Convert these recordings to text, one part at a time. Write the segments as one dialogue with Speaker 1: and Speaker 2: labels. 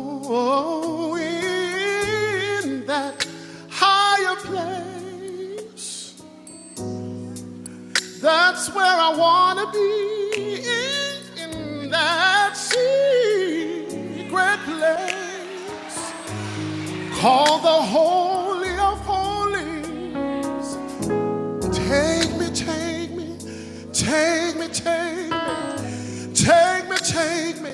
Speaker 1: Oh, in that higher place, that's where I want to be. In that secret place, call the Holy of Holies. Take me, take me, take me, take me. Take me, take me.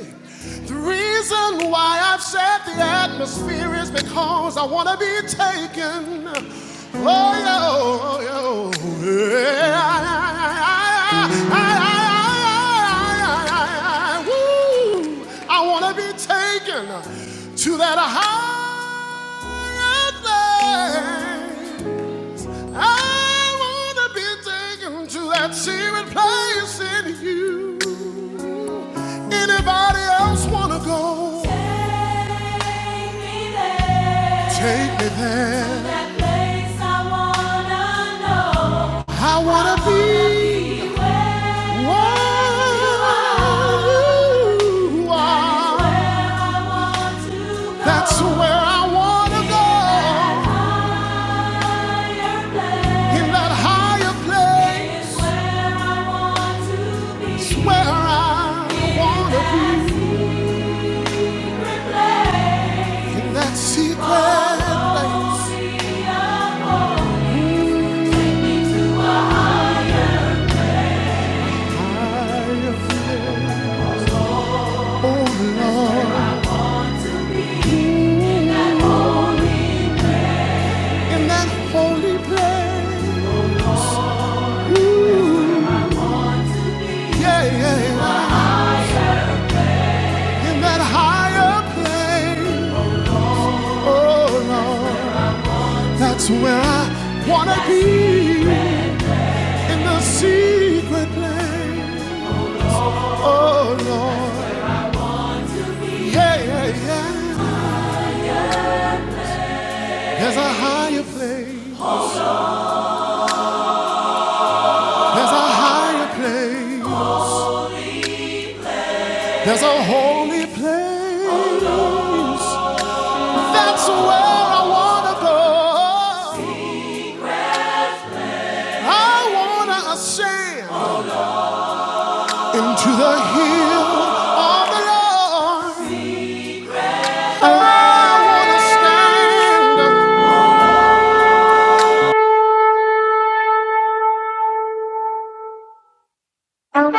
Speaker 1: The reason why I've said the atmosphere is because I want to be taken. Oh, yo, oh, yo, yeah. I, I, I, I, I, I, I, Woo. I want to be taken to that higher thing. I wanna be taken to that secret place in you. Anybody else wanna go? Take me there. Take me there. To that place I wanna know. I wanna I wanna be. be where you are. Where you are. That's where I wanna go. That's where I wanna go in that higher place is where I want to be, in that secret place, higher place, oh Lord, in that holy place, yeah, yeah, yeah. in that higher place, oh Lord, that's where I want to be. in the secret place. Oh Lord, yeah, yeah, yeah. There's a higher place. There's a higher place. There's a holy place. That's where I wanna go. I wanna ascend into the hill of the Lord. I wanna stand. Thank you.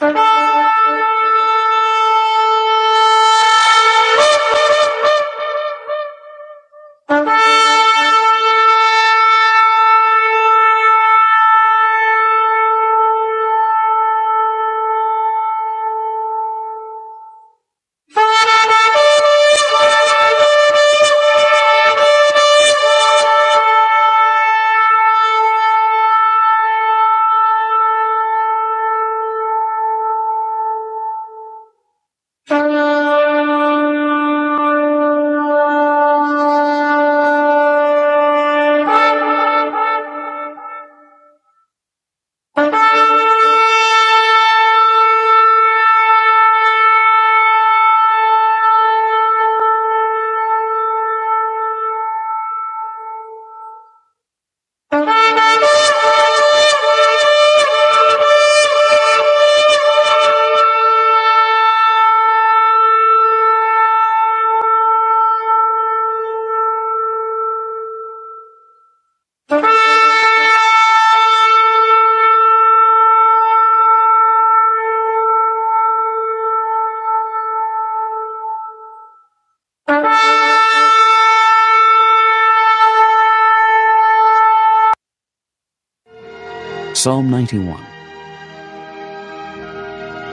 Speaker 1: Thank you. Psalm 91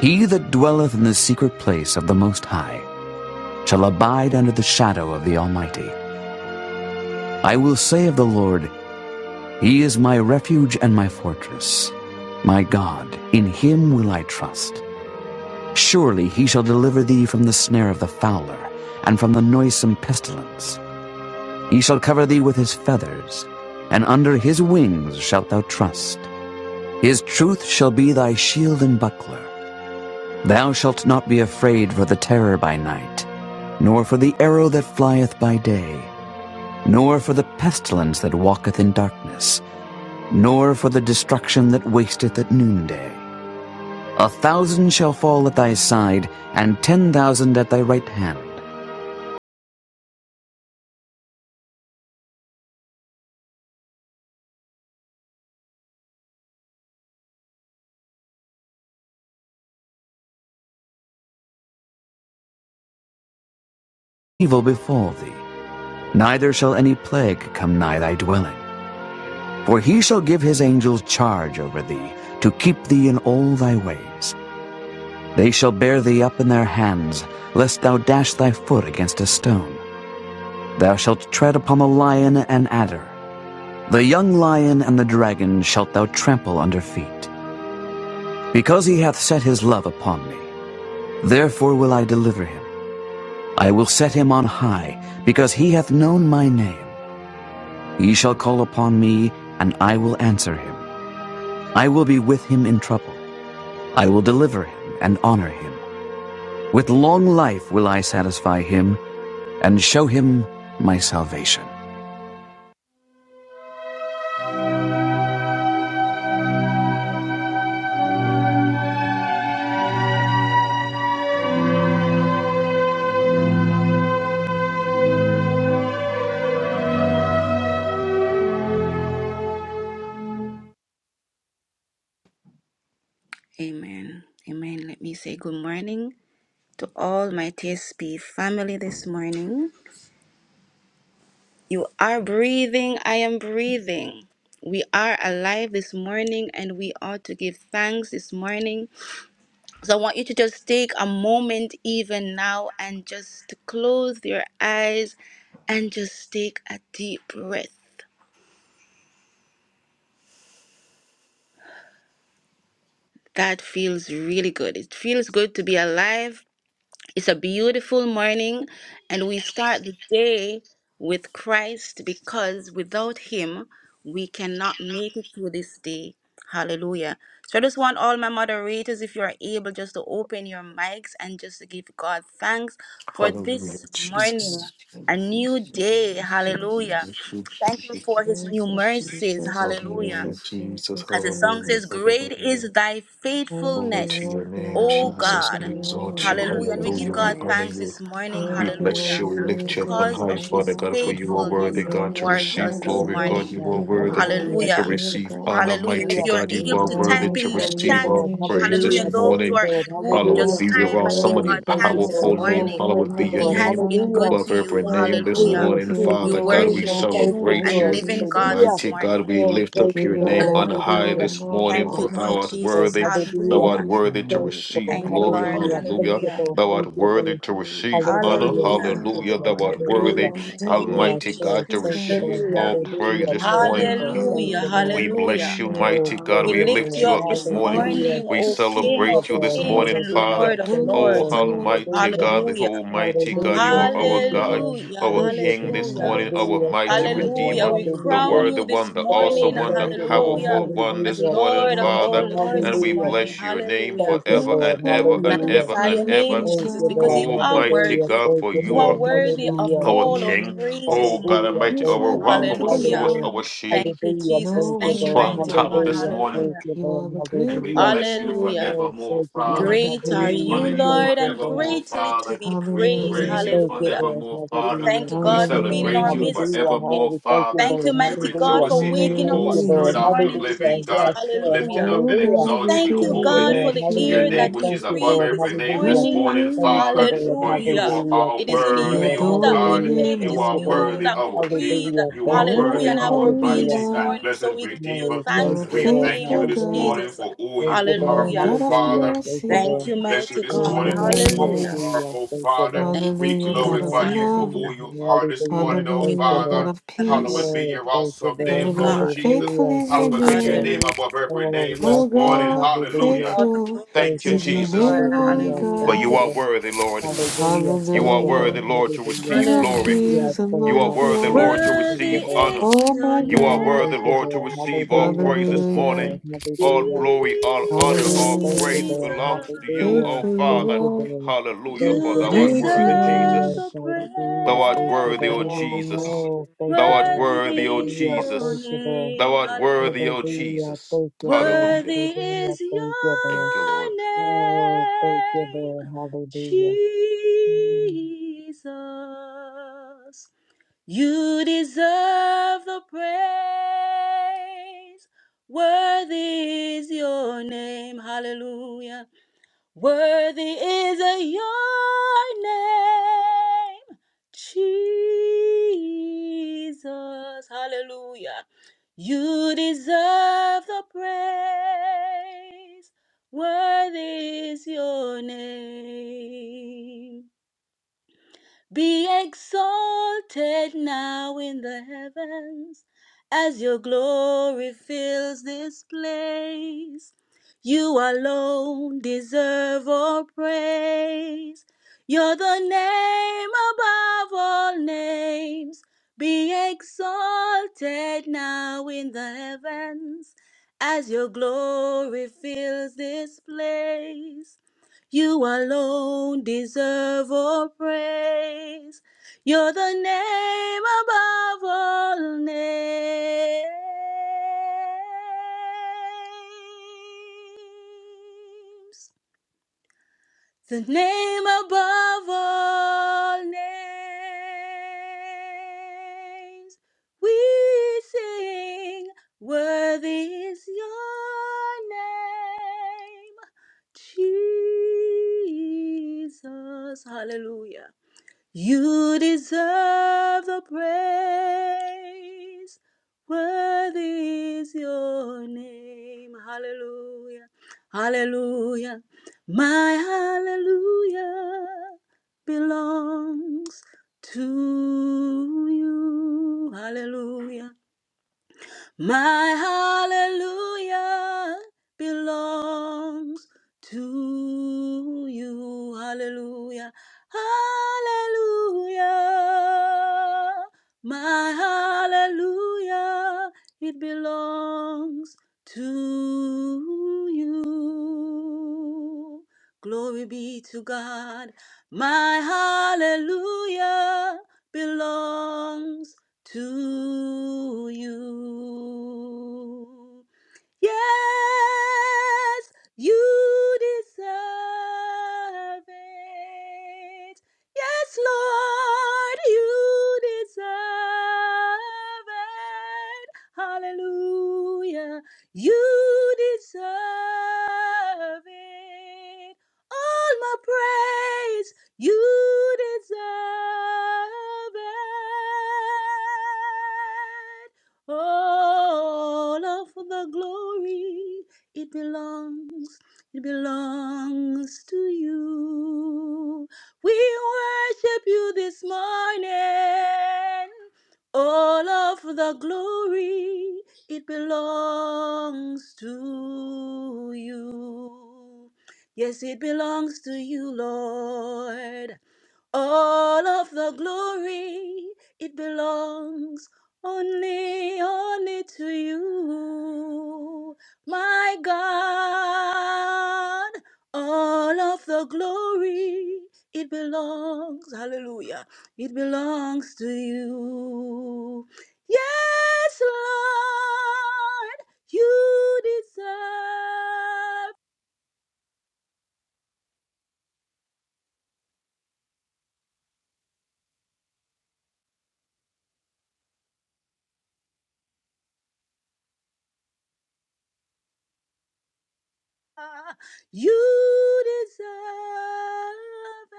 Speaker 1: He that dwelleth in the secret place of the Most High shall abide under the shadow of the Almighty. I will say of the Lord, He is my refuge and my fortress. My God, in Him will I trust. Surely He shall deliver thee from the snare of the fowler and from the noisome pestilence. He shall cover thee with His feathers, and under His wings shalt thou trust. His truth shall be thy shield and buckler. Thou shalt not be afraid for the terror by night, nor for the arrow that flieth by day, nor for the pestilence that walketh in darkness, nor for the destruction that wasteth at noonday. A thousand shall fall at thy side, and ten thousand at thy right hand. Evil befall thee, neither shall any plague come nigh thy dwelling. For he shall give his angels charge over thee, to keep thee in all thy ways. They shall bear thee up in their hands, lest thou dash thy foot against a stone. Thou shalt tread upon the lion and adder. The young lion and the dragon shalt thou trample under feet. Because he hath set his love upon me, therefore will I deliver him. I will set him on high, because he hath known my name. He shall call upon me, and I will answer him. I will be with him in trouble. I will deliver him and honor him. With long life will I satisfy him and show him my salvation.
Speaker 2: Amen. Amen. Let me say good morning to all my TSP family this morning. You are breathing. I am breathing. We are alive this morning and we ought to give thanks this morning. So I want you to just take a moment, even now, and just to close your eyes and just take a deep breath. That feels really good. It feels good to be alive It's a beautiful morning, and we start the day with Christ because without Him, we cannot make it through this day. Hallelujah. So I just want all my moderators, if you are able, just to open your mics and just to give God thanks for
Speaker 3: Hallelujah,
Speaker 2: this
Speaker 4: Jesus,
Speaker 2: morning,
Speaker 3: Jesus.
Speaker 2: a
Speaker 4: Jesus, Jesus,
Speaker 2: new day. Hallelujah.
Speaker 4: Jesus,
Speaker 3: Hallelujah,
Speaker 2: Thank Him
Speaker 3: Jesus.
Speaker 2: for His new mercies.
Speaker 4: Jesus,
Speaker 2: Hallelujah.
Speaker 3: Hallelujah,
Speaker 4: Jesus, Jesus,
Speaker 2: As the song says,
Speaker 4: Jesus.
Speaker 2: Great
Speaker 3: hallelujah.
Speaker 2: is thy
Speaker 4: Thank you,
Speaker 3: Glory to
Speaker 2: faithfulness,
Speaker 3: your
Speaker 4: Lord
Speaker 3: name,
Speaker 2: O
Speaker 4: God.
Speaker 3: Jesus.
Speaker 4: Thank you,
Speaker 2: God.
Speaker 3: We
Speaker 5: Hallelujah.
Speaker 3: exalt
Speaker 4: Lord.
Speaker 3: you.
Speaker 5: Worthy
Speaker 4: Thank
Speaker 2: Hallelujah.
Speaker 4: you,
Speaker 2: And we
Speaker 5: is
Speaker 2: give
Speaker 3: Hallelujah.
Speaker 5: the
Speaker 3: We
Speaker 4: Lord.
Speaker 2: God
Speaker 5: Lamb.
Speaker 3: honor
Speaker 2: thanks
Speaker 3: you.
Speaker 2: this morning.
Speaker 4: Thank
Speaker 3: We
Speaker 4: you,
Speaker 3: bless
Speaker 4: Lord
Speaker 2: Hallelujah.
Speaker 3: you.
Speaker 6: Thank
Speaker 3: We
Speaker 5: Hallelujah.
Speaker 6: you,
Speaker 3: lift you up
Speaker 5: Thank
Speaker 3: on
Speaker 2: Because
Speaker 4: Jesus,
Speaker 6: Lord.
Speaker 5: you,
Speaker 3: high,
Speaker 2: of
Speaker 3: Father
Speaker 2: his
Speaker 5: Jesus.
Speaker 4: God.
Speaker 3: God, for
Speaker 6: Oh,
Speaker 3: you are
Speaker 5: We
Speaker 2: faithfulness
Speaker 3: worthy,
Speaker 6: Hallelujah.
Speaker 3: God,
Speaker 4: Thank
Speaker 3: to
Speaker 5: praise
Speaker 4: you,
Speaker 5: your
Speaker 2: towards
Speaker 3: receive
Speaker 4: Father.
Speaker 2: us
Speaker 5: holy
Speaker 2: this
Speaker 4: We
Speaker 6: Lord,
Speaker 3: glory.
Speaker 6: in the
Speaker 5: name.
Speaker 3: God, you
Speaker 2: morning.
Speaker 4: worship
Speaker 3: are
Speaker 6: God.
Speaker 4: you,
Speaker 3: worthy
Speaker 4: God. We
Speaker 6: Hallelujah.
Speaker 3: to
Speaker 2: Hallelujah.
Speaker 4: lift
Speaker 6: Thank
Speaker 5: Hallelujah.
Speaker 4: you
Speaker 6: you.
Speaker 4: up,
Speaker 3: receive
Speaker 4: God.
Speaker 3: honor.
Speaker 2: Hallelujah. And
Speaker 3: Mighty
Speaker 2: if
Speaker 5: Bless
Speaker 6: Hallelujah.
Speaker 5: the
Speaker 2: you're
Speaker 3: God, you
Speaker 5: name
Speaker 4: We
Speaker 5: of
Speaker 2: able
Speaker 3: are
Speaker 5: the
Speaker 2: to
Speaker 3: worthy
Speaker 2: type
Speaker 5: Lord.
Speaker 6: Yes,
Speaker 3: to
Speaker 2: in the
Speaker 4: magnify
Speaker 6: thank you,
Speaker 4: your
Speaker 3: receive
Speaker 2: chat,
Speaker 3: our
Speaker 6: Lord.
Speaker 5: Hallelujah,
Speaker 4: name,
Speaker 3: praise this
Speaker 5: Jesus.
Speaker 6: Hallelujah.
Speaker 2: hallelujah,
Speaker 4: Jesus.
Speaker 6: Thank
Speaker 2: those
Speaker 6: you,
Speaker 2: who
Speaker 3: morning.
Speaker 2: are in
Speaker 6: Lord.
Speaker 2: the room,
Speaker 5: Thank you,
Speaker 3: Hallowed
Speaker 6: Hallelujah.
Speaker 4: God,
Speaker 3: be
Speaker 2: just
Speaker 5: God.
Speaker 4: you're
Speaker 3: your
Speaker 2: type and
Speaker 3: awesome
Speaker 2: give
Speaker 6: Oh,
Speaker 3: and
Speaker 6: we
Speaker 4: worthy,
Speaker 2: God
Speaker 3: your
Speaker 6: thank you,
Speaker 2: thanks
Speaker 4: God.
Speaker 2: this
Speaker 5: You
Speaker 6: Lord.
Speaker 3: powerful
Speaker 5: are
Speaker 4: There's no
Speaker 3: name.
Speaker 6: Oh,
Speaker 5: worthy,
Speaker 2: morning.
Speaker 4: God
Speaker 6: thank
Speaker 3: Hallowed be
Speaker 6: you,
Speaker 4: like
Speaker 3: your
Speaker 2: He
Speaker 6: Lord.
Speaker 5: Father.
Speaker 4: you,
Speaker 2: has
Speaker 3: name
Speaker 2: been
Speaker 4: Father.
Speaker 6: Hallelujah.
Speaker 2: good to
Speaker 3: above every
Speaker 2: you.
Speaker 6: Oh,
Speaker 3: name this
Speaker 4: We
Speaker 2: Hallelujah.
Speaker 6: Jesus,
Speaker 4: lift
Speaker 3: morning,
Speaker 4: you up,
Speaker 5: Hallelujah.
Speaker 2: We
Speaker 6: Jesus,
Speaker 3: Father
Speaker 4: Lord.
Speaker 3: God.
Speaker 4: We
Speaker 3: We
Speaker 2: worship
Speaker 6: Jesus.
Speaker 2: the
Speaker 6: Thank
Speaker 2: true
Speaker 6: you,
Speaker 4: magnify
Speaker 5: Hallelujah.
Speaker 3: celebrate
Speaker 4: you,
Speaker 2: and
Speaker 6: Lord.
Speaker 3: you.
Speaker 2: living God
Speaker 4: Jesus.
Speaker 6: Hallelujah.
Speaker 2: this
Speaker 3: Mighty God,
Speaker 2: morning.
Speaker 3: we
Speaker 6: Oh,
Speaker 3: lift
Speaker 4: We
Speaker 6: thank
Speaker 3: up
Speaker 4: give
Speaker 6: you,
Speaker 3: your
Speaker 4: you
Speaker 3: name
Speaker 6: Lord.
Speaker 4: all
Speaker 3: on
Speaker 4: the
Speaker 2: Hallelujah.
Speaker 3: high
Speaker 4: glory
Speaker 6: Hallelujah.
Speaker 4: and
Speaker 5: Thank
Speaker 3: this
Speaker 5: you,
Speaker 4: all the
Speaker 3: morning,
Speaker 6: Thank
Speaker 2: Thank you,
Speaker 6: you,
Speaker 3: for
Speaker 5: Jesus.
Speaker 2: Lord
Speaker 3: thou
Speaker 4: honor.
Speaker 3: art
Speaker 6: Lord.
Speaker 2: Jesus.
Speaker 3: worthy. Thou
Speaker 6: Hallelujah.
Speaker 3: art
Speaker 4: There
Speaker 2: Hallelujah.
Speaker 4: is
Speaker 5: You
Speaker 3: worthy
Speaker 5: are
Speaker 3: to
Speaker 6: Praise
Speaker 4: no
Speaker 5: worthy
Speaker 3: receive
Speaker 6: Lord.
Speaker 2: Thank
Speaker 4: one
Speaker 2: you,
Speaker 4: like
Speaker 3: glory.
Speaker 2: Lord.
Speaker 6: Hallelujah.
Speaker 3: Hallelujah.
Speaker 6: Thank you,
Speaker 2: Hallelujah.
Speaker 6: Lord.
Speaker 3: Thou
Speaker 4: you.
Speaker 3: art
Speaker 6: Thank you,
Speaker 5: to be
Speaker 3: worthy
Speaker 6: Lord.
Speaker 3: to
Speaker 5: praised.
Speaker 3: receive honor.
Speaker 6: Hallelujah.
Speaker 5: Hallelujah.
Speaker 2: Hallelujah.
Speaker 5: I
Speaker 6: Thank
Speaker 5: love
Speaker 6: you,
Speaker 5: you,
Speaker 4: Hallelujah.
Speaker 3: Hallelujah.
Speaker 6: Lord.
Speaker 3: Thou
Speaker 5: Lord. I
Speaker 3: art
Speaker 5: need you,
Speaker 2: Glory
Speaker 6: Hallelujah.
Speaker 3: worthy,
Speaker 2: be
Speaker 5: Lord.
Speaker 2: to
Speaker 4: No
Speaker 2: your
Speaker 4: one
Speaker 6: Yes,
Speaker 2: name,
Speaker 3: Almighty
Speaker 5: Hallelujah.
Speaker 4: else
Speaker 6: Lord.
Speaker 3: God,
Speaker 2: Jesus.
Speaker 3: to
Speaker 4: can
Speaker 6: Thank you,
Speaker 3: receive
Speaker 4: touch
Speaker 6: Lord.
Speaker 5: Thank
Speaker 2: Hallelujah.
Speaker 3: all
Speaker 5: you,
Speaker 4: the
Speaker 3: praise
Speaker 6: Hallelujah.
Speaker 3: this
Speaker 4: heart
Speaker 6: Thank
Speaker 5: Jesus.
Speaker 6: you,
Speaker 3: morning.
Speaker 4: like
Speaker 6: Lord. Thank
Speaker 2: Hallelujah.
Speaker 4: you
Speaker 6: you,
Speaker 5: Hallelujah.
Speaker 6: Lord.
Speaker 3: We bless
Speaker 2: Hallelujah.
Speaker 3: you,
Speaker 4: do.
Speaker 6: Oh,
Speaker 3: mighty God.
Speaker 6: thank
Speaker 2: We
Speaker 3: We
Speaker 5: Hallelujah.
Speaker 6: you,
Speaker 2: lift
Speaker 5: Bless
Speaker 3: lift
Speaker 5: the
Speaker 6: Lord.
Speaker 2: you
Speaker 3: you
Speaker 2: up
Speaker 3: up
Speaker 5: name
Speaker 3: this
Speaker 2: this
Speaker 5: of the
Speaker 3: morning.
Speaker 4: Now
Speaker 5: Lord.
Speaker 6: Hallelujah.
Speaker 2: morning,
Speaker 4: we
Speaker 3: We
Speaker 4: can
Speaker 2: O
Speaker 6: Thank
Speaker 2: King
Speaker 6: you,
Speaker 2: of
Speaker 4: search
Speaker 3: celebrate you this
Speaker 4: this
Speaker 6: Lord.
Speaker 2: kings
Speaker 3: morning,
Speaker 4: world,
Speaker 2: and
Speaker 3: Father.
Speaker 6: Hallelujah.
Speaker 2: Lord of
Speaker 6: Thank you,
Speaker 3: Oh,
Speaker 4: worlds
Speaker 2: lords.
Speaker 6: Lord.
Speaker 4: through and
Speaker 3: Almighty
Speaker 6: Hallelujah.
Speaker 3: God,
Speaker 4: through.
Speaker 3: the
Speaker 2: Hallelujah.
Speaker 3: Almighty
Speaker 4: We'll
Speaker 3: God, you
Speaker 6: Hallelujah.
Speaker 3: are our
Speaker 6: Thank you,
Speaker 4: find
Speaker 3: God,
Speaker 6: Lord.
Speaker 2: Hallelujah.
Speaker 3: our
Speaker 6: Thank
Speaker 4: there
Speaker 6: you,
Speaker 4: is
Speaker 3: King
Speaker 6: Lord.
Speaker 3: this
Speaker 2: Hallelujah.
Speaker 3: morning,
Speaker 4: none
Speaker 3: our
Speaker 6: Hallelujah.
Speaker 3: mighty
Speaker 6: Thank you,
Speaker 4: like
Speaker 6: Lord.
Speaker 2: Hallelujah.
Speaker 3: Redeemer,
Speaker 2: We
Speaker 3: the
Speaker 6: Hallelujah.
Speaker 2: crown
Speaker 3: worthy
Speaker 4: you.
Speaker 2: you
Speaker 3: One,
Speaker 2: this
Speaker 3: the
Speaker 6: Oh,
Speaker 3: Awesome
Speaker 2: morning.
Speaker 4: None
Speaker 3: One, the
Speaker 6: thank
Speaker 4: like
Speaker 6: you,
Speaker 4: you,
Speaker 6: Lord.
Speaker 2: Hallelujah.
Speaker 3: Powerful
Speaker 4: God.
Speaker 3: One
Speaker 2: As
Speaker 3: this
Speaker 6: Hallelujah.
Speaker 3: morning,
Speaker 6: Thank
Speaker 2: Lord of
Speaker 6: you,
Speaker 4: God,
Speaker 6: Lord.
Speaker 2: all
Speaker 4: you're
Speaker 3: Father.
Speaker 2: lords
Speaker 3: And
Speaker 2: this
Speaker 3: we
Speaker 6: Hallelujah.
Speaker 4: worthy.
Speaker 2: morning.
Speaker 3: bless your name
Speaker 2: Hallelujah.
Speaker 6: Thank you,
Speaker 3: forever
Speaker 4: There's
Speaker 6: Lord.
Speaker 3: and ever
Speaker 4: none
Speaker 3: and
Speaker 4: like
Speaker 6: Hallelujah.
Speaker 3: ever
Speaker 2: Magnify
Speaker 3: and
Speaker 2: your
Speaker 4: you,
Speaker 3: ever.
Speaker 2: name,
Speaker 6: Thank
Speaker 2: Jesus,
Speaker 6: you,
Speaker 2: because
Speaker 4: Jesus.
Speaker 6: Lord.
Speaker 2: you are
Speaker 3: Almighty
Speaker 6: Hallelujah.
Speaker 2: worthy.
Speaker 3: God,
Speaker 6: Thank
Speaker 3: for
Speaker 6: you,
Speaker 2: You
Speaker 3: you
Speaker 2: are
Speaker 3: are
Speaker 6: Lord.
Speaker 4: No, there's
Speaker 2: worthy of
Speaker 4: none
Speaker 6: Hallelujah.
Speaker 4: like
Speaker 3: our
Speaker 6: Thank-
Speaker 2: all our
Speaker 3: King.
Speaker 4: you.
Speaker 2: praise this
Speaker 3: Oh God
Speaker 2: morning.
Speaker 6: Hallelujah.
Speaker 3: Almighty,
Speaker 4: Who's
Speaker 6: Thank
Speaker 3: our
Speaker 4: like
Speaker 6: you,
Speaker 3: rock,
Speaker 6: Lord.
Speaker 4: unto
Speaker 3: our
Speaker 4: the
Speaker 2: Hallelujah.
Speaker 3: source,
Speaker 6: Hallelujah.
Speaker 4: Lord?
Speaker 3: our shield,
Speaker 2: Thank you,
Speaker 6: Hallelujah.
Speaker 2: Jesus.
Speaker 6: Thank
Speaker 4: No
Speaker 3: our
Speaker 6: you,
Speaker 2: Thank
Speaker 4: one,
Speaker 2: you,
Speaker 6: Lord.
Speaker 3: strong
Speaker 2: mighty
Speaker 3: tower
Speaker 2: God.
Speaker 4: God.
Speaker 3: this
Speaker 6: Hallelujah.
Speaker 3: morning.
Speaker 6: Thank
Speaker 2: Hallelujah.
Speaker 6: you,
Speaker 4: You
Speaker 6: Lord.
Speaker 4: are the
Speaker 3: And
Speaker 4: great
Speaker 3: we
Speaker 4: I
Speaker 6: Hallelujah.
Speaker 3: bless you
Speaker 4: am.
Speaker 2: Hallelujah.
Speaker 6: Oh,
Speaker 3: forevermore,
Speaker 6: thank you,
Speaker 4: You are
Speaker 6: Lord.
Speaker 3: Father.
Speaker 4: the
Speaker 2: Great are
Speaker 3: We
Speaker 4: great
Speaker 3: honor
Speaker 6: Hallelujah.
Speaker 2: you,
Speaker 3: you
Speaker 6: Thank
Speaker 4: one.
Speaker 2: Lord,
Speaker 6: you,
Speaker 2: and
Speaker 6: Lord.
Speaker 3: forevermore,
Speaker 2: greatly to
Speaker 3: Father.
Speaker 2: be
Speaker 3: We
Speaker 2: praised.
Speaker 6: Oh,
Speaker 3: praise
Speaker 4: Hallelujah.
Speaker 3: you
Speaker 6: Thank you,
Speaker 2: Hallelujah.
Speaker 6: Lord.
Speaker 3: forevermore,
Speaker 2: We
Speaker 3: Father.
Speaker 6: Hallelujah.
Speaker 2: thank you,
Speaker 3: We
Speaker 6: Thank
Speaker 2: God, for
Speaker 6: you,
Speaker 2: being in
Speaker 6: Lord.
Speaker 2: our
Speaker 3: celebrate you
Speaker 4: Hallelujah.
Speaker 2: midst this
Speaker 6: Hallelujah.
Speaker 2: morning.
Speaker 3: forevermore,
Speaker 6: Hallelujah. thank you,
Speaker 3: Father.
Speaker 2: Thank you,
Speaker 6: Lord.
Speaker 3: We
Speaker 2: mighty God,
Speaker 6: Hallelujah.
Speaker 3: rejoice
Speaker 2: for
Speaker 3: in you,
Speaker 2: waking
Speaker 6: Thank
Speaker 2: up
Speaker 3: O
Speaker 6: you,
Speaker 2: us this
Speaker 6: Lord.
Speaker 3: Spirit of
Speaker 4: Hallelujah.
Speaker 3: the
Speaker 2: morning,
Speaker 3: living
Speaker 6: Hallelujah.
Speaker 2: Jesus.
Speaker 3: God,
Speaker 6: Yes, Lord.
Speaker 3: lifting
Speaker 2: Hallelujah.
Speaker 3: up
Speaker 4: Oh
Speaker 3: and
Speaker 6: Hallelujah.
Speaker 2: We
Speaker 4: God, we
Speaker 3: exalting
Speaker 2: thank
Speaker 3: your
Speaker 4: give
Speaker 2: you,
Speaker 6: Thank
Speaker 4: you
Speaker 6: you,
Speaker 3: holy
Speaker 2: God, for
Speaker 6: Lord.
Speaker 3: name,
Speaker 2: the
Speaker 3: your
Speaker 2: air
Speaker 6: Hallelujah.
Speaker 3: name
Speaker 2: that
Speaker 4: worship.
Speaker 3: which
Speaker 2: we
Speaker 6: Thank
Speaker 3: is
Speaker 6: you,
Speaker 3: above
Speaker 2: breathe
Speaker 6: Lord.
Speaker 3: every
Speaker 2: this
Speaker 3: name
Speaker 6: Hallelujah.
Speaker 4: God,
Speaker 3: this
Speaker 2: morning.
Speaker 4: we
Speaker 3: morning,
Speaker 4: give
Speaker 6: Thank
Speaker 4: you
Speaker 6: you,
Speaker 3: Father.
Speaker 6: Lord.
Speaker 3: For you
Speaker 2: Hallelujah.
Speaker 4: praise.
Speaker 3: are
Speaker 6: Hallelujah.
Speaker 3: all
Speaker 2: It is
Speaker 6: Thank
Speaker 2: in
Speaker 6: you,
Speaker 4: We
Speaker 3: worthy,
Speaker 6: Lord.
Speaker 2: you
Speaker 3: O
Speaker 4: adore
Speaker 2: that
Speaker 4: your
Speaker 2: we
Speaker 3: God.
Speaker 6: Hallelujah.
Speaker 2: live.
Speaker 4: name,
Speaker 2: It
Speaker 3: You
Speaker 6: Thank
Speaker 2: is
Speaker 6: you,
Speaker 3: are
Speaker 6: Lord.
Speaker 2: you
Speaker 3: worthy,
Speaker 4: Lord.
Speaker 2: that we
Speaker 3: our King.
Speaker 2: breathe.
Speaker 6: Hallelujah.
Speaker 3: You
Speaker 4: We
Speaker 6: Thank
Speaker 3: are
Speaker 6: you,
Speaker 4: love
Speaker 2: Hallelujah.
Speaker 3: worthy,
Speaker 6: Lord.
Speaker 2: And
Speaker 4: you
Speaker 2: have
Speaker 4: for
Speaker 3: our
Speaker 2: our
Speaker 4: who
Speaker 2: being
Speaker 4: you
Speaker 6: Hallelujah.
Speaker 3: mighty
Speaker 2: this
Speaker 4: are.
Speaker 3: and
Speaker 2: morning.
Speaker 3: blessed
Speaker 2: So we give you
Speaker 6: Lord,
Speaker 3: Redeemer.
Speaker 6: we praise
Speaker 4: You're
Speaker 2: thanks
Speaker 4: a
Speaker 3: And
Speaker 2: in
Speaker 6: you,
Speaker 3: we
Speaker 2: the
Speaker 6: Lord.
Speaker 3: thank
Speaker 2: name
Speaker 4: faithful
Speaker 3: you
Speaker 2: of
Speaker 3: this
Speaker 6: Hallelujah.
Speaker 4: God.
Speaker 3: morning
Speaker 2: Jesus.
Speaker 3: for who
Speaker 6: Thank
Speaker 3: you
Speaker 6: you,
Speaker 4: You
Speaker 6: Lord.
Speaker 3: are,
Speaker 4: are
Speaker 2: Hallelujah.
Speaker 3: oh
Speaker 4: God of
Speaker 6: Hallelujah.
Speaker 3: Father.
Speaker 7: Um,
Speaker 6: Thank you,
Speaker 4: mercy.
Speaker 3: Oh,
Speaker 2: Thank
Speaker 6: Lord.
Speaker 3: we
Speaker 2: you,
Speaker 3: bless you
Speaker 2: mighty
Speaker 3: this
Speaker 6: Thank
Speaker 2: God.
Speaker 6: you,
Speaker 3: morning for
Speaker 6: Lord.
Speaker 3: who you
Speaker 2: Hallelujah.
Speaker 4: Hallelujah.
Speaker 3: are,
Speaker 6: Hallelujah.
Speaker 3: oh
Speaker 6: Thank you,
Speaker 3: Father.
Speaker 6: Lord.
Speaker 2: Thank you,
Speaker 3: We
Speaker 4: Hallelujah. God
Speaker 2: Jesus.
Speaker 4: of
Speaker 3: glorify
Speaker 6: Mm,
Speaker 3: you for
Speaker 4: love.
Speaker 3: who
Speaker 6: mm,
Speaker 2: Hallelujah.
Speaker 3: you are this
Speaker 6: Hallelujah.
Speaker 3: morning, oh
Speaker 2: Thank
Speaker 6: Thank you,
Speaker 2: you,
Speaker 4: Hallelujah.
Speaker 2: Jesus.
Speaker 4: God
Speaker 6: Lord.
Speaker 3: Father.
Speaker 4: of
Speaker 3: Hallowed
Speaker 4: peace.
Speaker 2: Hallelujah.
Speaker 3: be
Speaker 6: Oh,
Speaker 3: your
Speaker 6: thank you,
Speaker 3: awesome
Speaker 2: Thank
Speaker 6: Lord.
Speaker 3: name,
Speaker 2: you,
Speaker 3: Lord
Speaker 4: Hallelujah.
Speaker 2: God.
Speaker 3: Jesus.
Speaker 4: Faithful
Speaker 6: Hallelujah.
Speaker 4: is your
Speaker 6: Thank
Speaker 3: Hallowed be
Speaker 6: you,
Speaker 3: your
Speaker 6: Lord.
Speaker 3: name
Speaker 4: name.
Speaker 2: Hallelujah.
Speaker 3: above every
Speaker 6: Oh,
Speaker 3: name
Speaker 6: yes,
Speaker 4: Oh
Speaker 3: this
Speaker 6: Lord.
Speaker 3: morning.
Speaker 4: God,
Speaker 2: To
Speaker 6: Hallelujah.
Speaker 3: Hallelujah.
Speaker 2: God the
Speaker 4: faithful
Speaker 2: glory
Speaker 6: Thank
Speaker 3: Thank
Speaker 2: this
Speaker 3: you,
Speaker 6: you,
Speaker 4: is your
Speaker 6: Lord.
Speaker 2: morning,
Speaker 3: Jesus,
Speaker 4: name,
Speaker 2: Lord.
Speaker 4: Holy
Speaker 6: Hallelujah.
Speaker 2: Hallelujah.
Speaker 3: for
Speaker 6: Thank
Speaker 3: you
Speaker 6: you,
Speaker 4: God.
Speaker 3: are
Speaker 6: Lord.
Speaker 3: worthy, Lord.
Speaker 2: Thank you,
Speaker 6: Hallelujah.
Speaker 2: Jesus.
Speaker 3: You
Speaker 6: Thank
Speaker 3: are
Speaker 6: you,
Speaker 3: worthy,
Speaker 6: Lord.
Speaker 4: Hallelujah.
Speaker 3: Lord, to
Speaker 6: Hallelujah.
Speaker 4: King
Speaker 3: receive
Speaker 4: of
Speaker 3: glory.
Speaker 4: kings
Speaker 2: Hallelujah.
Speaker 6: Yes,
Speaker 4: and
Speaker 6: Lord.
Speaker 3: You
Speaker 4: Lord
Speaker 3: are
Speaker 4: of
Speaker 3: worthy,
Speaker 4: lords.
Speaker 3: Lord,
Speaker 6: Hallelujah.
Speaker 3: to
Speaker 6: Thank
Speaker 2: Worthy
Speaker 6: you,
Speaker 3: receive
Speaker 6: Lord.
Speaker 3: honor.
Speaker 2: is
Speaker 4: Oh
Speaker 2: your
Speaker 4: my
Speaker 3: You are
Speaker 6: Mm,
Speaker 4: God.
Speaker 3: worthy,
Speaker 6: thank you,
Speaker 3: Lord, to
Speaker 6: Lord.
Speaker 3: receive all
Speaker 6: Hallelujah.
Speaker 2: name,
Speaker 3: praise this
Speaker 6: Thank you,
Speaker 4: Hallelujah.
Speaker 3: morning.
Speaker 6: Lord.
Speaker 3: All
Speaker 6: Hallelujah.
Speaker 3: glory, all honor,
Speaker 6: Oh,
Speaker 3: all
Speaker 6: thank you,
Speaker 3: praise
Speaker 4: Hallelujah.
Speaker 2: Jesus.
Speaker 6: Lord.
Speaker 3: belongs to you,
Speaker 6: Hallelujah.
Speaker 3: O
Speaker 4: Faithful you
Speaker 6: Thank
Speaker 3: Father.
Speaker 6: you,
Speaker 4: are.
Speaker 6: Lord.
Speaker 3: Hallelujah,
Speaker 6: Thank
Speaker 3: for
Speaker 6: you,
Speaker 2: You
Speaker 3: thou art
Speaker 6: Lord.
Speaker 4: Great
Speaker 3: worthy,
Speaker 4: you are.
Speaker 2: deserve
Speaker 6: Hallelujah.
Speaker 2: the
Speaker 3: Jesus.
Speaker 6: Hallelujah.
Speaker 3: Thou art
Speaker 6: Thank you,
Speaker 3: worthy, O
Speaker 6: Lord.
Speaker 4: Hallelujah.
Speaker 2: praise.
Speaker 3: Jesus.
Speaker 6: Oh, thank
Speaker 3: Thou
Speaker 6: you,
Speaker 3: art
Speaker 6: Lord.
Speaker 3: worthy, O
Speaker 2: Worthy is
Speaker 6: Hallelujah.
Speaker 2: your
Speaker 6: Thank
Speaker 3: Jesus.
Speaker 6: you, Lord.
Speaker 3: Thou
Speaker 2: name.
Speaker 3: art worthy, O
Speaker 2: Hallelujah.
Speaker 6: Hallelujah.
Speaker 3: Jesus.
Speaker 6: Thank you, Lord.
Speaker 3: Hallelujah.
Speaker 2: Worthy
Speaker 6: Hallelujah.
Speaker 2: is
Speaker 6: Thank you, Lord.
Speaker 3: Thank you, Lord.
Speaker 2: your
Speaker 6: Oh, thank you, Lord.
Speaker 2: name,
Speaker 6: Hallelujah. Mm.
Speaker 2: Jesus. You deserve the praise. Worthy is your name. Hallelujah. Worthy is your name, Jesus. Hallelujah. You deserve the praise. Worthy is your name. Be exalted now in the heavens as your glory fills this place. You alone deserve all praise. You're the name above all names. Be exalted now in the heavens as your glory fills this place. You alone deserve all praise. You're the name above all names the name above all names. We sing, Worthy is your name, Jesus. Hallelujah. You deserve the praise. Worthy is your name. Hallelujah. Hallelujah. My hallelujah belongs to you. Hallelujah. My hallelujah belongs to you. Hallelujah. Hallelujah. My hallelujah, it belongs to you. Glory be to God. My hallelujah belongs to you. Yes, you deserve it. Yes, Lord, you deserve it. Hallelujah. You deserve it. All my praise, you deserve it. All of the glory, it belongs, it belongs to you. We worship you this morning. All of the glory, it belongs to you. Yes, it belongs to you, Lord. All of the glory, it belongs only, only to you, my God. All of the glory, it belongs, hallelujah, it belongs to you. Yes, Lord, you deserve. You deserve it.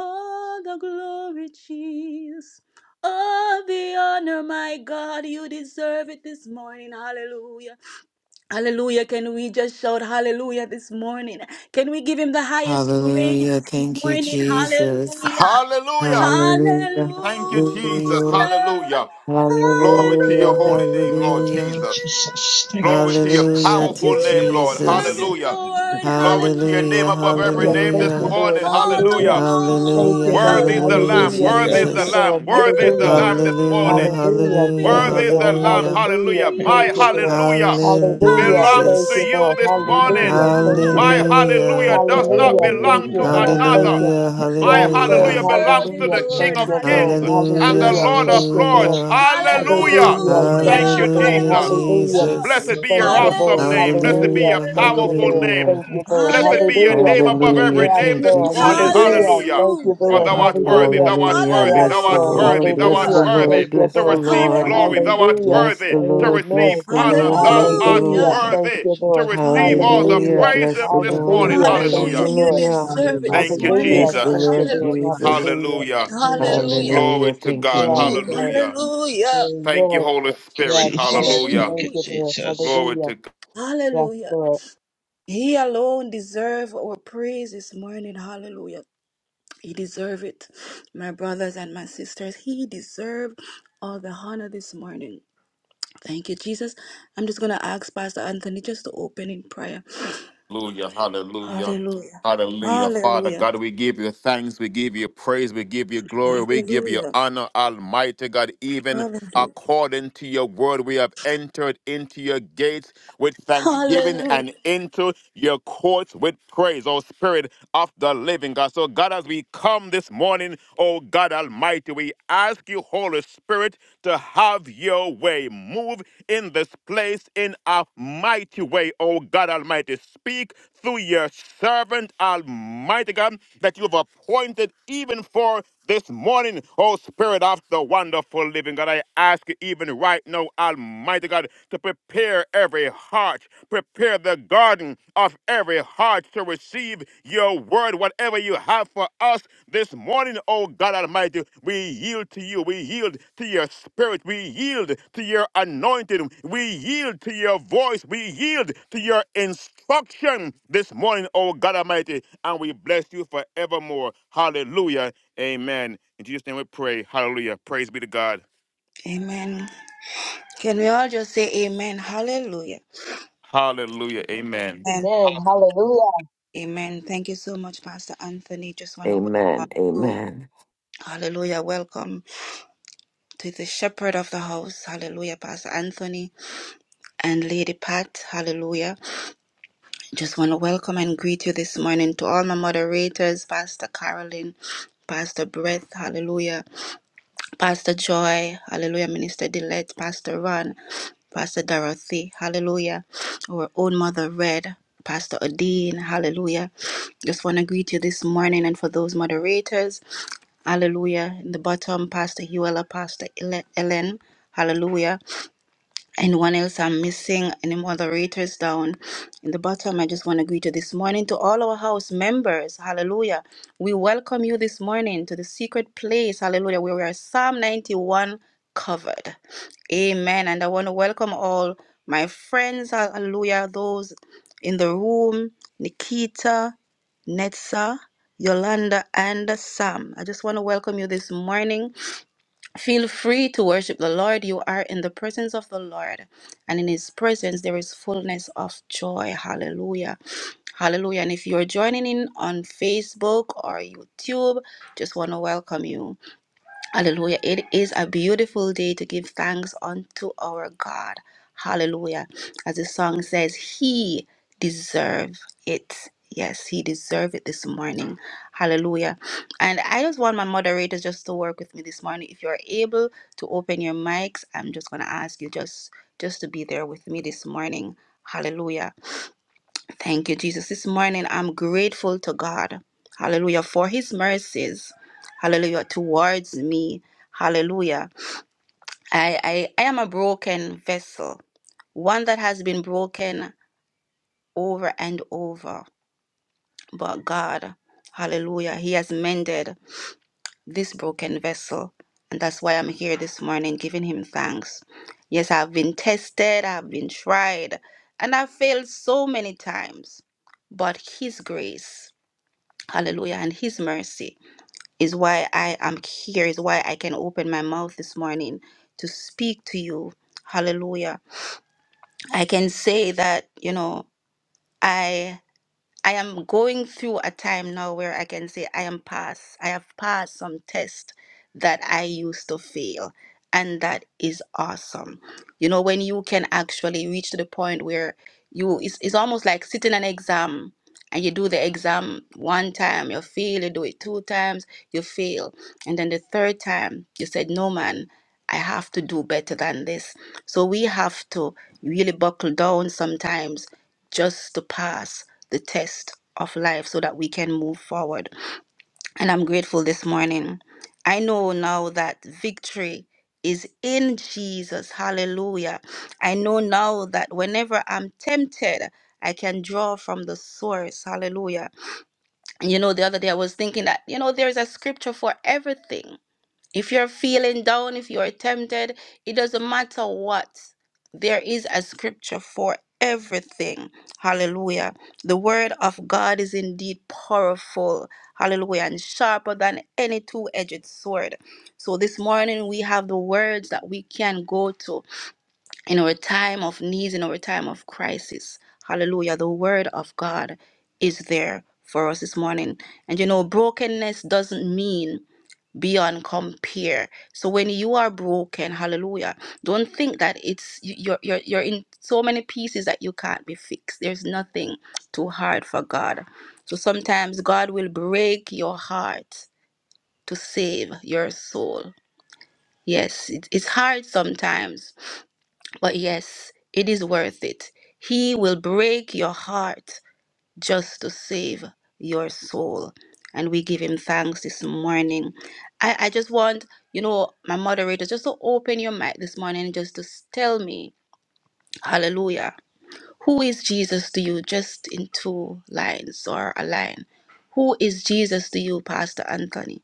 Speaker 2: All the glory, Jesus. All the honor, my God. You deserve it this morning. Hallelujah. Hallelujah. Can we just shout hallelujah this morning? Can we give him the highest praise
Speaker 4: Hallelujah.
Speaker 2: this
Speaker 4: Thank you,
Speaker 2: morning?
Speaker 4: Jesus.
Speaker 2: Hallelujah.
Speaker 3: Hallelujah.
Speaker 4: Hallelujah.
Speaker 3: Thank you,
Speaker 2: Hallelujah.
Speaker 3: Jesus.
Speaker 4: Hallelujah.
Speaker 3: Hallelujah. Glory to your
Speaker 4: Hallelujah.
Speaker 3: holy name,
Speaker 8: Hallelujah.
Speaker 3: Lord
Speaker 8: Thank
Speaker 4: Hallelujah.
Speaker 8: you,
Speaker 2: Hallelujah.
Speaker 3: Jesus.
Speaker 8: Jesus. Thank you,
Speaker 3: Glory to your
Speaker 8: Jesus.
Speaker 4: Hallelujah to
Speaker 3: powerful name,
Speaker 2: You
Speaker 8: Hallelujah.
Speaker 3: Lord.
Speaker 2: deserve
Speaker 4: Jesus.
Speaker 2: it,
Speaker 8: Hallelujah.
Speaker 3: Hallelujah.
Speaker 2: Lord.
Speaker 3: Glory to your name
Speaker 4: Hallelujah.
Speaker 3: above every
Speaker 6: Yes,
Speaker 3: name
Speaker 8: Hallelujah.
Speaker 3: this
Speaker 6: thank
Speaker 2: Hallelujah.
Speaker 6: you,
Speaker 4: Hallelujah.
Speaker 8: Hallelujah.
Speaker 6: Lord.
Speaker 3: morning.
Speaker 2: All the
Speaker 6: Hallelujah.
Speaker 3: Hallelujah.
Speaker 6: Thank
Speaker 4: Hallelujah.
Speaker 6: you,
Speaker 2: glory.
Speaker 6: Lord.
Speaker 3: Worthy is the
Speaker 8: Hallelujah.
Speaker 4: Hallelujah,
Speaker 3: Lamb.
Speaker 6: Hallelujah.
Speaker 8: Hallelujah.
Speaker 3: Worthy
Speaker 8: Hallelujah.
Speaker 3: is
Speaker 6: Thank
Speaker 3: the
Speaker 2: Hallelujah.
Speaker 6: you,
Speaker 4: Jesus.
Speaker 6: Lord.
Speaker 3: Lamb.
Speaker 2: You
Speaker 3: Worthy is the
Speaker 6: Hallelujah.
Speaker 3: Lamb this
Speaker 8: Hallelujah.
Speaker 4: Hallelujah.
Speaker 3: morning.
Speaker 2: alone
Speaker 6: Hallelujah.
Speaker 2: deserve
Speaker 9: Hallelujah.
Speaker 2: it
Speaker 4: Hallelujah.
Speaker 6: Thank
Speaker 8: Hallelujah.
Speaker 3: Worthy
Speaker 6: you,
Speaker 2: this
Speaker 3: is the
Speaker 6: Lord.
Speaker 3: Lamb.
Speaker 2: morning,
Speaker 4: Hallelujah.
Speaker 6: Hallelujah.
Speaker 3: Hallelujah.
Speaker 8: Thank
Speaker 3: My
Speaker 6: Thank
Speaker 8: you,
Speaker 6: you, Lord.
Speaker 2: Jesus.
Speaker 3: hallelujah
Speaker 8: Jesus.
Speaker 4: Hallelujah,
Speaker 6: Hallelujah.
Speaker 8: Hallelujah.
Speaker 3: belongs
Speaker 6: Thank
Speaker 3: to
Speaker 4: Jesus.
Speaker 6: you,
Speaker 3: you
Speaker 6: Lord.
Speaker 3: this
Speaker 2: Hallelujah.
Speaker 8: Hallelujah.
Speaker 3: morning.
Speaker 6: Hallelujah. Thank you,
Speaker 3: My
Speaker 6: Lord.
Speaker 2: Hallelujah.
Speaker 4: Hallelujah.
Speaker 3: hallelujah
Speaker 8: Hallelujah.
Speaker 3: does not
Speaker 6: Hallelujah. Thank
Speaker 3: belong to
Speaker 6: you,
Speaker 8: Hallelujah.
Speaker 6: Lord. Thank
Speaker 3: another.
Speaker 6: you.
Speaker 4: Hallelujah.
Speaker 8: Hallelujah.
Speaker 3: My
Speaker 6: Yes,
Speaker 2: You
Speaker 6: Lord.
Speaker 3: hallelujah
Speaker 4: Hallelujah.
Speaker 3: belongs
Speaker 2: deserve it,
Speaker 3: to
Speaker 6: Hallelujah.
Speaker 3: the
Speaker 8: Jesus.
Speaker 3: King
Speaker 2: Lord.
Speaker 6: Thank
Speaker 3: of
Speaker 9: Hallelujah.
Speaker 6: you,
Speaker 3: Kings
Speaker 6: Lord.
Speaker 8: Thank you,
Speaker 2: Hallelujah.
Speaker 3: and
Speaker 4: Hallelujah,
Speaker 3: the
Speaker 6: Hallelujah.
Speaker 3: Lord
Speaker 2: Hallelujah.
Speaker 6: Thank
Speaker 3: of
Speaker 8: Jesus.
Speaker 6: you,
Speaker 8: Thank you,
Speaker 3: Lords.
Speaker 6: Lord.
Speaker 4: hallelujah,
Speaker 8: Jesus.
Speaker 3: Hallelujah.
Speaker 6: Hallelujah.
Speaker 8: Thank you,
Speaker 6: Thank
Speaker 3: Thank
Speaker 6: you,
Speaker 3: you,
Speaker 2: Hallelujah.
Speaker 6: Lord.
Speaker 4: hallelujah,
Speaker 8: Jesus.
Speaker 3: Jesus.
Speaker 8: Thank
Speaker 6: Hallelujah.
Speaker 8: you,
Speaker 4: Jesus.
Speaker 3: Blessed
Speaker 8: Jesus.
Speaker 3: be your
Speaker 6: Thank you,
Speaker 3: awesome
Speaker 6: Lord.
Speaker 8: Hallelujah.
Speaker 3: name.
Speaker 2: Hallelujah.
Speaker 3: Blessed be
Speaker 6: Hallelujah.
Speaker 3: your
Speaker 4: Hallelujah,
Speaker 8: Hallelujah.
Speaker 6: Thank you,
Speaker 2: Hallelujah.
Speaker 3: powerful
Speaker 6: Lord.
Speaker 3: name.
Speaker 4: hallelujah,
Speaker 6: Thank you,
Speaker 8: Thank you,
Speaker 6: Lord.
Speaker 3: Blessed be your
Speaker 6: Hallelujah.
Speaker 3: name
Speaker 2: Hallelujah.
Speaker 8: Jesus.
Speaker 3: above
Speaker 4: hallelujah.
Speaker 3: every
Speaker 6: Yes,
Speaker 3: name
Speaker 4: Thank
Speaker 3: this
Speaker 2: Hallelujah.
Speaker 4: you,
Speaker 6: Lord.
Speaker 3: morning.
Speaker 6: Hallelujah.
Speaker 4: Jesus.
Speaker 3: Hallelujah.
Speaker 6: Thank you,
Speaker 3: For
Speaker 6: Lord.
Speaker 3: thou
Speaker 8: Amen.
Speaker 3: art worthy,
Speaker 9: Hallelujah.
Speaker 6: Hallelujah.
Speaker 3: thou
Speaker 2: Hallelujah.
Speaker 3: art
Speaker 4: Hallelujah.
Speaker 3: worthy,
Speaker 6: Yes,
Speaker 4: Bless
Speaker 3: thou
Speaker 4: the
Speaker 3: art
Speaker 6: Lord.
Speaker 8: Thank
Speaker 4: Lord,
Speaker 3: worthy,
Speaker 8: you,
Speaker 3: thou
Speaker 4: bless
Speaker 3: art
Speaker 2: Hallelujah.
Speaker 4: the
Speaker 6: Hallelujah.
Speaker 3: worthy
Speaker 4: Lord,
Speaker 6: Thank
Speaker 8: Jesus.
Speaker 6: you,
Speaker 8: Thank
Speaker 3: to
Speaker 4: bless the
Speaker 8: you,
Speaker 6: Lord.
Speaker 9: Hallelujah.
Speaker 8: Jesus.
Speaker 3: receive
Speaker 4: Lord,
Speaker 3: glory, thou
Speaker 2: Hallelujah.
Speaker 3: art
Speaker 6: Hallelujah.
Speaker 4: bless the
Speaker 3: worthy to
Speaker 4: Lord,
Speaker 3: receive
Speaker 6: Amen.
Speaker 4: bless the
Speaker 8: Thank
Speaker 3: honor,
Speaker 4: Lord,
Speaker 8: you,
Speaker 3: thou
Speaker 4: bless the
Speaker 3: art
Speaker 8: Jesus.
Speaker 6: Hallelujah.
Speaker 2: Hallelujah.
Speaker 4: Lord.
Speaker 8: Thank
Speaker 6: Thank
Speaker 8: you,
Speaker 3: worthy
Speaker 6: you,
Speaker 3: to
Speaker 6: Lord.
Speaker 8: Jesus.
Speaker 3: receive
Speaker 8: Thank
Speaker 3: all
Speaker 8: you.
Speaker 2: Hallelujah.
Speaker 3: the
Speaker 4: Hallelujah,
Speaker 6: Hallelujah.
Speaker 3: praise
Speaker 4: bless
Speaker 3: th-
Speaker 4: the
Speaker 3: this
Speaker 4: Lord,
Speaker 3: morning.
Speaker 8: Thank
Speaker 6: Hallelujah.
Speaker 8: you,
Speaker 6: Thank
Speaker 2: Hallelujah.
Speaker 6: you,
Speaker 3: Hallelujah.
Speaker 8: Jesus.
Speaker 2: You
Speaker 6: Lord.
Speaker 4: hallelujah.
Speaker 8: Thank you,
Speaker 2: deserve
Speaker 8: Jesus.
Speaker 2: it this
Speaker 3: Thank you,
Speaker 8: Thank
Speaker 2: morning,
Speaker 6: Hallelujah.
Speaker 4: Bless the
Speaker 8: you,
Speaker 2: God.
Speaker 6: Thank
Speaker 3: Jesus.
Speaker 6: you,
Speaker 4: Lord,
Speaker 8: Jesus.
Speaker 6: Lord.
Speaker 2: Hallelujah.
Speaker 4: Jesus.
Speaker 6: Hallelujah.
Speaker 8: Thank you, Jesus. Thank you,
Speaker 3: Hallelujah.
Speaker 8: Jesus.
Speaker 9: Hallelujah.
Speaker 6: Amen.
Speaker 2: Hallelujah.
Speaker 8: Thank you,
Speaker 3: Glory
Speaker 4: Hallelujah.
Speaker 3: to
Speaker 4: Thank you,
Speaker 3: God.
Speaker 4: Lord.
Speaker 6: Yes,
Speaker 8: Jesus.
Speaker 2: Ooh,
Speaker 8: Thank
Speaker 6: Lord.
Speaker 3: Hallelujah.
Speaker 2: hallelujah.
Speaker 3: Thank you,
Speaker 6: Amen.
Speaker 3: Holy
Speaker 8: you,
Speaker 3: Spirit.
Speaker 6: Yes, Lord.
Speaker 8: Jesus. Thank
Speaker 3: Hallelujah.
Speaker 6: Thank
Speaker 8: you,
Speaker 6: you,
Speaker 2: Hallelujah.
Speaker 6: Lord.
Speaker 8: Jesus.
Speaker 3: Glory
Speaker 6: Hallelujah.
Speaker 3: to God.
Speaker 6: Yes,
Speaker 2: Hallelujah.
Speaker 6: Lord.
Speaker 2: He alone deserves our praise this morning. Hallelujah. He deserves it. My brothers and my sisters, he deserves all the honor this morning. Thank you, Jesus. I'm just going to ask Pastor Anthony just to open in prayer.
Speaker 3: Hallelujah, hallelujah,
Speaker 2: Hallelujah.
Speaker 3: hallelujah. Father
Speaker 2: Hallelujah.
Speaker 3: God, we give you thanks, we give you praise, we give you glory, we give you
Speaker 2: Hallelujah.
Speaker 3: honor, Almighty God. Even
Speaker 2: Hallelujah.
Speaker 3: according to your word, we have entered into your gates with thanksgiving
Speaker 2: Hallelujah.
Speaker 3: and into your courts with praise, O Spirit of the living God. So, God, as we come this morning, O God Almighty, we ask you, Holy Spirit, to have your way. Move in this place in a mighty way, oh God Almighty. Speak through your servant, Almighty God, that you have appointed even for this morning, oh Spirit of the wonderful living God. I ask you even right now, Almighty God, to prepare every heart, prepare the garden of every heart to receive your word, whatever you have for us this morning, oh God Almighty. We yield to you. We yield to your spirit. We yield to your anointing. We yield to your voice. We yield to your instruction this morning, oh God Almighty. And we bless you forevermore. Hallelujah. Amen. In Jesus' name we pray. Hallelujah. Praise be to God.
Speaker 2: Amen. Can we all just say amen? Hallelujah.
Speaker 3: Hallelujah. Amen.
Speaker 2: And
Speaker 6: Amen. Hallelujah.
Speaker 2: amen. Thank you so much, Pastor Anthony. Just want to
Speaker 4: Amen,
Speaker 2: welcome you.
Speaker 4: amen.
Speaker 2: Hallelujah. Welcome to the shepherd of the house. Hallelujah, Pastor Anthony and Lady Pat. Hallelujah. Just want to welcome and greet you this morning to all my moderators, Pastor Carolyn. Pastor Breath, hallelujah. Pastor Joy, hallelujah. Minister Delette, Pastor Ron, Pastor Dorothy, hallelujah. Our own mother, Red, Pastor Odine, hallelujah. Just want to greet you this morning and for those moderators, hallelujah. In the bottom, Pastor Huela, Pastor Ele- Ellen, hallelujah anyone else I'm missing, any moderators down in the bottom, I just want to greet you this morning to all our house members. Hallelujah. We welcome you this morning to the secret place. Hallelujah. Where we are Psalm 91 covered. Amen. And I want to welcome all my friends. Hallelujah. Those in the room, Nikita, Netsa, Yolanda, and Sam. I just want to welcome you this morning. Feel free to worship the Lord. You are in the presence of the Lord, and in His presence there is fullness of joy. Hallelujah. Hallelujah. And if you're joining in on Facebook or YouTube, just want to welcome you. Hallelujah. It is a beautiful day to give thanks unto our God. Hallelujah. As the song says, He deserve it. Yes, he deserve it this morning. Hallelujah. And I just want my moderators just to work with me this morning. If you're able to open your mics, I'm just gonna ask you just just to be there with me this morning. Hallelujah. Thank you, Jesus. This morning, I'm grateful to God. Hallelujah. For his mercies. Hallelujah. Towards me. Hallelujah. I, I, I am a broken vessel, one that has been broken over and over. But God, hallelujah, he has mended this broken vessel. And that's why I'm here this morning giving him thanks. Yes, I've been tested, I've been tried, and I've failed so many times. But his grace. Hallelujah. And His mercy is why I am here, is why I can open my mouth this morning to speak to you. Hallelujah. I can say that, you know, I. I am going through a time now where I can say I am past. I have passed some tests that I used to fail. And that is awesome. You know, when you can actually reach to the point where you, it's, it's almost like sitting an exam and you do the exam one time, you fail, you do it two times, you fail. And then the third time, you said, no, man, I have to do better than this. So we have to really buckle down sometimes just to pass the test of life so that we can move forward. And I'm grateful this morning. I know now that victory is in Jesus. Hallelujah. I know now that whenever I'm tempted, I can draw from the source. Hallelujah. You know, the other day I was thinking that, you know, there's a scripture for everything. If you're feeling down, if you're tempted, it doesn't matter what. There is a scripture for everything. Hallelujah. The word of God is indeed powerful. Hallelujah. And sharper than any two edged sword. So this morning we have the words that we can go to in our time of needs, in our time of crisis. Hallelujah. The word of God is there for us this morning. And you know, brokenness doesn't mean beyond compare. So when you are broken, hallelujah, don't think that it's you- you're you're you're in so many pieces that you can't be fixed. There's nothing too hard for God. So sometimes God will break your heart to save your soul. Yes, it, it's hard sometimes, but yes, it is worth it. He will break your heart just to save your soul. And we give him thanks this morning. I, I just want, you know, my moderator, just to open your mic this morning, just to s- tell me, hallelujah, who is Jesus to you, just in two lines or a line. Who is Jesus to you, Pastor Anthony?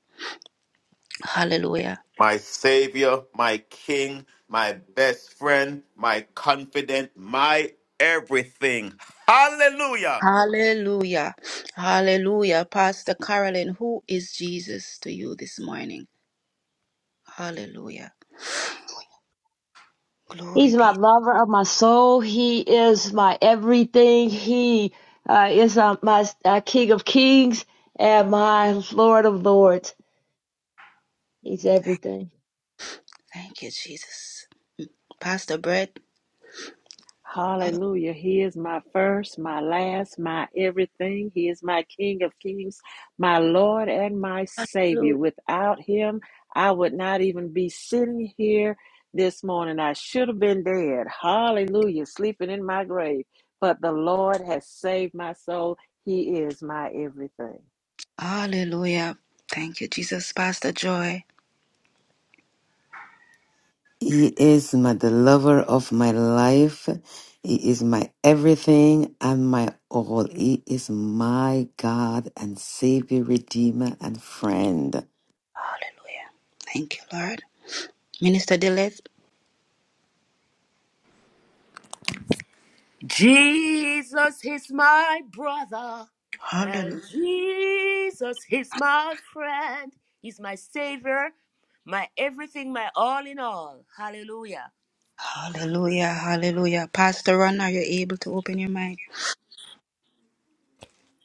Speaker 2: Hallelujah.
Speaker 3: my Savior, my King, my best friend, my confident, my everything. Hallelujah.
Speaker 2: Hallelujah. Hallelujah. Pastor Carolyn, who is Jesus to you this morning? Hallelujah.
Speaker 6: He's
Speaker 2: Glory
Speaker 6: my
Speaker 2: be.
Speaker 6: lover of my soul. He is my everything. He uh, is uh, my uh, King of Kings and my Lord of Lords. He's everything.
Speaker 2: Thank you, Jesus. Pastor Brett.
Speaker 5: Hallelujah. He is my first, my last, my everything. He is my King of kings, my Lord and my Savior.
Speaker 2: Hallelujah.
Speaker 5: Without him, I would not even be sitting here this morning. I should have been dead. Hallelujah. Sleeping in my grave. But the Lord has saved my soul. He is my everything.
Speaker 2: Hallelujah. Thank you, Jesus. Pastor Joy.
Speaker 4: He is my the lover of my life. He is my everything and my all. He is my God and Savior, Redeemer, and friend.
Speaker 2: Thank you, Lord. Minister Dilith.
Speaker 10: Jesus is my brother, and
Speaker 2: Hallelujah.
Speaker 10: Jesus is my friend. He's my savior, my everything, my all in all. Hallelujah.
Speaker 2: Hallelujah. Hallelujah. Pastor Ron, are you able to open your mic?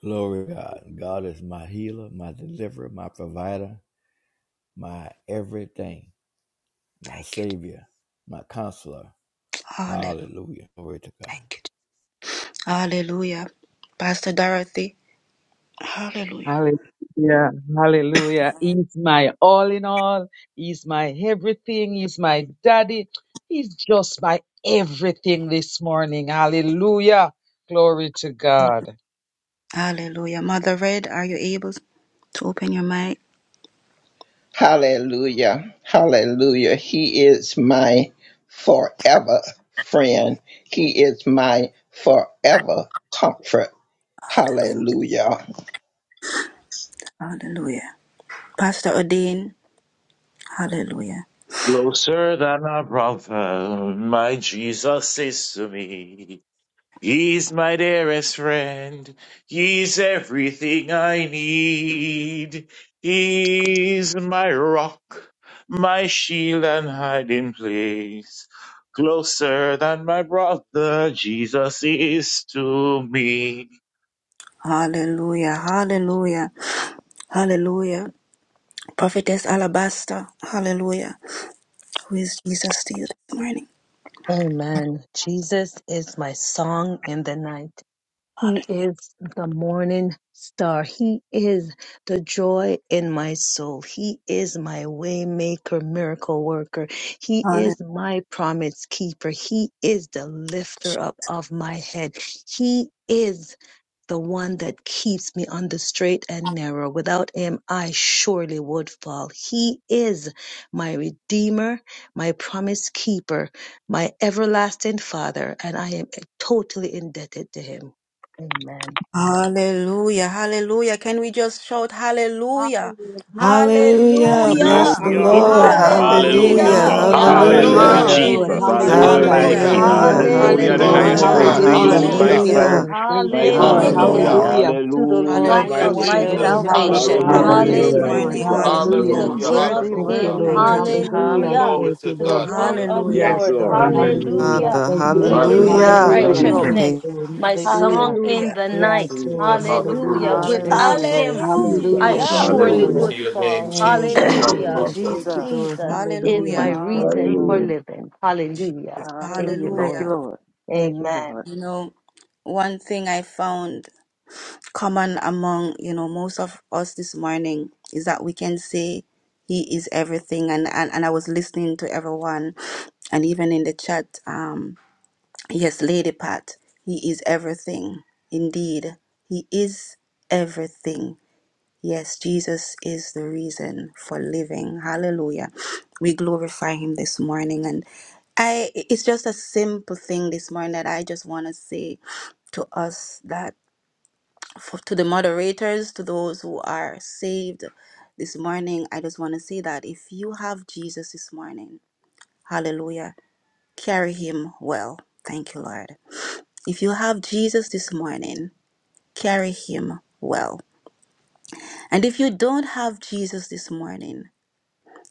Speaker 7: glory to God. God is my healer, my deliverer, my provider, my everything, my
Speaker 2: Thank you. Jesus.
Speaker 7: savior, my counselor.
Speaker 2: Hallelujah.
Speaker 7: Hallelujah. Glory to God.
Speaker 2: Thank you. Jesus. Hallelujah. Pastor Dorothy. Hallelujah.
Speaker 9: Hallelujah. Hallelujah. He's my all in all. He's my everything. He's my daddy. He's just my everything this morning. Hallelujah. Glory to God.
Speaker 2: Hallelujah. Mother Red, are you able to open your mic?
Speaker 8: Hallelujah. Hallelujah. He is my forever friend. He is my forever comfort. Hallelujah.
Speaker 2: Hallelujah. Pastor Odin. Hallelujah.
Speaker 11: Closer than a brother, my Jesus is to me. He's my dearest friend. He's everything I need. He's my rock, my shield and hiding place. Closer than my brother, Jesus is to me.
Speaker 2: Hallelujah. Hallelujah. Hallelujah. Prophetess Alabaster. Hallelujah. Who is Jesus to you this morning?
Speaker 12: Amen. Jesus is my song in the night. He is the morning star. He is the joy in my soul. He is my waymaker, miracle worker. He
Speaker 2: Hallelujah.
Speaker 12: is my promise keeper. He is the lifter up of my head. He is the one that keeps me on the straight and narrow. Without him, I surely would fall. He is my redeemer, my promise keeper, my everlasting father, and I am totally indebted to him. Amen.
Speaker 2: Hallelujah, hallelujah. Can we just shout hallelujah?
Speaker 12: Hallelujah.
Speaker 4: Hallelujah.
Speaker 9: Hallelujah.
Speaker 4: Bless
Speaker 2: Hallelujah,
Speaker 4: the
Speaker 11: Hallelujah.
Speaker 4: Lord.
Speaker 6: Hallelujah. Hallelujah.
Speaker 11: Hallelujah,
Speaker 4: Hallelujah.
Speaker 2: hallelujah.
Speaker 11: God.
Speaker 12: Hallelujah. Hallelujah.
Speaker 6: Hallelujah.
Speaker 2: Thank
Speaker 6: Thank
Speaker 11: Hallelujah,
Speaker 2: you,
Speaker 4: Hallelujah.
Speaker 6: you,
Speaker 3: Hallelujah.
Speaker 9: Hallelujah.
Speaker 6: Lord.
Speaker 11: Jesus.
Speaker 2: Jesus.
Speaker 12: Hallelujah.
Speaker 11: Hallelujah,
Speaker 6: Hallelujah.
Speaker 11: my
Speaker 2: Hallelujah,
Speaker 9: Hallelujah.
Speaker 3: Hallelujah.
Speaker 11: King.
Speaker 4: Hallelujah.
Speaker 6: Oh, thank
Speaker 11: Hallelujah,
Speaker 6: you,
Speaker 11: the
Speaker 6: Lord.
Speaker 3: Glory
Speaker 11: highest
Speaker 3: to
Speaker 2: hallelujah,
Speaker 12: Hallelujah
Speaker 4: Hallelujah.
Speaker 11: praise
Speaker 3: God.
Speaker 11: to
Speaker 5: Hallelujah,
Speaker 12: to
Speaker 6: Hallelujah.
Speaker 11: you,
Speaker 5: Jesus.
Speaker 6: Thank
Speaker 11: my
Speaker 3: Hallelujah.
Speaker 6: you,
Speaker 12: Jesus.
Speaker 2: hallelujah.
Speaker 11: Father.
Speaker 4: Hallelujah.
Speaker 6: Lord. Thank
Speaker 11: My
Speaker 6: you, Lord.
Speaker 2: You
Speaker 11: Father.
Speaker 2: know,
Speaker 3: Hallelujah.
Speaker 5: Hallelujah.
Speaker 12: Hallelujah
Speaker 4: Hallelujah.
Speaker 6: Hallelujah.
Speaker 12: to the
Speaker 11: Hallelujah,
Speaker 6: Oh,
Speaker 12: rock
Speaker 3: Thank
Speaker 11: my
Speaker 2: hallelujah,
Speaker 3: you,
Speaker 12: of
Speaker 6: thank
Speaker 2: one
Speaker 6: you,
Speaker 12: my
Speaker 5: Thank
Speaker 11: brother.
Speaker 6: Lord.
Speaker 5: you,
Speaker 2: thing
Speaker 3: Jesus.
Speaker 2: that
Speaker 5: God.
Speaker 2: was
Speaker 12: salvation.
Speaker 3: Hallelujah.
Speaker 6: Hallelujah.
Speaker 2: common
Speaker 6: Thank
Speaker 5: Hallelujah.
Speaker 11: Hallelujah,
Speaker 2: this
Speaker 6: you,
Speaker 9: Hallelujah.
Speaker 11: mighty
Speaker 6: Lord.
Speaker 2: morning.
Speaker 12: Hallelujah
Speaker 11: God.
Speaker 12: to
Speaker 6: Hallelujah.
Speaker 2: Hallelujah.
Speaker 12: the
Speaker 11: Mm.
Speaker 3: Hallelujah.
Speaker 12: King of
Speaker 5: Worthy,
Speaker 6: Thank you,
Speaker 3: Hallelujah.
Speaker 12: Kings.
Speaker 5: worthy,
Speaker 6: Lord.
Speaker 2: Thank you,
Speaker 5: worthy.
Speaker 2: Jesus.
Speaker 6: Hallelujah.
Speaker 12: Hallelujah
Speaker 5: Hallelujah.
Speaker 6: Thank you,
Speaker 12: to
Speaker 6: Lord.
Speaker 12: the
Speaker 3: God.
Speaker 12: Lord of
Speaker 11: Yes,
Speaker 2: Hallelujah.
Speaker 3: yeah.
Speaker 6: Yes,
Speaker 12: Lords.
Speaker 6: Lord.
Speaker 11: Lord.
Speaker 2: Mm.
Speaker 6: Hallelujah.
Speaker 9: Hallelujah.
Speaker 12: Hallelujah.
Speaker 4: Father,
Speaker 6: Thank you,
Speaker 11: You
Speaker 12: He
Speaker 5: Thank
Speaker 11: are
Speaker 6: Lord.
Speaker 5: you,
Speaker 3: Hallelujah.
Speaker 12: is
Speaker 11: great.
Speaker 12: my
Speaker 5: Jesus.
Speaker 4: hallelujah.
Speaker 5: Thank
Speaker 6: Hallelujah.
Speaker 5: you, Lord.
Speaker 2: Ooh,
Speaker 6: Thank
Speaker 11: Mhm.
Speaker 12: righteousness,
Speaker 6: you,
Speaker 4: Thank
Speaker 6: Lord.
Speaker 12: my
Speaker 6: Hallelujah.
Speaker 12: song in
Speaker 2: Hallelujah,
Speaker 12: the
Speaker 6: Yes,
Speaker 12: night.
Speaker 6: Lord.
Speaker 12: Hallelujah.
Speaker 6: Hallelujah. Thank you,
Speaker 12: Without
Speaker 5: Hallelujah.
Speaker 6: Lord.
Speaker 12: him,
Speaker 11: Jesus.
Speaker 12: I
Speaker 6: Hallelujah.
Speaker 2: hallelujah,
Speaker 6: Thank you,
Speaker 12: surely
Speaker 3: Glory
Speaker 6: Lord.
Speaker 11: Hallelujah.
Speaker 3: to
Speaker 12: would
Speaker 3: your name,
Speaker 12: fall.
Speaker 6: Oh,
Speaker 3: Jesus.
Speaker 2: Jesus.
Speaker 6: thank you,
Speaker 12: Hallelujah.
Speaker 11: Hallelujah.
Speaker 6: Lord.
Speaker 3: Hallelujah.
Speaker 6: Thank you,
Speaker 5: Jesus.
Speaker 6: Lord.
Speaker 12: Jesus is
Speaker 6: Hallelujah.
Speaker 12: my
Speaker 2: Hallelujah.
Speaker 6: Thank you,
Speaker 12: reason for
Speaker 6: Lord.
Speaker 5: Hallelujah.
Speaker 11: Hallelujah.
Speaker 12: living. Hallelujah. Thank
Speaker 5: Hallelujah.
Speaker 12: you,
Speaker 5: Thank
Speaker 12: Lord.
Speaker 5: you,
Speaker 2: Hallelujah.
Speaker 5: Lord. Thank you,
Speaker 12: Amen.
Speaker 5: Lord.
Speaker 2: You know, one thing I found common among, you know, most of us this morning is that we can say he is everything and and, and I was listening to everyone and even in the chat um yes, Lady Pat, he is everything. Indeed, he is everything. Yes, Jesus is the reason for living. Hallelujah. We glorify him this morning and I it's just a simple thing this morning that I just want to say to us that for, to the moderators, to those who are saved this morning, I just want to say that if you have Jesus this morning, hallelujah, carry him well. Thank you, Lord. If you have Jesus this morning, carry him well. And if you don't have Jesus this morning,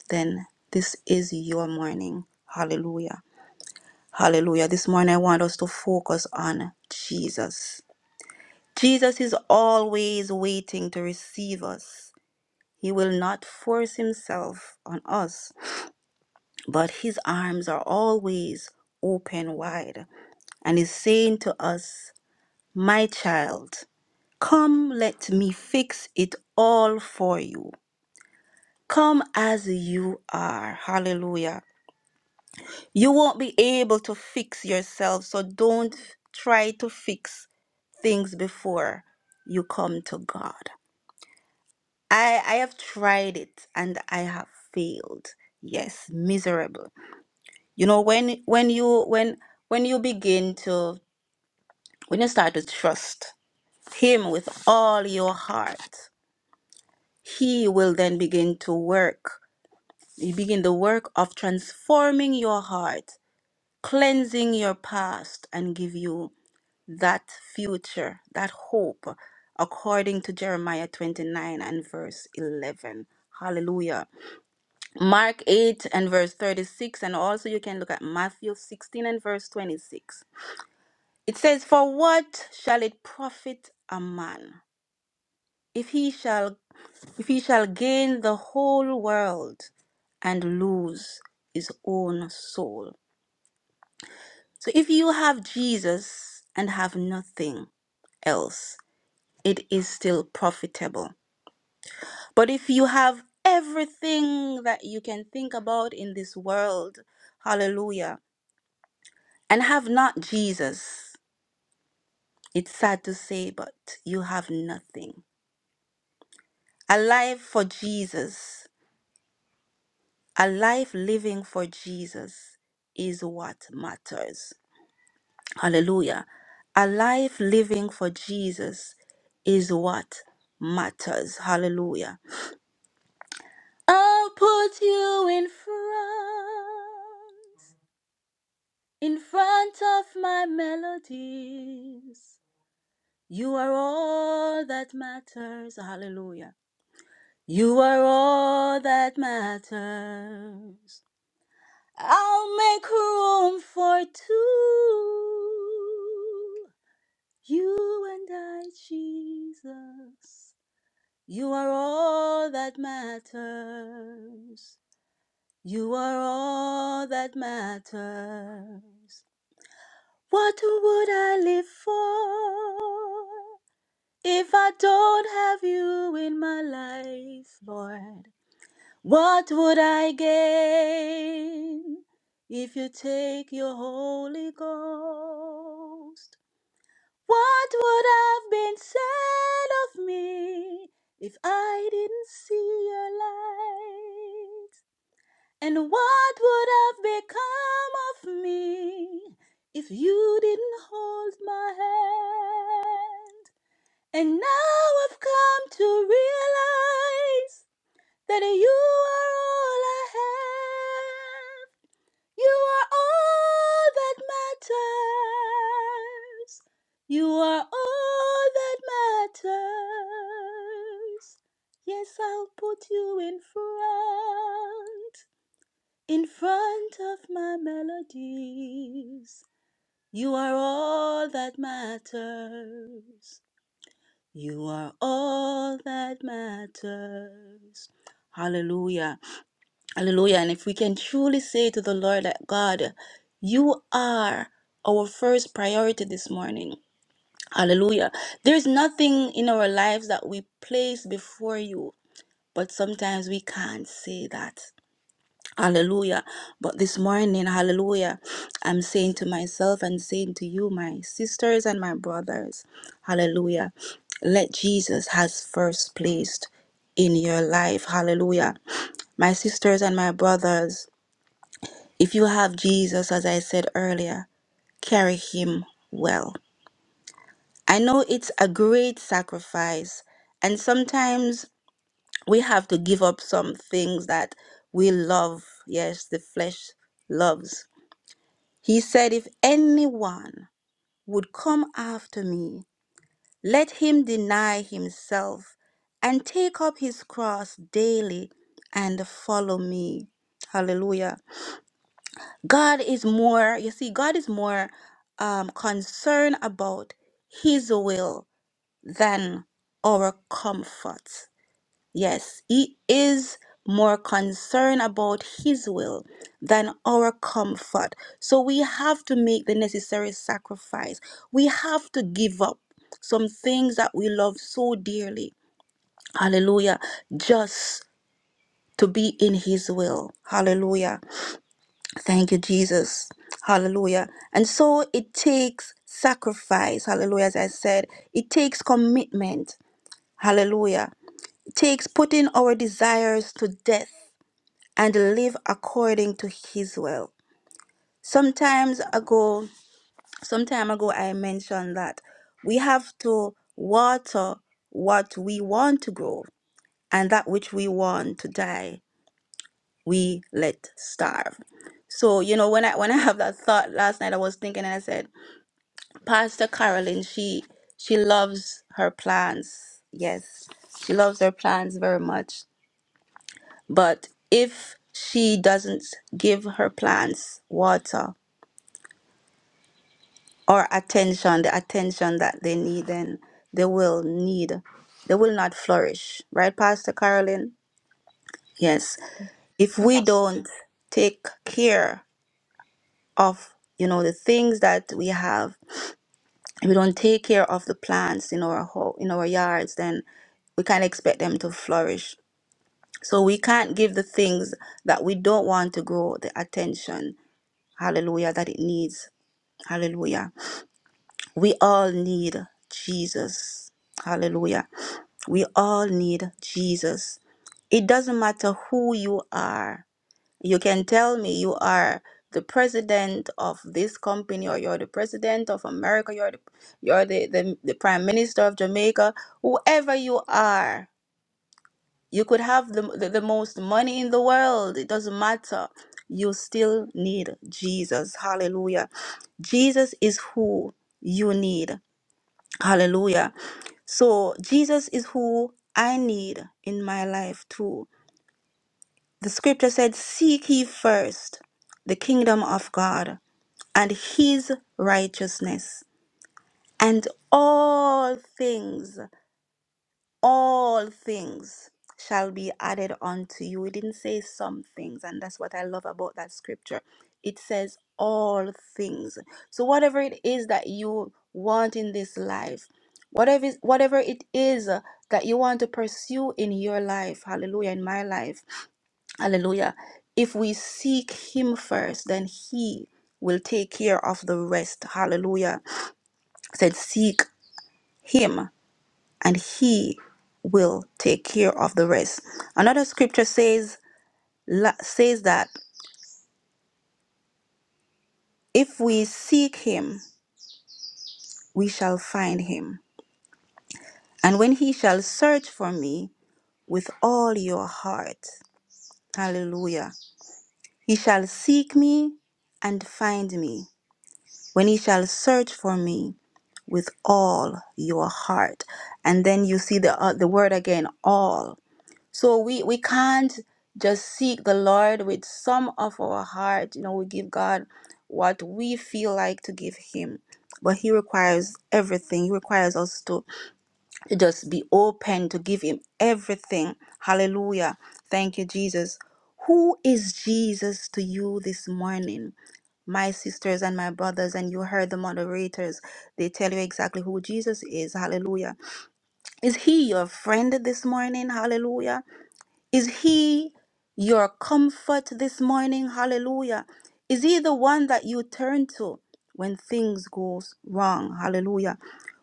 Speaker 2: then this is your morning. Hallelujah. Hallelujah. This morning, I want us to focus on Jesus. Jesus is always waiting to receive us. He will not force himself on us, but his arms are always open wide. And he's saying to us, My child, come, let me fix it all for you. Come as you are. Hallelujah. You won't be able to fix yourself, so don't try to fix things before you come to God. I, I have tried it and I have failed. Yes, miserable. You know, when when you when when you begin to when you start to trust him with all your heart, he will then begin to work. You begin the work of transforming your heart, cleansing your past, and give you that future, that hope, according to Jeremiah 29 and verse 11. Hallelujah. Mark 8 and verse 36, and also you can look at Matthew 16 and verse 26. It says, For what shall it profit a man if he shall if he shall gain the whole world and lose his own soul? So if you have Jesus and have nothing, else. it is still profitable. But if you have everything that you can think about in this world, hallelujah, and have not Jesus, it's sad to say, but you have nothing. A life for Jesus, a life living for Jesus is what matters. Hallelujah. A life living for Jesus is what matters. Hallelujah. I'll put you in front. In front of my melodies, you are all that matters. Hallelujah. You are all that matters. I'll make room for two. You and I, Jesus. You are all that matters. You are all that matters. What would I live for if I don't have you in my life, Lord? What would I gain if you take your Holy Ghost? What would have been said of me if I didn't see your light? And what would have become of me if you didn't hold my hand? And now I've come to realize that you are all I have. You are all that matters. You are all that matters. Yes, I'll put you in front in front of my melodies. You are all that matters. You are all that matters. Hallelujah. Hallelujah. And if we can truly say to the Lord that God, you are our first priority this morning. Hallelujah. There's nothing in our lives that we place before you, but sometimes we can't say that. Hallelujah. But this morning, hallelujah, I'm saying to myself and saying to you, my sisters and my brothers, hallelujah, let Jesus has first placed in your life. Hallelujah. My sisters and my brothers, if you have Jesus, as I said earlier, carry him well. I know it's a great sacrifice, and sometimes we have to give up some things that we love. Yes, the flesh loves. He said, If anyone would come after me, let him deny himself and take up his cross daily and follow me. Hallelujah. God is more, you see, God is more um, concerned about his will than our comfort. Yes, he is more concerned about his will than our comfort. So we have to make the necessary sacrifice. We have to give up some things that we love so dearly. Hallelujah. Just to be in his will. Hallelujah. Thank you, Jesus. Hallelujah. And so it takes sacrifice. Hallelujah. As I said, it takes commitment. Hallelujah. It takes putting our desires to death. and live according to his will. Sometimes ago, some time ago I mentioned that we have to water what we want to grow and that which we want to die, we let starve. So, you know, when I when I have that thought last night I was thinking and I said, Pastor Carolyn, she she loves her plants. Yes. She loves her plants very much. But if she doesn't give her plants water, or attention, the attention that they need, and they will need, they will not flourish. Right, Pastor Carolyn? Yes. If we
Speaker 6: Yes.
Speaker 2: don't take care of, you know, the things that we have, if we don't take care of the plants in our ho- in our yards, then we can't expect them to flourish. So we can't give the things that we don't want to grow the attention, hallelujah, that it needs. Hallelujah. We all need Jesus. Hallelujah. We all need Jesus. It doesn't matter who you are. You can tell me you are the president of this company or you're the president of America, you're the, you're the, the, the prime minister of Jamaica, whoever you are. You could have the, the, the most money in the world. It doesn't matter. You still need Jesus. Hallelujah. Jesus is who you need. Hallelujah. So Jesus is who I need in my life too. The scripture said, Seek ye first the kingdom of God and his righteousness, and all things all things shall be added unto you. It didn't say some things, and that's what I love about that scripture. It says all things. So whatever it is that you want in this life, whatever is, whatever it is uh, that you want to pursue in your life, hallelujah, in my life, hallelujah. If we seek him first, then he will take care of the rest. Hallelujah. It said seek him and he will take care of the rest. Another scripture says la- says that if we seek him, we shall find him. And when he shall search for me with all your heart, hallelujah. He shall seek me and find me when he shall search for me with all your heart. And then you see the uh, the word again all. So we we can't just seek the Lord with some of our heart. You know, we give God what we feel like to give Him. But He requires everything. He requires us to, to just be open to give Him everything. Hallelujah. Thank you, Jesus. Who is Jesus to you this morning? My sisters and my brothers, and you heard the moderators, they tell you exactly who Jesus is. Hallelujah. Is he your friend this morning? Hallelujah. Is He your comfort this morning? Hallelujah. Is He the one that you turn to when things goes wrong? Hallelujah.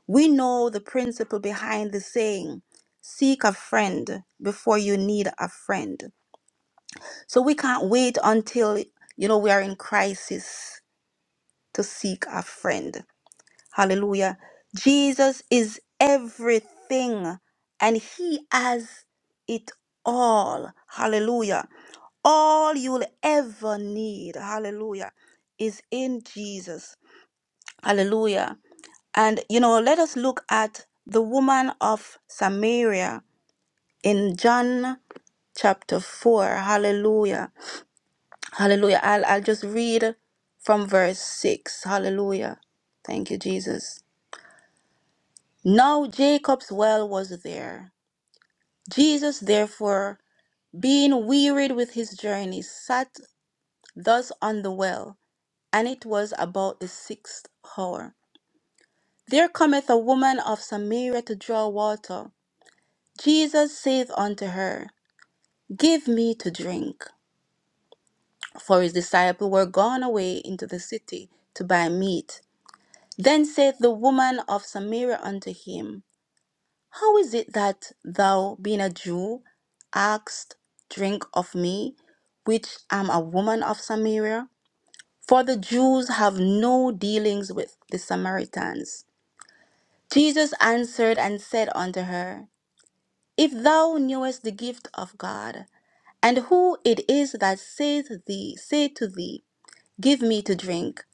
Speaker 2: We know the principle behind the saying, seek a friend before you need a friend. So we can't wait until, you know, we are in crisis to seek a friend. Hallelujah. Jesus is everything and he has it all. Hallelujah. All you'll ever need. Hallelujah. Is in Jesus. Hallelujah. And you know, let us look at the woman of Samaria in John chapter 4. Hallelujah. Hallelujah. I'll, I'll just read from verse 6. Hallelujah. Thank you, Jesus. Now Jacob's well was there. Jesus, therefore, being wearied with his journey, sat thus on the well, and it was about the sixth hour. There cometh a woman of Samaria to draw water. Jesus saith unto her, Give me to drink. For his disciples were gone away into the city to buy meat. Then saith the woman of Samaria unto him, How is it that thou, being a Jew, askest drink of me, which am a woman of Samaria? For the Jews have no dealings with the Samaritans. Jesus answered and said unto her, If thou knewest the gift of God, and who it is that saith thee, say to thee, Give me to drink,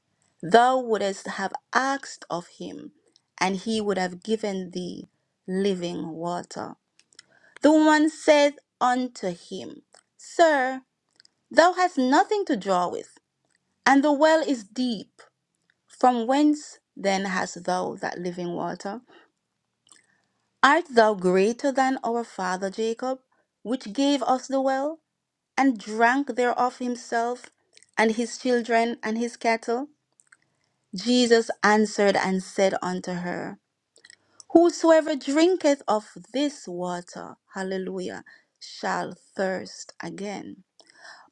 Speaker 2: thou wouldest have asked of him, and he would have given thee living water. The woman said unto him, Sir, thou hast nothing to draw with, and the well is deep. From whence then hast thou that living water? Art thou greater than our father Jacob, which gave us the well, and drank thereof himself, and his children, and his cattle? Jesus answered and said unto her, Whosoever drinketh of this water, hallelujah, shall thirst again.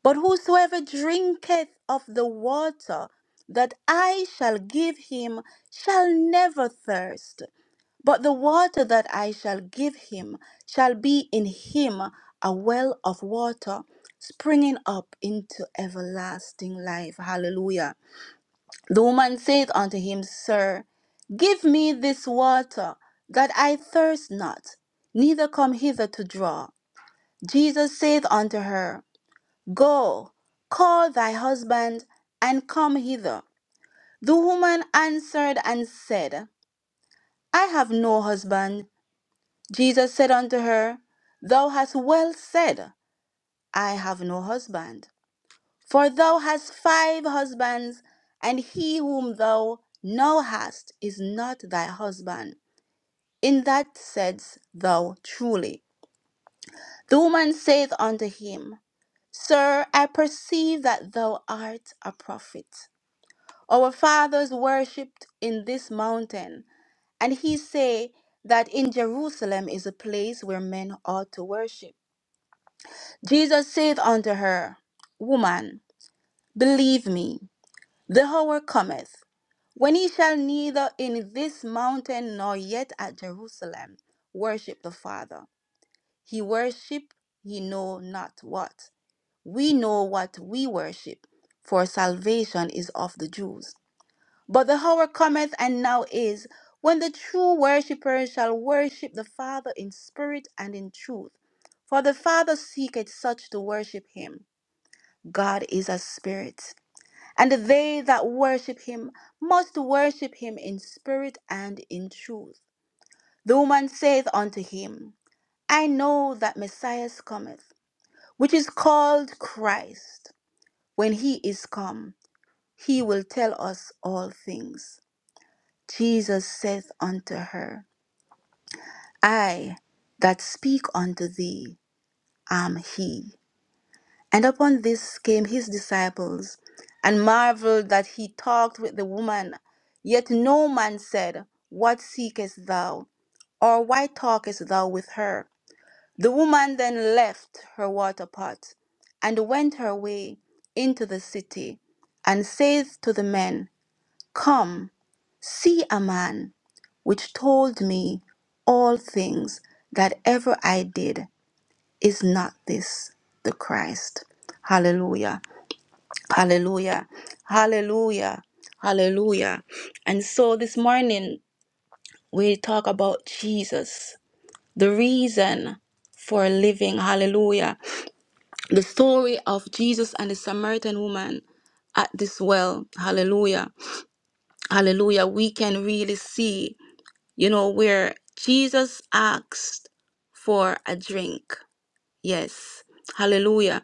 Speaker 2: But whosoever drinketh of the water that I shall give him shall never thirst, but the water that I shall give him shall be in him a well of water springing up into everlasting life. Hallelujah. The woman saith unto him, Sir, give me this water that I thirst not, neither come hither to draw. Jesus saith unto her, Go, call thy husband and come hither. The woman answered and said, I have no husband. Jesus said unto her, Thou hast well said, I have no husband. For thou hast five husbands, and he whom thou now hast is not thy husband. In that saidst thou truly. The woman saith unto him, Sir, I perceive that thou art a prophet. Our fathers worshipped in this mountain, and he say that in Jerusalem is a place where men ought to worship. Jesus saith unto her, Woman, believe me, the hour cometh when ye shall neither in this mountain nor yet at Jerusalem worship the Father. He worship ye know not what. We know what we worship, for salvation is of the Jews. But the hour cometh and now is when the true worshippers shall worship the Father in spirit and in truth. For the Father seeketh such to worship him. God is a spirit, and they that worship him must worship him in spirit and in truth. The woman saith unto him, I know that Messiah cometh, which is called Christ. When he is come, he will tell us all things. Jesus saith unto her, I that speak unto thee am he. And upon this came his disciples, and marveled that he talked with the woman. Yet no man said, What seekest thou? Or why talkest thou with her? The woman then left her water pot, and went her way into the city, and saith to the men, Come, see a man which told me all things that ever I did. Is not this the Christ? Hallelujah. Hallelujah. Hallelujah. Hallelujah. And so this morning we talk about Jesus, the reason for living. Hallelujah. The story of Jesus and the Samaritan woman at this well. Hallelujah. Hallelujah. We can really see, you know, where Jesus asked for a drink. Yes. Hallelujah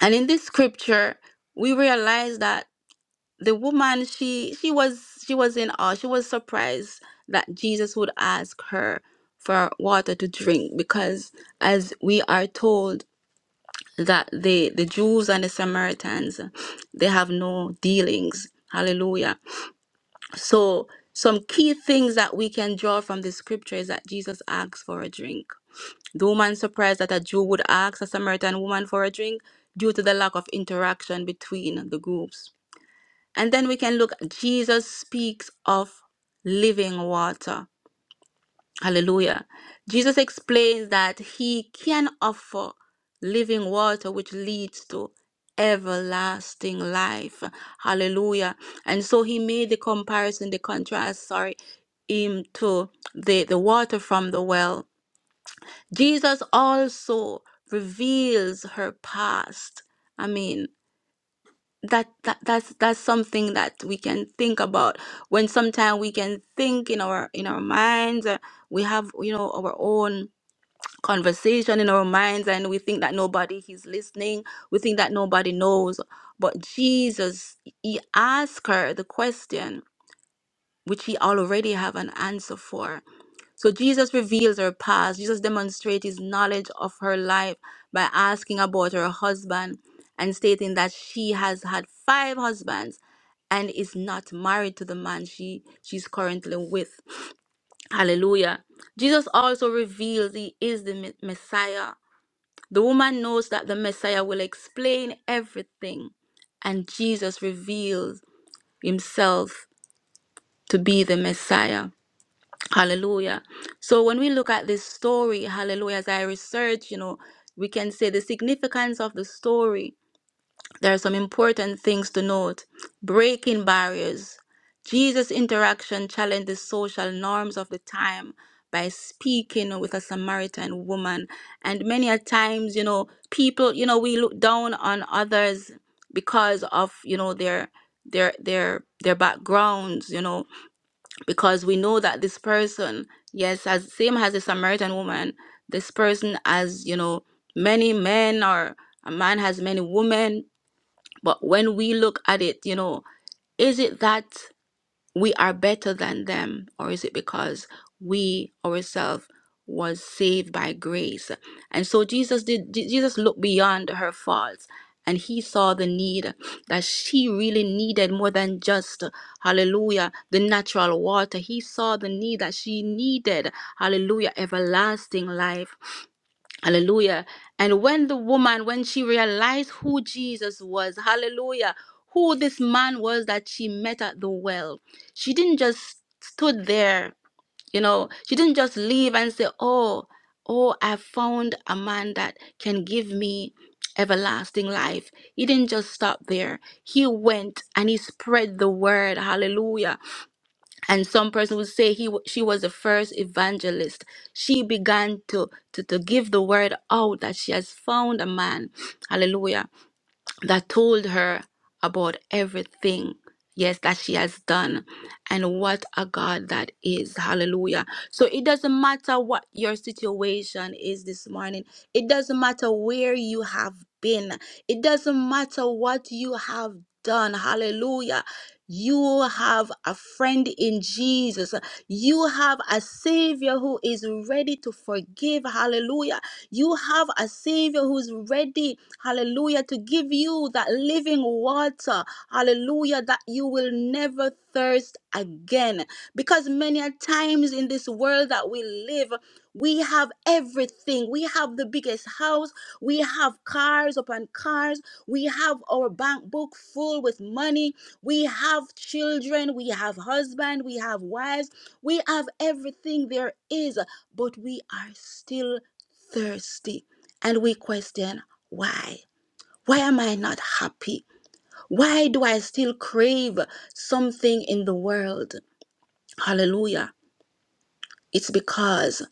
Speaker 2: and in this scripture we realize that the woman she she was she was in awe she was surprised that jesus would ask her for water to drink because as we are told that the the jews and the samaritans they have no dealings hallelujah so some key things that we can draw from the scripture is that jesus asks for a drink the woman surprised that a Jew would ask a Samaritan woman for a drink due to the lack of interaction between the groups. And then we can look, Jesus speaks of living water. Hallelujah. Jesus explains that he can offer living water which leads to everlasting life. Hallelujah. And so he made the comparison, the contrast, sorry, him to the, the water from the well Jesus also reveals her past. I mean, that, that that's that's something that we can think about when sometimes we can think in our in our minds uh, we have you know our own conversation in our minds and we think that nobody is listening we think that nobody knows but jesus he asked her the question which he already have an answer for so Jesus reveals her past. Jesus demonstrates his knowledge of her life by asking about her husband and stating that she has had five husbands and is not married to the man she she's currently with. Hallelujah. Jesus also reveals he is the Me- Messiah. The woman knows that the Messiah will explain everything and Jesus reveals himself to be the Messiah. Hallelujah. So when we look at this story, hallelujah, as I research, you know, we can say the significance of the story. There are some important things to note. Breaking barriers. Jesus' interaction challenged the social norms of the time by speaking with a Samaritan woman. And many a times, you know, people, you know, we look down on others because of, you know, their their their their backgrounds, you know, because we know that this person, yes, as same as the Samaritan woman, this person has, you know, many men or a man has many women. But when we look at it, you know, is it that? we are better than them or is it because we ourselves was saved by grace and so jesus did Je- jesus looked beyond her faults and he saw the need that she really needed more than just hallelujah the natural water he saw the need that she needed hallelujah everlasting life Hallelujah. And when the woman, when she realized who Jesus was, hallelujah, who this man was that she met at the well, she didn't just stood there, you know, she didn't just leave and say, oh, oh, I found a man that can give me everlasting life. He didn't just stop there. He went and he spread the word, hallelujah and some person would say he wa- she was the first evangelist she began to, to to give the word out that she has found a man hallelujah that told her about everything, yes, that she has done. And what a God that is. Hallelujah. So it doesn't matter what your situation is this morning, it doesn't matter where you have been, it doesn't matter what you have done. Hallelujah. You have a friend in Jesus. You have a Savior who is ready to forgive. Hallelujah you have a Savior who's ready, hallelujah, to give you that living water, hallelujah, that you will never thirst again. Because many a times in this world that we live, we have everything. We have the biggest house. We have cars upon cars. We have our bank book full with money. We have children. We have husband. We have wives. We have everything there is, but we are still thirsty and we question why why am i not happy why do i still crave something in the world hallelujah it's because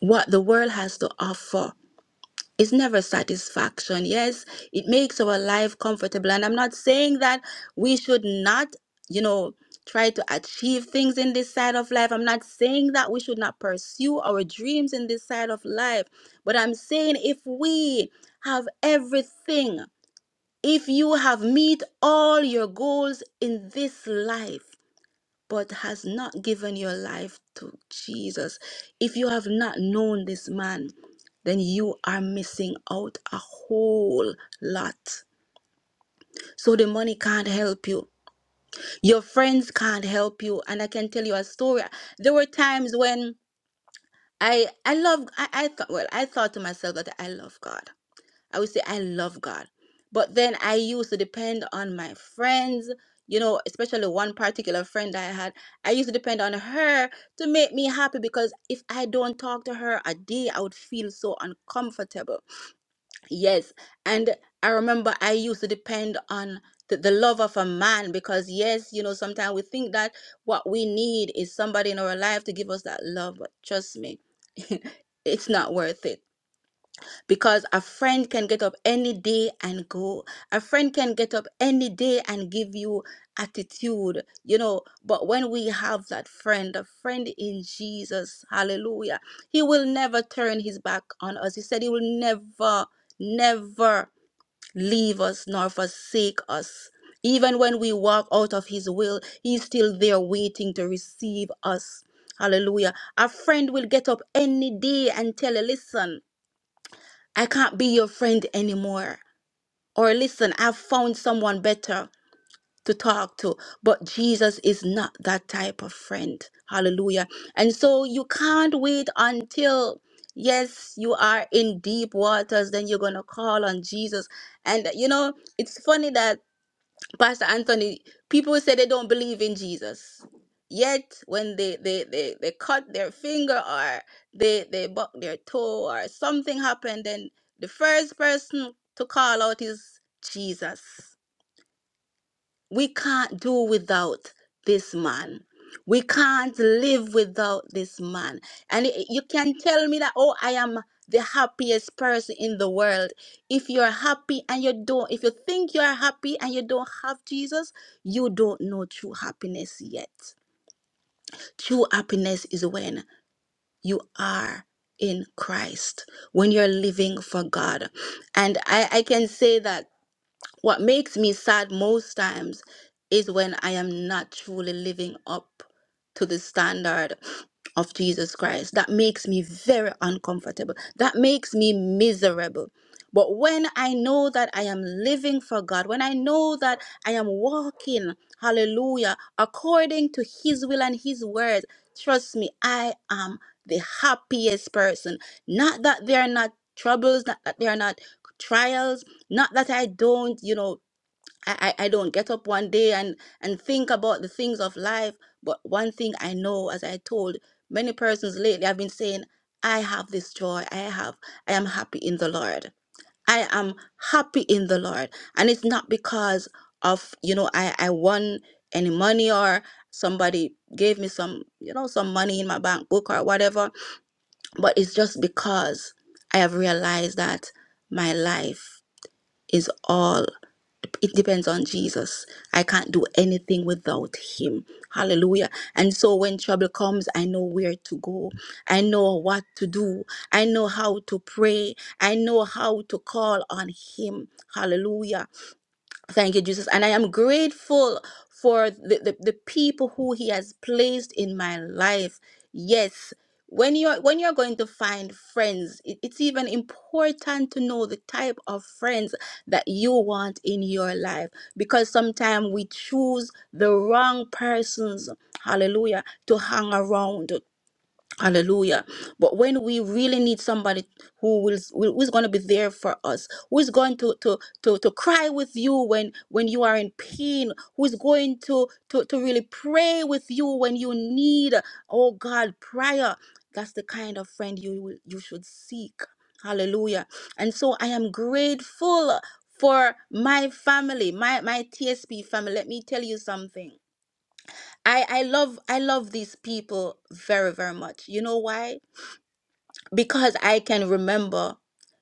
Speaker 2: what the world has to offer It's never satisfaction. Yes, it makes our life comfortable. And I'm not saying that we should not, you know, try to achieve things in this side of life. I'm not saying that we should not pursue our dreams in this side of life. But I'm saying if we have everything, if you have meet all your goals in this life, but has not given your life to Jesus, if you have not known this man, then you are missing out a whole lot. So the money can't help you. Your friends can't help you. And I can tell you a story. There were times when I I love I, I thought well, I thought to myself that I love God. I would say I love God. But then I used to depend on my friends, you know, especially one particular friend I had. I used to depend on her to make me happy because if I don't talk to her a day, I would feel so uncomfortable. Yes. And I remember I used to depend on the, the love of a man because, yes, you know, sometimes we think that what we need is somebody in our life to give us that love. But trust me, it's not worth it because a friend can get up any day and go a friend can get up any day and give you attitude you know but when we have that friend a friend in jesus hallelujah he will never turn his back on us he said he will never never leave us nor forsake us even when we walk out of his will he's still there waiting to receive us hallelujah a friend will get up any day and tell you listen I can't be your friend anymore. Or listen, I've found someone better to talk to. But Jesus is not that type of friend. Hallelujah. And so you can't wait until, yes, you are in deep waters, then you're going to call on Jesus. And, you know, it's funny that. Pastor Anthony, people say they don't believe in Jesus. Yet when they they they, they cut their finger or they they buck their toe or something happened, then the first person to call out is Jesus we can't do without this man. We can't live without this man. And y- you can tell me that, oh, I am the happiest person in the world. If you're happy and you don't, if you think you're happy and you don't have Jesus, you don't know true happiness yet. True happiness is when you are in Christ, when you're living for God. And I, I can say that what makes me sad most times is when I am not truly living up to the standard of Jesus Christ. That makes me very uncomfortable. That makes me miserable. But when I know that I am living for God, when I know that I am walking, hallelujah, according to His will and His word, trust me, I am the happiest person. Not that there are not troubles, not that there are not trials, not that i don't you know I, I I don't get up one day and and think about the things of life but one thing i know as i told many persons lately i've been saying i have this joy i have i am happy in the lord i am happy in the lord and it's not because of you know i i won any money or somebody gave me some you know some money in my bank book or whatever but it's just because i have realized that my life is all it it depends on Jesus. I can't do anything without him. Hallelujah. And so when trouble comes, I know where to go. I know what to do. I know how to pray. I know how to call on him. Hallelujah. Thank you, Jesus. And I am grateful for the, the, the people who he has placed in my life. Yes. When you're when you're going to find friends, it- it's even important to know the type of friends that you want in your life. Because sometimes we choose the wrong persons, hallelujah, to hang around. Hallelujah. But when we really need somebody who will who is going to be there for us, who is going to to to to cry with you when when you are in pain, who is going to to to really pray with you when you need oh God prayer. That's the kind of friend you will you should seek. Hallelujah. And so I am grateful for my family, my my TSP family. Let me tell you something. I I love I love these people very very much. You know why? because I can remember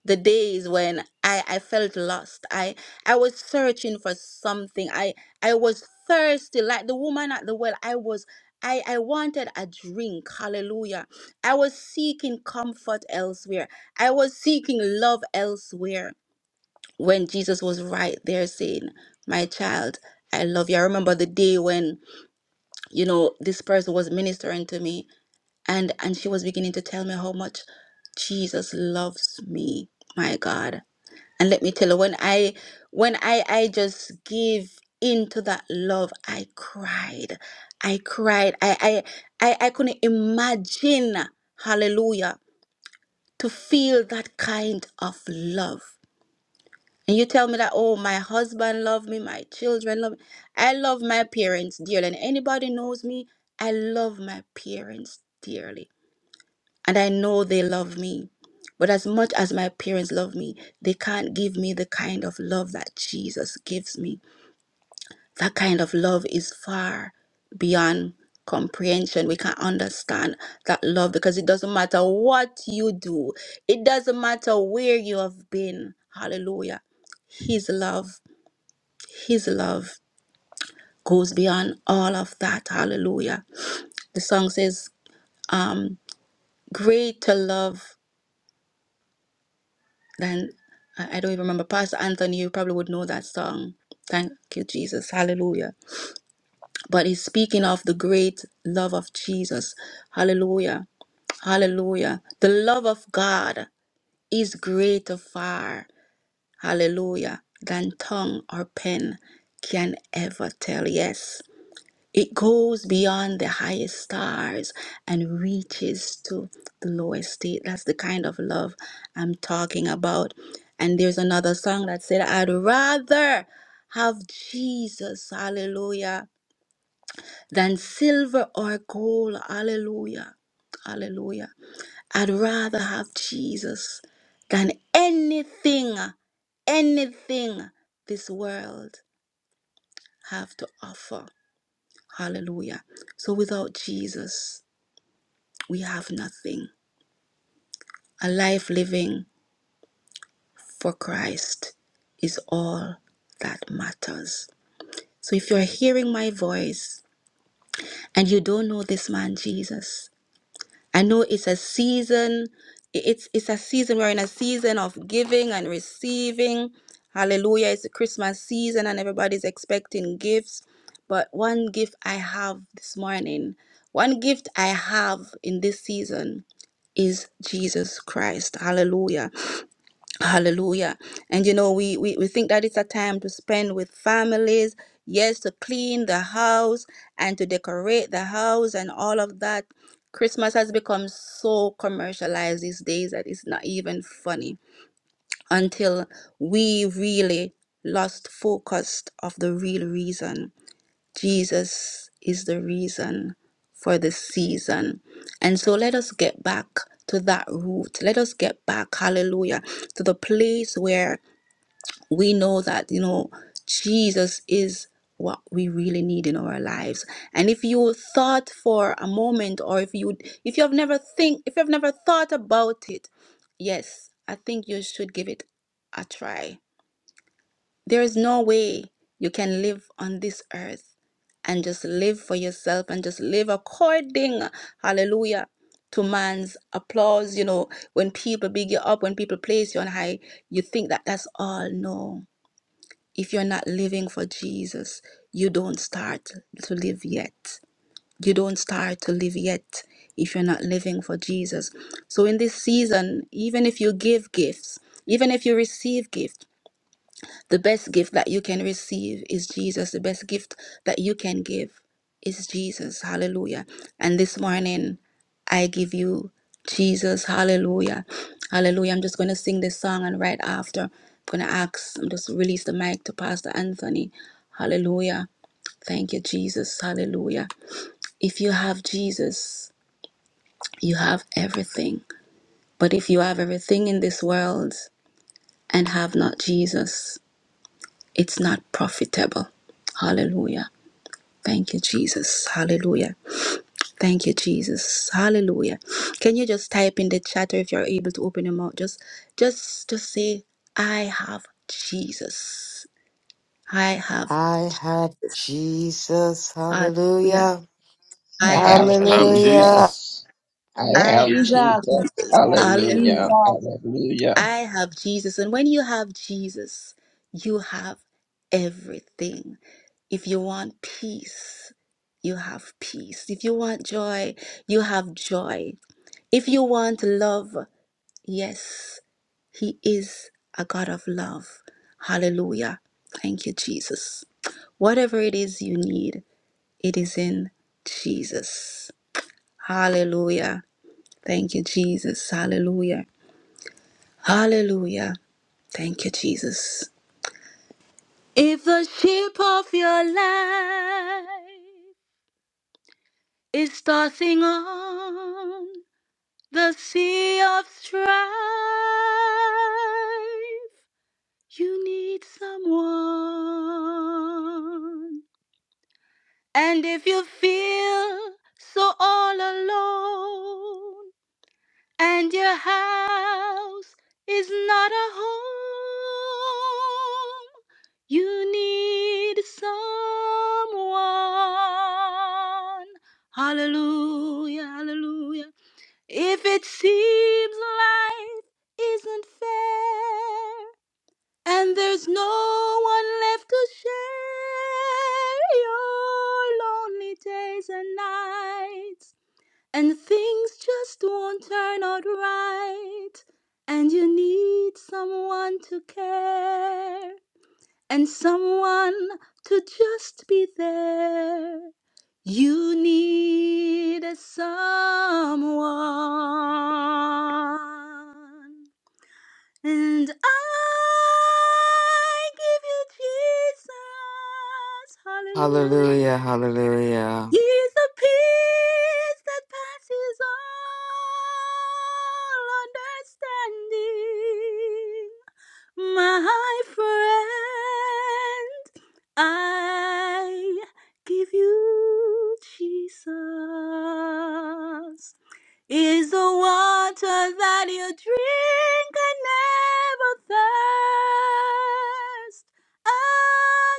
Speaker 2: the days when I, I felt lost. I I was searching for something. I I was thirsty like the woman at the well. I was I, I wanted a drink. Hallelujah. I was seeking comfort elsewhere. I was seeking love elsewhere. When Jesus was right there saying, My child, I love you. I remember the day when, you know, this person was ministering to me and and she was beginning to tell me how much Jesus loves me my God and let me tell you when I when I I just give into that love I cried I cried I I I, I couldn't imagine hallelujah to feel that kind of love and you tell me that oh my husband loved me my children love me I love my parents dearly and anybody knows me I love my parents dearly and I know they love me. But as much as my parents love me, they can't give me the kind of love that Jesus gives me. That kind of love is far beyond comprehension. We can't understand that love because it doesn't matter what you do, it doesn't matter where you have been. Hallelujah. His love, His love goes beyond all of that. Hallelujah. The song says, um, Greater love Then I I don't even remember. Pastor Anthony, you probably would know that song. Thank you, Jesus. Hallelujah. But he's speaking of the great love of Jesus. Hallelujah. Hallelujah. The love of God is greater far. Hallelujah. Than tongue or pen can ever tell. Yes. It goes beyond the highest stars and reaches to the lowest state. That's the kind of love I'm talking about. And there's another song that said, I'd rather have Jesus, hallelujah, than silver or gold, hallelujah, hallelujah. I'd rather have Jesus than anything, anything this world have to offer, hallelujah. So without Jesus, we have nothing. A life living for Christ is all that matters. So if you're hearing my voice and you don't know this man Jesus, I know it's a season, it's it's a season, we're in a season of giving and receiving. Hallelujah. It's the Christmas season and everybody's expecting gifts. But one gift I have this morning, one gift I have in this season is Jesus Christ. Hallelujah. Hallelujah. And you know, we, we, we think that it's a time to spend with families, yes, to clean the house and to decorate the house and all of that. Christmas has become so commercialized these days that it's not even funny until we really lost focus of the real reason. Jesus is the reason for this season. And so let us get back to that root. Let us get back, hallelujah, to the place where we know that, you know, Jesus is what we really need in our lives. And if you thought for a moment or if you if you have never think if you've never thought about it, yes, I think you should give it a try there is no way you can live on this earth and just live for yourself and just live according, hallelujah, to man's applause. You know, when people big you up, when people place you on high, you think that that's all. No. If you're not living for Jesus, you don't start to live yet. You don't start to live yet if you're not living for Jesus. So in this season, even if you give gifts, even if you receive gifts, the best gift that you can receive is Jesus. The best gift that you can give is Jesus. Hallelujah. And this morning, I give you Jesus. Hallelujah. Hallelujah. I'm just going to sing this song, and right after, I'm going to ask, I'm just release the mic to Pastor Anthony. Hallelujah. Thank you, Jesus. Hallelujah. If you have Jesus, you have everything. But if you have everything in this world and have not Jesus, It's not profitable. Hallelujah. Thank you, Jesus. Hallelujah. Thank you, Jesus. Hallelujah. Can you just type in the chat or if you're able to open your mouth? Just just just say, I have Jesus. I have
Speaker 4: I had Jesus.
Speaker 2: hallelujah.
Speaker 4: Hallelujah.
Speaker 8: I
Speaker 2: I have
Speaker 8: have
Speaker 3: I
Speaker 2: Je-
Speaker 3: have
Speaker 4: Hallelujah.
Speaker 3: Jesus.
Speaker 8: Jesus.
Speaker 6: I
Speaker 8: I
Speaker 6: have
Speaker 2: I
Speaker 8: have
Speaker 2: have
Speaker 6: Jesus.
Speaker 8: Jesus.
Speaker 6: I have Jesus.
Speaker 2: hallelujah.
Speaker 8: Hallelujah. Hallelujah.
Speaker 2: I have Jesus. And when you have Jesus, you have everything. If you want peace, you have peace. If you want joy, you have joy. If you want love, yes, He is a God of love. Hallelujah. Thank you, Jesus. Whatever it is you need, it is in Jesus. Hallelujah. Thank you, Jesus. Hallelujah. Hallelujah. Thank you, Jesus. If the ship of your life is tossing on the sea of strife, You need someone. And if you feel so all alone, and your house is not a home, you need someone. Hallelujah, hallelujah. If it seems life isn't fair, and there's no one left to share your lonely days and nights. And things just won't turn out right. And you need someone to care. And someone to just be there. You need a someone. And I give you Jesus.
Speaker 4: Hallelujah,
Speaker 2: Hallelujah.
Speaker 4: hallelujah.
Speaker 2: He's the peace that passes all understanding. My friend, I give you Jesus is the water that you drink and never thirst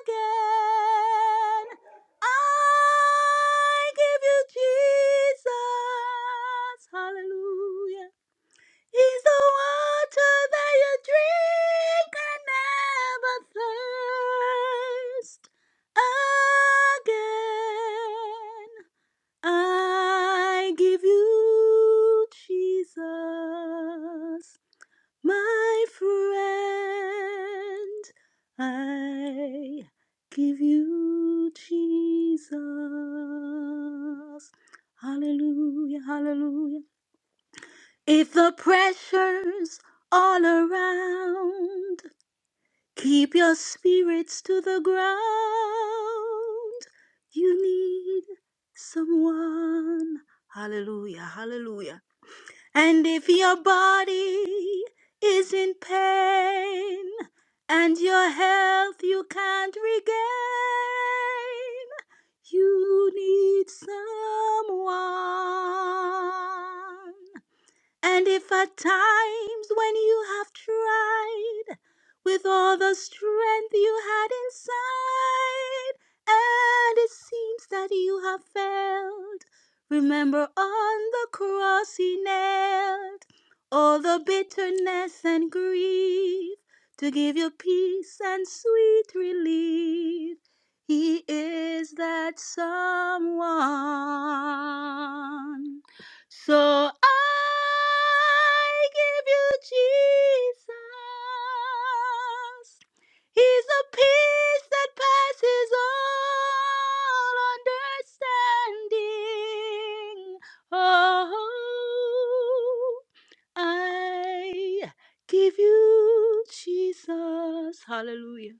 Speaker 2: again. I give you Jesus. Hallelujah. He's the water that you drink and never thirst again. I give you Jesus, my friend. I give you Jesus. Hallelujah, hallelujah. If the pressure's all around, Keep your spirits to the ground. You need someone. Hallelujah, hallelujah. And if your body is in pain and your health you can't regain, you need someone. And if at times when you have tried with all the strength you had inside, and it seems that you have failed, remember on the cross he nailed all the bitterness and grief to give you peace and sweet relief. He is that someone. So I give you Jesus. He's a peace that passes all understanding. Oh, I give you Jesus. Hallelujah.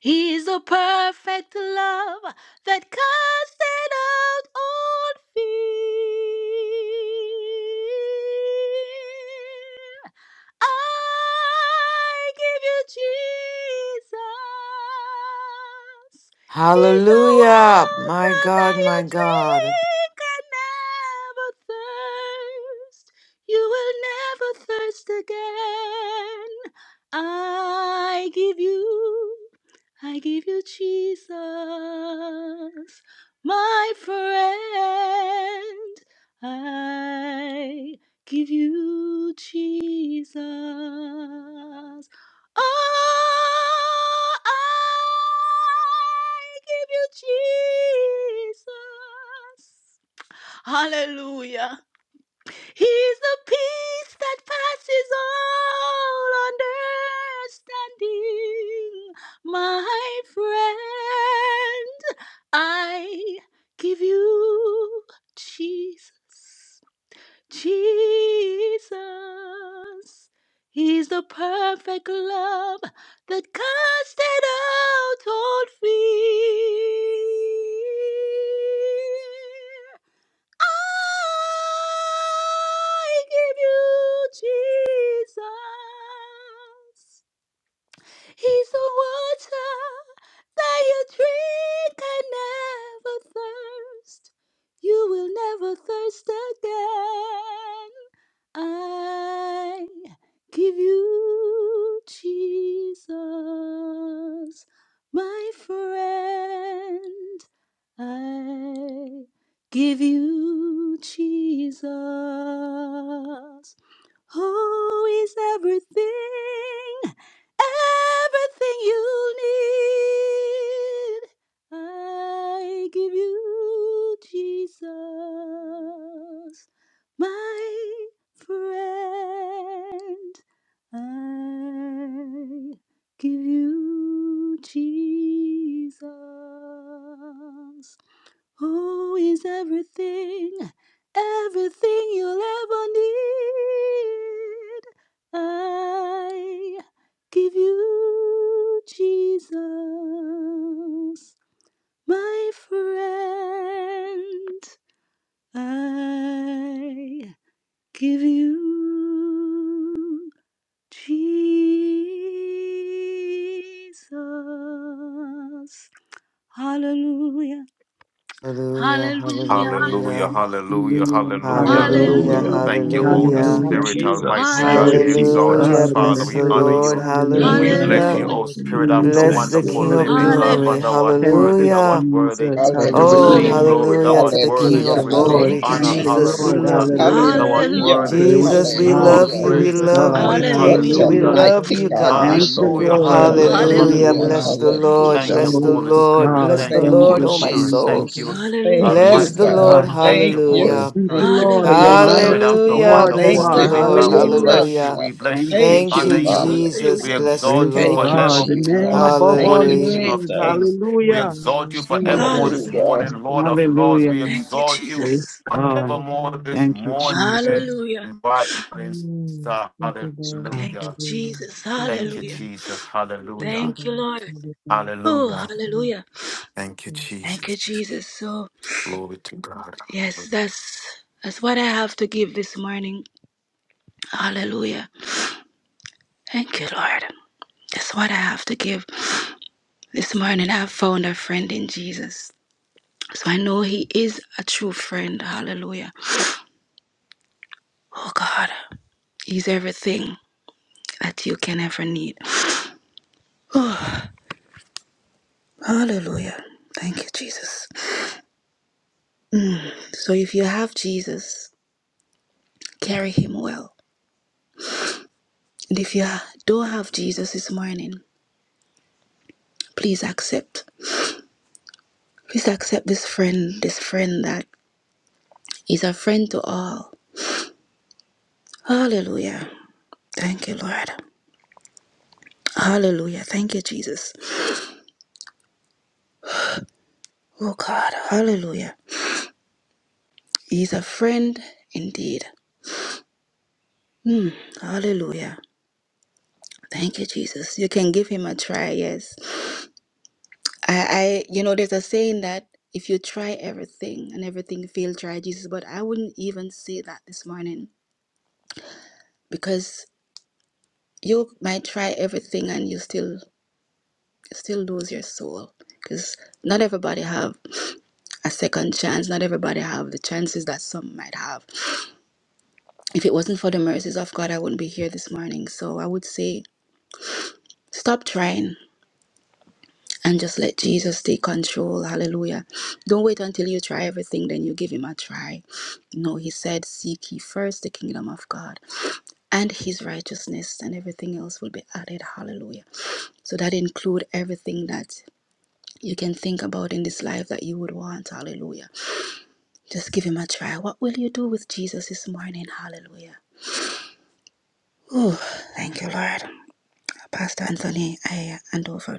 Speaker 2: He is the perfect love that casted out all fear. I give you Jesus. He's the
Speaker 4: Hallelujah, my
Speaker 2: water
Speaker 4: God,
Speaker 2: that
Speaker 4: my
Speaker 2: you
Speaker 4: God.
Speaker 2: drink and never thirst. You will never thirst again. I give you. I give you Jesus, my friend. I give you Jesus. Oh, I give you Jesus. Hallelujah. He's the peace that passes all understanding, my friend. I give you Jesus. Jesus. He's the perfect love that casted out all fear. I give you Jesus. He's the water that you drink and never thirst. You will never thirst again. I give you Jesus, my friend. I give you Jesus, who is everything, everything you need? I give you Jesus, my friend. I give you Jesus. Who is everything, everything you'll ever need? I give you Jesus, my friend. I give you Jesus. Hallelujah.
Speaker 4: Hallelujah,
Speaker 3: Hallelujah.
Speaker 4: hallelujah.
Speaker 2: Hallelujah.
Speaker 3: Hallelujah.
Speaker 9: Hallelujah.
Speaker 3: Hallelujah.
Speaker 9: Hallelujah.
Speaker 4: Hallelujah,
Speaker 11: Hallelujah.
Speaker 6: Hallelujah.
Speaker 3: Thank
Speaker 6: Thank
Speaker 3: you,
Speaker 2: Hallelujah.
Speaker 6: you,
Speaker 11: Mm.
Speaker 3: Holy
Speaker 6: Lord.
Speaker 4: hallelujah.
Speaker 11: Thank you,
Speaker 3: Spirit,
Speaker 9: Hallelujah.
Speaker 6: Hallelujah.
Speaker 11: Jesus.
Speaker 3: Almighty
Speaker 6: Thank
Speaker 11: Thank
Speaker 3: God.
Speaker 11: you,
Speaker 6: you,
Speaker 3: We
Speaker 9: Glory
Speaker 2: Hallelujah.
Speaker 9: to
Speaker 6: Lord.
Speaker 3: exalt
Speaker 6: Thank
Speaker 11: Jesus.
Speaker 3: you,
Speaker 4: Hallelujah,
Speaker 9: God
Speaker 6: you,
Speaker 9: in
Speaker 3: Father.
Speaker 9: the
Speaker 4: bless
Speaker 3: We
Speaker 4: the
Speaker 3: honor
Speaker 9: highest.
Speaker 4: Lord.
Speaker 3: you.
Speaker 6: Lord.
Speaker 11: Thank
Speaker 6: Hallelujah.
Speaker 3: We
Speaker 11: you,
Speaker 9: Hallelujah.
Speaker 11: Jesus.
Speaker 6: Thank
Speaker 3: bless
Speaker 4: Hallelujah.
Speaker 6: you,
Speaker 3: you,
Speaker 2: Hallelujah.
Speaker 3: O
Speaker 6: Lord.
Speaker 11: Thank
Speaker 3: Spirit,
Speaker 6: Thank you,
Speaker 11: you.
Speaker 3: after
Speaker 6: Lord.
Speaker 4: Bless
Speaker 11: Thank
Speaker 9: Jesus,
Speaker 4: the
Speaker 11: you.
Speaker 3: wonderful
Speaker 4: King
Speaker 11: Thank
Speaker 4: of
Speaker 3: living
Speaker 11: you,
Speaker 9: hallelujah.
Speaker 3: God,
Speaker 11: Jesus.
Speaker 3: for
Speaker 4: glory.
Speaker 3: thou
Speaker 2: Hallelujah.
Speaker 3: art
Speaker 11: Thank you.
Speaker 9: Thank
Speaker 3: worthy,
Speaker 9: you,
Speaker 3: thou art
Speaker 4: Hallelujah.
Speaker 3: worthy
Speaker 6: Thank
Speaker 9: Jesus,
Speaker 6: you,
Speaker 3: to
Speaker 6: Lord.
Speaker 4: Oh,
Speaker 3: receive
Speaker 8: Hallelujah.
Speaker 9: hallelujah.
Speaker 3: glory,
Speaker 2: Hallelujah.
Speaker 3: thou
Speaker 4: hallelujah to
Speaker 3: art
Speaker 4: the
Speaker 3: worthy
Speaker 4: King
Speaker 9: Thank
Speaker 3: to
Speaker 8: Hallelujah.
Speaker 9: you,
Speaker 8: Hallelujah.
Speaker 4: of
Speaker 3: receive
Speaker 9: Lord.
Speaker 4: glory.
Speaker 2: Thank you,
Speaker 3: honor.
Speaker 9: Thank you,
Speaker 4: Jesus,
Speaker 6: Hallelujah.
Speaker 4: we
Speaker 2: Jesus.
Speaker 9: Lord,
Speaker 3: Hallelujah.
Speaker 4: love
Speaker 6: Hallelujah.
Speaker 4: you.
Speaker 3: Thou
Speaker 9: hallelujah.
Speaker 3: art
Speaker 6: Thank you, Lord.
Speaker 8: Hallelujah.
Speaker 3: worthy
Speaker 2: Hallelujah.
Speaker 3: to
Speaker 9: Praise
Speaker 4: Jesus, we
Speaker 6: Hallelujah.
Speaker 3: receive our
Speaker 9: God,
Speaker 4: love
Speaker 8: Hallelujah.
Speaker 4: you.
Speaker 6: Thank
Speaker 4: We
Speaker 3: praise
Speaker 9: praise
Speaker 6: you,
Speaker 3: this
Speaker 4: love you.
Speaker 9: God,
Speaker 6: Lord.
Speaker 3: morning.
Speaker 4: We
Speaker 6: Thank
Speaker 4: take
Speaker 8: What
Speaker 6: you,
Speaker 4: you.
Speaker 2: Hallelujah.
Speaker 8: a
Speaker 4: We
Speaker 6: Lord.
Speaker 9: hallelujah.
Speaker 3: Hallelujah.
Speaker 4: love
Speaker 8: mighty
Speaker 4: you,
Speaker 6: Hallelujah.
Speaker 8: God we
Speaker 4: God.
Speaker 9: Thank you,
Speaker 8: serve.
Speaker 3: Hallelujah.
Speaker 6: Thank you,
Speaker 9: Lord,
Speaker 6: Lord.
Speaker 3: Hallelujah.
Speaker 4: Hallelujah.
Speaker 2: Hallelujah.
Speaker 8: Hallelujah.
Speaker 6: Hallelujah.
Speaker 3: Hallelujah.
Speaker 4: Bless
Speaker 9: hallelujah.
Speaker 4: the
Speaker 2: Thank you,
Speaker 4: Lord.
Speaker 3: Thank
Speaker 8: Hallelujah.
Speaker 3: you,
Speaker 2: Jesus.
Speaker 4: Bless
Speaker 6: Thank
Speaker 4: the
Speaker 6: you,
Speaker 9: Glory
Speaker 3: Holy
Speaker 9: to
Speaker 4: Lord.
Speaker 3: Spirit.
Speaker 4: Bless
Speaker 9: God,
Speaker 6: Lord.
Speaker 3: Thank
Speaker 4: the
Speaker 3: you,
Speaker 6: Thank
Speaker 8: Thank
Speaker 9: thank
Speaker 8: you,
Speaker 6: you,
Speaker 4: Lord,
Speaker 3: Holy
Speaker 9: you,
Speaker 4: oh
Speaker 6: Lord.
Speaker 4: my
Speaker 3: Spirit.
Speaker 6: Thank you,
Speaker 4: soul.
Speaker 3: Thank
Speaker 6: Lord. Thank
Speaker 9: Jesus.
Speaker 6: you,
Speaker 3: you,
Speaker 8: Jesus.
Speaker 6: Lord.
Speaker 2: Hallelujah.
Speaker 8: Thank
Speaker 4: Bless
Speaker 9: Praise
Speaker 8: you,
Speaker 4: the
Speaker 3: Almighty
Speaker 8: God.
Speaker 4: Lord.
Speaker 6: Hallelujah.
Speaker 3: God.
Speaker 9: God.
Speaker 3: Thank you,
Speaker 8: Thank
Speaker 3: Holy
Speaker 8: you.
Speaker 4: Hallelujah.
Speaker 9: Thank
Speaker 3: Spirit.
Speaker 8: Thank
Speaker 9: you,
Speaker 8: you for
Speaker 9: Lord,
Speaker 8: your
Speaker 2: Hallelujah.
Speaker 3: Oh,
Speaker 9: mighty
Speaker 3: Spirit
Speaker 8: love.
Speaker 3: of the
Speaker 4: Hallelujah.
Speaker 9: God
Speaker 6: Hallelujah.
Speaker 9: you
Speaker 3: wonderful
Speaker 4: Bless
Speaker 8: Thank
Speaker 4: the
Speaker 9: are,
Speaker 8: you
Speaker 2: Thank
Speaker 3: living
Speaker 2: you,
Speaker 8: for
Speaker 4: Lord.
Speaker 3: God,
Speaker 8: your
Speaker 3: we
Speaker 2: Jesus.
Speaker 6: Thank you,
Speaker 9: hallelujah.
Speaker 8: love,
Speaker 3: bless you,
Speaker 6: Lord.
Speaker 4: Hallelujah.
Speaker 3: we
Speaker 8: Father.
Speaker 3: bless
Speaker 9: Thank
Speaker 3: you,
Speaker 6: Hallelujah.
Speaker 3: we
Speaker 8: Thank
Speaker 9: you,
Speaker 4: Thank
Speaker 8: you,
Speaker 3: honor
Speaker 4: you,
Speaker 3: you,
Speaker 8: Father.
Speaker 9: Jesus.
Speaker 4: Jesus.
Speaker 3: we
Speaker 2: Hallelujah.
Speaker 4: Bless the
Speaker 3: exalt
Speaker 9: Praise
Speaker 3: you
Speaker 8: Thank
Speaker 4: Lord.
Speaker 8: you,
Speaker 9: God, the
Speaker 3: forevermore
Speaker 9: name
Speaker 8: Jesus.
Speaker 3: this
Speaker 9: above
Speaker 6: Thank you, Lord. Hallelujah. Thank
Speaker 8: Thank
Speaker 9: all
Speaker 6: you,
Speaker 3: morning,
Speaker 8: you,
Speaker 4: Hallelujah.
Speaker 6: Lord.
Speaker 3: King of
Speaker 9: names.
Speaker 8: Jesus.
Speaker 3: Kings. We
Speaker 9: Hallelujah.
Speaker 3: exalt you
Speaker 6: Hallelujah. Thank you,
Speaker 3: forevermore this
Speaker 9: Jesus.
Speaker 2: Hallelujah.
Speaker 6: Lord.
Speaker 8: Hallelujah.
Speaker 3: morning,
Speaker 6: Thank you, Lord. Hallelujah. Thank you, Lord. Thank you, Lord. Hallelujah. Thank you,
Speaker 3: Lord of
Speaker 6: Lord.
Speaker 3: Lords.
Speaker 9: Hallelujah.
Speaker 3: We
Speaker 2: Thank you,
Speaker 3: exalt you
Speaker 9: Praise
Speaker 2: Jesus.
Speaker 9: God.
Speaker 3: evermore this
Speaker 9: Thank you,
Speaker 3: morning,
Speaker 9: Jesus.
Speaker 2: Hallelujah.
Speaker 3: bright morning star.
Speaker 2: Thank you,
Speaker 3: Hallelujah.
Speaker 6: Hallelujah.
Speaker 2: Jesus.
Speaker 6: Thank you,
Speaker 3: Thank you,
Speaker 2: Hallelujah.
Speaker 6: Lord.
Speaker 3: Jesus.
Speaker 6: Thank you.
Speaker 3: Hallelujah.
Speaker 2: Thank you,
Speaker 6: them
Speaker 2: Lord.
Speaker 6: all
Speaker 2: Oh,
Speaker 6: Thank
Speaker 3: Hallelujah.
Speaker 6: you, Lord.
Speaker 2: hallelujah.
Speaker 3: Thank you,
Speaker 6: Thank you.
Speaker 2: Thank
Speaker 3: Jesus.
Speaker 2: you, Jesus. Oh,
Speaker 3: Glory to God.
Speaker 2: Yes, that's that's what I have to give this morning. Hallelujah. Thank you, Lord. That's what I have to give. This morning I found a friend in Jesus. So I know he is a true friend. Hallelujah. Oh God. He's everything that you can ever need. Hallelujah. Thank you, Jesus. So if you have Jesus, carry him well. And if you ha- don't have Jesus this morning, please accept. Please accept this friend, this friend that is a friend to all. Hallelujah. Thank you, Lord. Hallelujah. Thank you, Jesus. Oh God. Hallelujah. He's a friend indeed. Mm, hallelujah. Thank you, Jesus. You can give him a try, yes. I, I you know, there's a saying that if you try everything and everything fail, try Jesus. But I wouldn't even say that this morning because you might try everything and you still still lose your soul. Because not everybody have a second chance. Not everybody have the chances that some might have. If it wasn't for the mercies of God, I wouldn't be here this morning. So I would say stop trying and just let Jesus take control. Hallelujah. Don't wait until you try everything, then you give him a try. No, he said, Seek ye first the kingdom of God and his righteousness, and everything else will be added. Hallelujah. So that include everything that you can think about in this life that you would want. Hallelujah. Just give him a try. What will you do with Jesus this morning? Hallelujah. Oh, thank you, Lord. Pastor Anthony, A. Andover.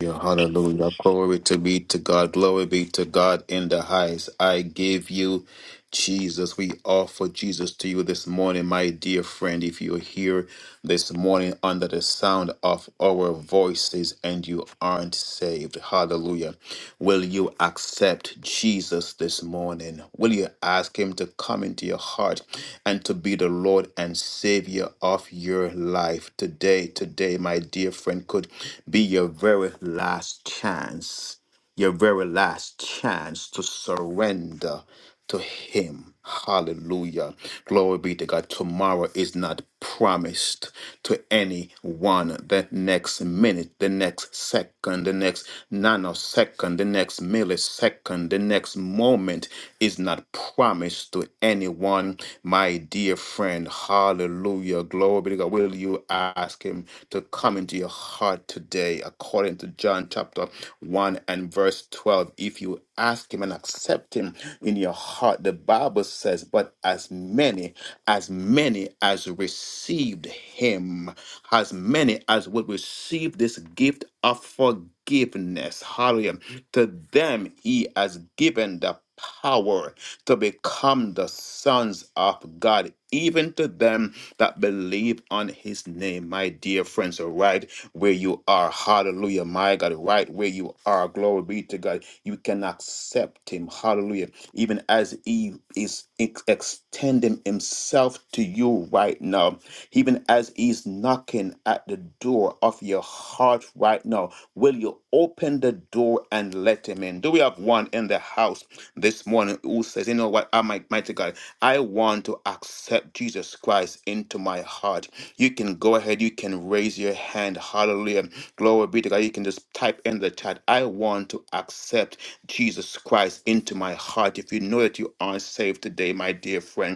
Speaker 3: Yeah, hallelujah. Glory to be to God. Glory be to God in the highest. I give you Jesus. We offer Jesus to you this morning, my dear friend. If you're here this morning under the sound of our voices and you aren't saved, hallelujah. Will you accept Jesus this morning? Will you ask Him to come into your heart and to be the Lord and Savior of your life today? Today, my dear friend, could be your very last chance, your very last chance to surrender to Him. Hallelujah. Glory be to God. Tomorrow is not promised to anyone the next minute, the next second, the next nanosecond, the next millisecond, the next moment is not promised to anyone. My dear friend, hallelujah, glory be to God. Will you ask Him to come into your heart today, according to John chapter 1 and verse 12? If you ask Him and accept Him in your heart, the Bible says, But as many as many as received him, as many as would receive this gift of forgiveness. Hallelujah. To them he has given the power to become the sons of God, even to them that believe on his name. My dear friends, right where you are, hallelujah, my God, right where you are, glory be to God. You can accept him, hallelujah even as He is ex- extending Himself to you right now, even as He's knocking at the door of your heart right now. Will you open the door and let Him in? Do we have one in the house this morning who says, You know what, I might, mighty God, I want to accept Jesus Christ into my heart? You can go ahead, you can raise your hand. Hallelujah. Glory be to God. You can just type in the chat, I want to accept Jesus Christ into my heart. If you know that you aren't saved today, my dear friend,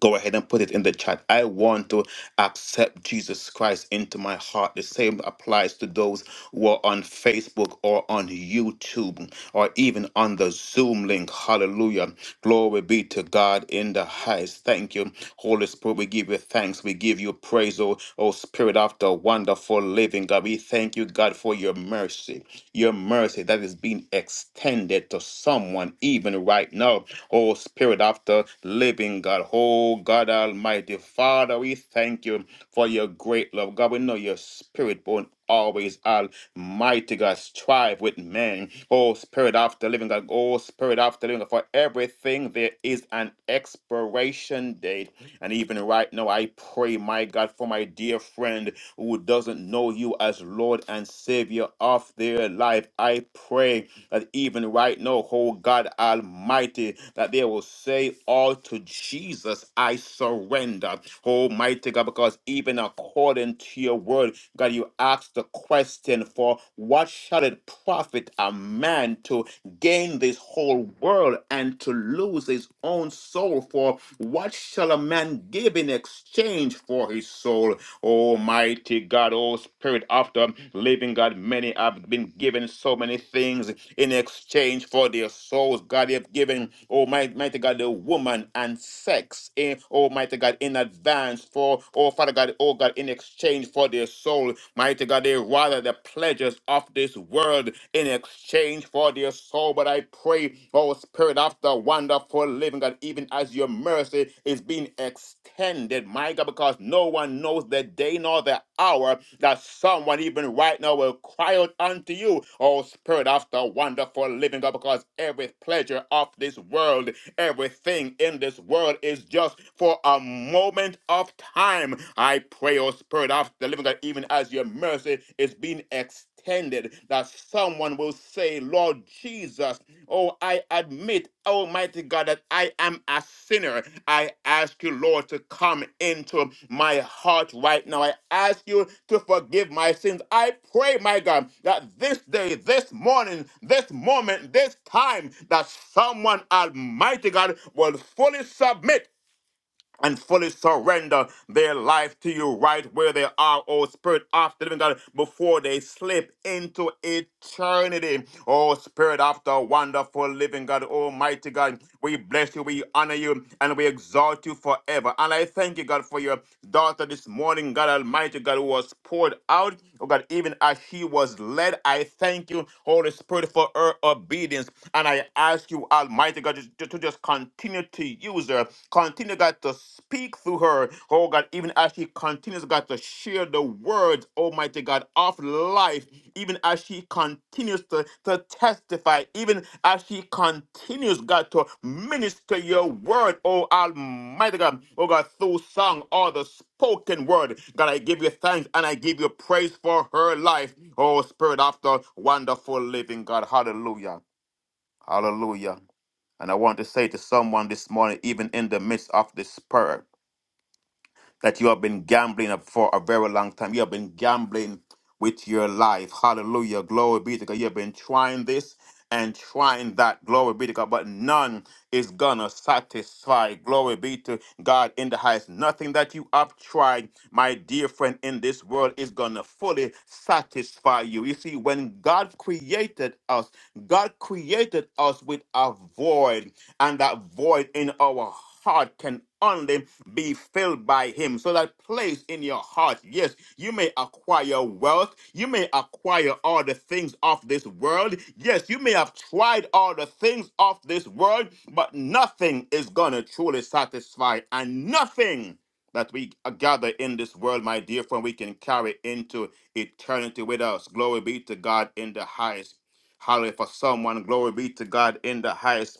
Speaker 3: go ahead and put it in the chat. I want to accept Jesus Christ into my heart. The same applies to those who are on Facebook or on YouTube or even on the Zoom link. Hallelujah. Glory be to God in the highest. Thank you, Holy Spirit. We give you thanks. We give you praise, oh, oh Spirit of the wonderful living God. We thank you, God, for your mercy, your mercy that is being extended to someone even right now oh Spirit of the living God. Oh God Almighty, Father, we thank you for your great love. God, we know your spirit born always almighty God. Strive with men. Oh Spirit of the living God. Oh Spirit of the living God. For everything there is an expiration date. And even right now, I pray, my God, for my dear friend who doesn't know you as Lord and Savior of their life. I pray that even right now, oh God Almighty, that they will say all to Jesus, I surrender. Almighty God, because even according to your word, God, you asked the question for what shall it profit a man to gain this whole world and to lose his own soul? For what shall a man give in exchange for his soul? Almighty God, oh Spirit, after living God, many have been given so many things in exchange for their souls. God, you have given, Almighty mighty God, the woman and sex, in, Almighty God, in advance for, oh Father God, oh God, in exchange for their soul. Mighty God, they rather the pleasures of this world in exchange for their soul. But I pray glory. Oh, Spirit of the wonderful living God, even as your mercy is being extended, my God, because no one knows the day nor the hour that someone, even right now, will cry out unto you, oh, Spirit of the wonderful living God, because every pleasure of this world, everything in this world is just for a moment of time. I pray, oh, Spirit of the living God, even as your mercy is being extended extended that someone will say, Lord Jesus, Oh, I admit, Almighty God, that I am a sinner. I ask you, Lord, to come into my heart right now. I ask you to forgive my sins. I pray, my God, that this day, this morning, this moment, this time, that someone, Almighty God, will fully submit and fully surrender their life to you right where they are, oh Spirit of the living God, before they slip into eternity. Oh Spirit of the wonderful living God, Almighty God, we bless you, we honor you, and we exalt you forever. And I thank you, God, for your daughter this morning, God Almighty God, who was poured out, oh God, even as she was led. I thank you, Holy Spirit, for her obedience. And I ask you, Almighty God, to, to just continue to use her Continue, God, to speak through her. Oh, God, even as she continues, God, to share the words, Almighty God, of life, even as she continues to, to testify, even as she continues, God, to minister your word, oh Almighty God, oh God, through song or the spoken word. God, I give you thanks and I give you praise for her life. Oh, Spirit of the wonderful living God. Hallelujah. Hallelujah. And I want to say to someone this morning, even in the midst of this prayer, that you have been gambling for a very long time. You have been gambling with your life. Hallelujah. Glory be to God. You have been trying this and trying that. Glory be to God. But none is going to satisfy. Glory be to God in the highest. Nothing that you have tried, my dear friend, in this world is going to fully satisfy you. You see, when God created us, God created us with a void and that void in our heart can only be filled by him. So that place in your heart, yes, you may acquire wealth, you may acquire all the things of this world. Yes, you may have tried all the things of this world, but nothing is gonna truly satisfy, and nothing that we gather in this world, my dear friend, we can carry into eternity with us. Glory be to God in the highest. Hallelujah for someone. Glory be to God in the highest.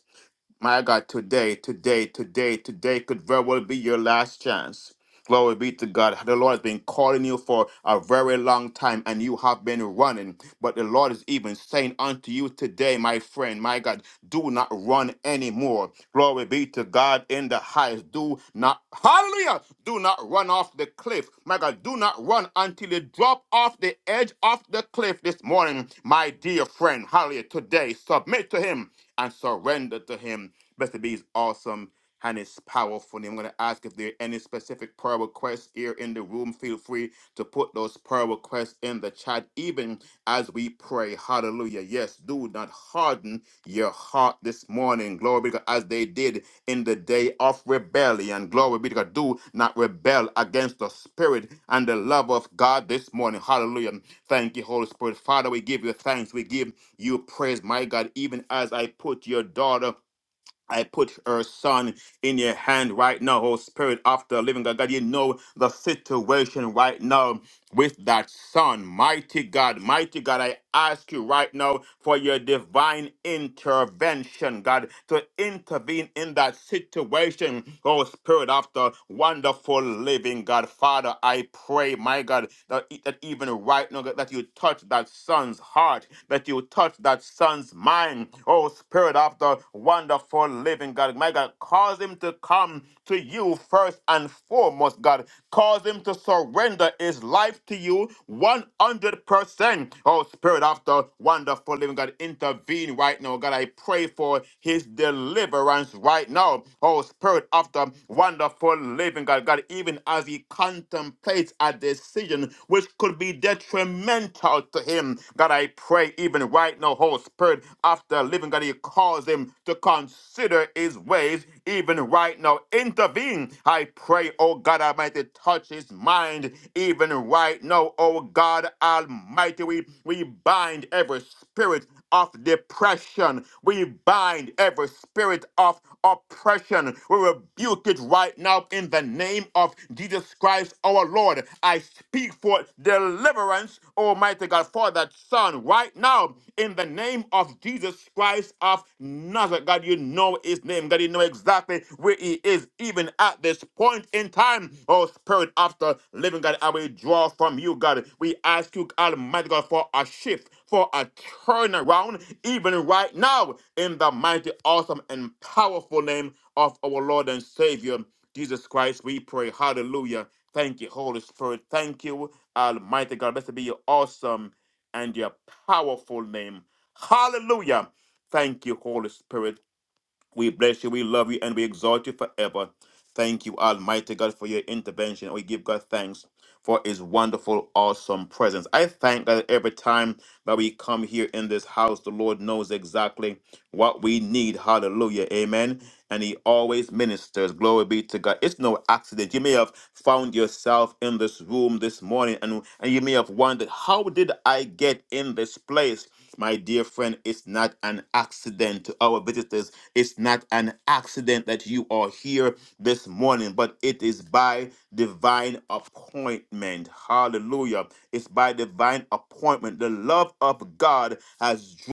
Speaker 3: My God, today, today, today, today could very well be your last chance. Glory be to God. The Lord has been calling you for a very long time and you have been running. But the Lord is even saying unto you today, my friend, my God, do not run anymore. Glory be to God in the highest. Do not, hallelujah, do not run off the cliff. My God, do not run until you drop off the edge of the cliff this morning, my dear friend. Hallelujah. Today, submit to Him and surrender to Him. Blessed be is awesome and it's powerful. And I'm going to ask if there are any specific prayer requests here in the room. Feel free to put those prayer requests in the chat, even as we pray. Hallelujah. Yes, do not harden your heart this morning. Glory be to God, as they did in the day of rebellion. Glory be to God. Do not rebel against the spirit and the love of God this morning. Hallelujah. Thank you, Holy Spirit. Father, we give you thanks. We give you praise, my God, even as I put your daughter I put her son in your hand right now, oh Spirit of the living God. God, you know the situation right now with that son. Mighty God, mighty God, I ask you right now for your divine intervention, God, to intervene in that situation, oh Spirit of the wonderful living God. Father, I pray, my God, that, e, that even right now, God, that you touch that son's heart that you touch that son's mind. Oh, Spirit of the wonderful living God. My God, cause him to come to you first and foremost, God. Cause him to surrender his life to you 100%. Oh, Spirit of the wonderful living God, intervene right now. God, I pray for his deliverance right now. Oh, Spirit of the wonderful living God. God, even as he contemplates a decision which could be detrimental detrimental to him. God, I pray even right now, Holy Spirit, after living, God, you cause him to consider his ways, even right now. Intervene. I pray, oh God Almighty, touch his mind, even right now, oh God Almighty. We, we bind every spirit of depression. We bind every spirit of oppression. We rebuke it right now in the name of Jesus Christ our Lord. I speak for deliverance, Almighty God, for that son right now in the name of Jesus Christ of Nazareth. God, you know his name. God, you know exactly where he is, even at this point in time. Oh, Spirit of the living God, I will draw from you, God. We ask you, Almighty God, for a shift, for a turnaround, even right now, in the mighty, awesome, and powerful name of our Lord and Savior, Jesus Christ, we pray. Hallelujah. Thank you, Holy Spirit. Thank you, Almighty God. Blessed be your awesome and your powerful name. Hallelujah. Thank you, Holy Spirit. We bless you, we love you, and we exalt you forever. Thank you, Almighty God, for your intervention. We give God thanks for his wonderful, awesome presence. I thank God every time that we come here in this house, the Lord knows exactly what we need. Hallelujah. Amen. And he always ministers. Glory be to God. It's no accident. You may have found yourself in this room this morning and, and you may have wondered, how did I get in this place? My dear friend, it's not an accident to our visitors it's not an accident that you are here this morning, but it is by divine appointment. Hallelujah. It's by divine appointment. The love of God has drawn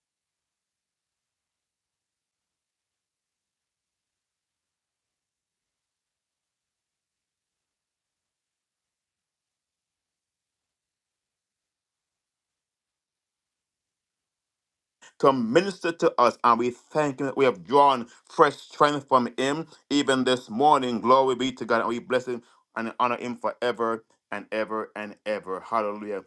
Speaker 3: to minister to us, and we thank Him that we have drawn fresh strength from Him even this morning. Glory be to God, and we bless Him and honor Him forever and ever and ever. Hallelujah.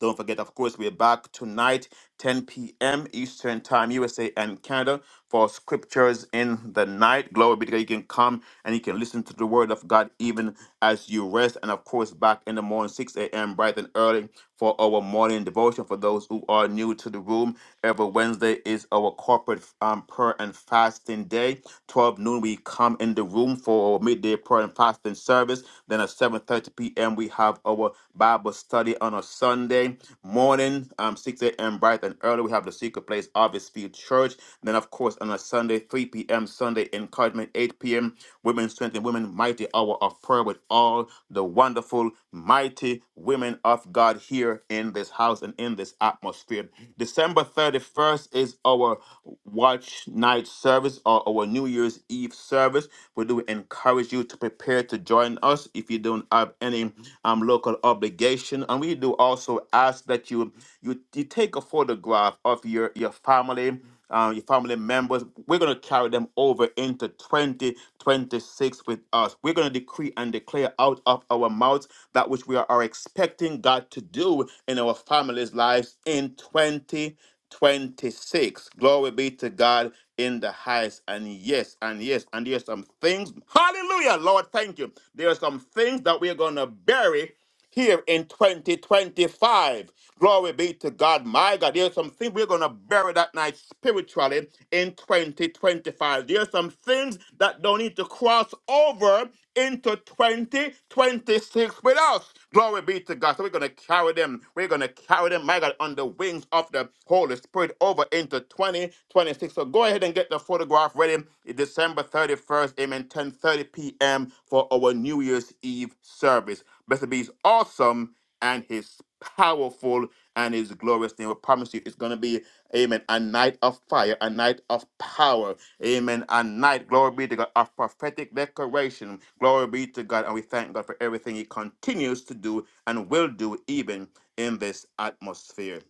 Speaker 3: Don't forget, of course, we're back tonight, 10 p.m. Eastern Time, USA and Canada, for scriptures in the night. Glory be to God. You can come and you can listen to the word of God even as you rest. And of course, back in the morning, 6 a.m., bright and early, for our morning devotion. For those who are new to the room, every Wednesday is our corporate um, prayer and fasting day. 12 noon, we come in the room for our midday prayer and fasting service. Then at 7:30 p.m., we have our Bible study on a Sunday morning, um, 6 a.m. bright and early. We have the secret place, Harvest Field Church. Then, of course, on a Sunday, 3 p.m. Sunday encouragement, 8 p.m. Women's Strength and Women Mighty Hour of Prayer with all the wonderful, mighty women of God here in this house and in this atmosphere. December 31st is our watch night service or our New Year's Eve service. We do encourage you to prepare to join us if you don't have any um, local obligation. And we do also ask that you you, you take a photograph of your your family. Um, your family members, we're going to carry them over into 2026 with us. We're going to decree and declare out of our mouths that which we are, are expecting God to do in our families' lives in 2026. Glory be to God in the highest. And yes, and yes, and yes, some things. Hallelujah, Lord, thank you there are some things that we're going to bury here in 2025. Glory be to God. My God, there's some things we're going to bury that night spiritually in 2025. There are some things that don't need to cross over into 2026 with us. Glory be to God. So we're going to carry them. We're going to carry them, my God, on the wings of the Holy Spirit over into 2026. So go ahead and get the photograph ready. It's December 31st, amen, 10.30 p.m. for our New Year's Eve service. Blessed be his awesome and his powerful and his glorious name. We promise you it's going to be, amen, a night of fire, a night of power Amen. And night, glory be to God, of prophetic declaration. Glory be to God. And we thank God for everything He continues to do and will do even in this atmosphere.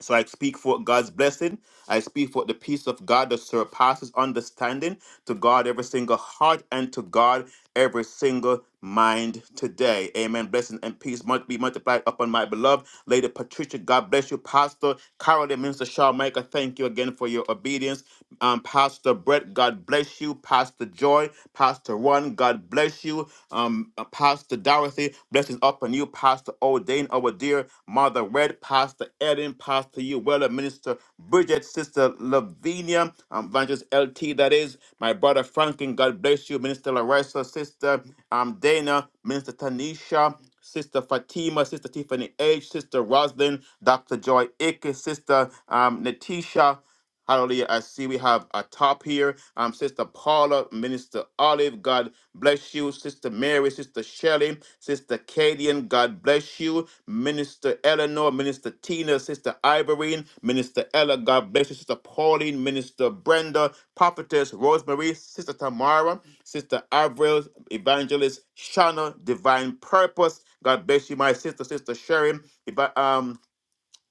Speaker 3: So I speak forth God's blessing. I speak forth the peace of God that surpasses understanding to God every single heart and to God every single mind today. Amen. Blessing and peace must be multiplied upon my beloved Lady Patricia. God bless you, Pastor Carol and Minister Shaw Micah. Thank you again for your obedience. Um, Pastor Brett, God bless you. Pastor Joy, Pastor Ron, God bless you um, uh, Pastor Dorothy. Blessings upon you, Pastor O'Dane, our dear Mother Red, Pastor Ellen, Pastor Uwella, Minister Bridget, Sister Lavinia, um, Evangelist LT, that is, my brother Franklin, God bless you, Minister Larissa, Sister um, Dana, Minister Tanisha, Sister Fatima, Sister Tiffany H, Sister Roslyn, Dr. Joy Icke, Sister um, Natisha, Hallelujah. I see we have a top here. Um, Sister Paula, Minister Olive, God Bless you, Sister Mary, Sister Shelley, Sister Cadian. God bless you. Minister Eleanor, Minister Tina, Sister Ivorine, Minister Ella. God bless you, Sister Pauline, Minister Brenda, Prophetess Rosemary, Sister Tamara, Sister Avril, Evangelist Shana, Divine Purpose. God bless you, my sister, Sister Sherry, Eva- um,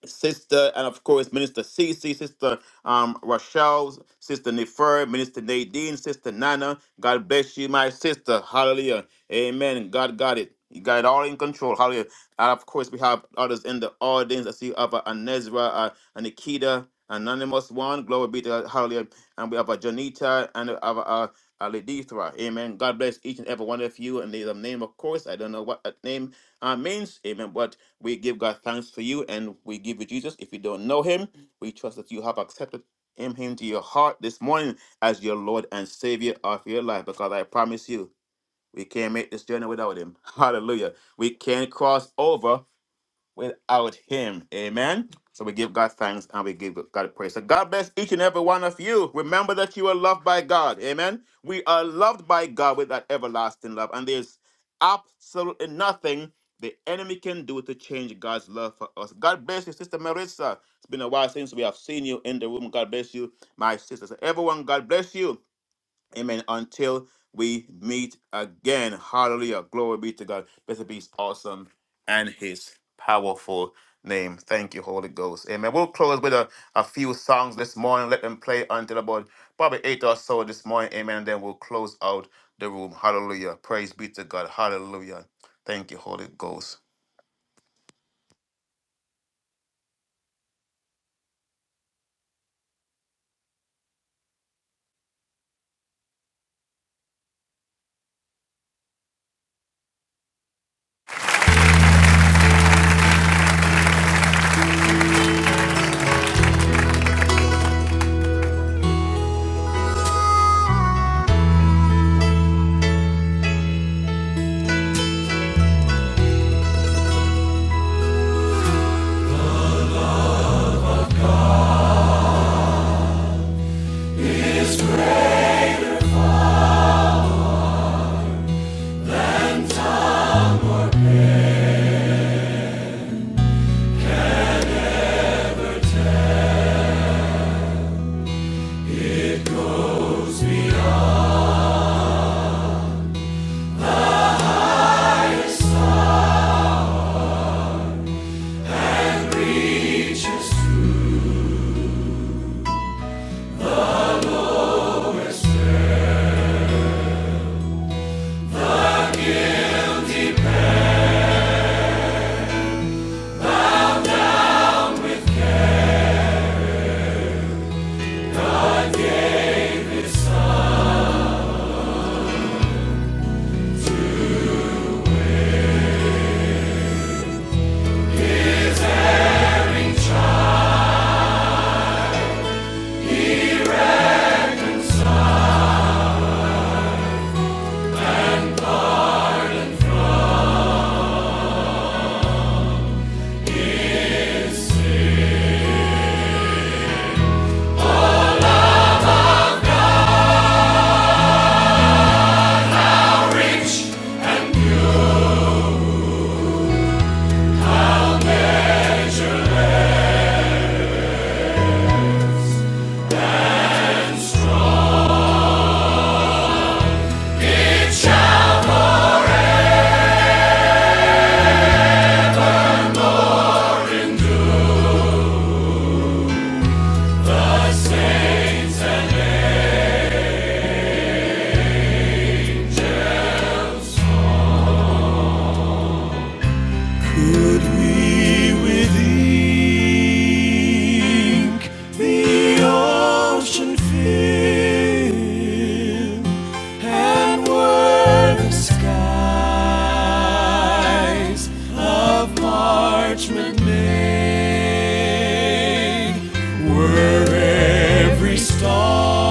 Speaker 3: Sister, and of course, Minister Cece, Sister um, Rochelle, Sister Nefer, Minister Nadine, Sister Nana. God bless you, my sister. Hallelujah. Amen. God got it. You got it all in control. Hallelujah. And of course, we have others in the audience. I see Abba Anezra, uh, and Nikita, Anonymous One. Glory be to God. Hallelujah. And we have a Janita and we have a, uh uh, Ledithra. Amen. God bless each and every one of you. And there's a name, of course. I don't know what that name uh, means. Amen. but we give God thanks for you and we give you Jesus. If you don't know him, we trust that you have accepted him, him to your heart this morning as your Lord and Savior of your life. Because I promise you, we can't make this journey without him. Hallelujah. We can't cross over without him. Amen. So we give God thanks and we give God praise. So God bless each and every one of you. Remember that you are loved by God. Amen. We are loved by God with that everlasting love. And there's absolutely nothing the enemy can do to change God's love for us. God bless you, Sister Marissa. It's been a while since we have seen you in the room. God bless you, my sisters. Everyone, God bless you. Amen. Until we meet again. Hallelujah. Glory be to God. Blessed be his awesome and his powerful name. Thank you, Holy Ghost. Amen. We'll close with a, a few songs this morning. Let them play until about probably eight or so this morning. Amen. And then we'll close out the room. Hallelujah. Praise be to God. Hallelujah. Thank you, Holy Ghost.
Speaker 1: Could we with the ocean fill and were the skies of parchment made? Were every star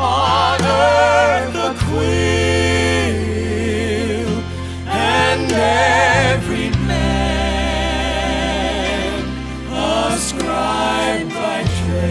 Speaker 1: Honor the Queen and every man ascribed by grace.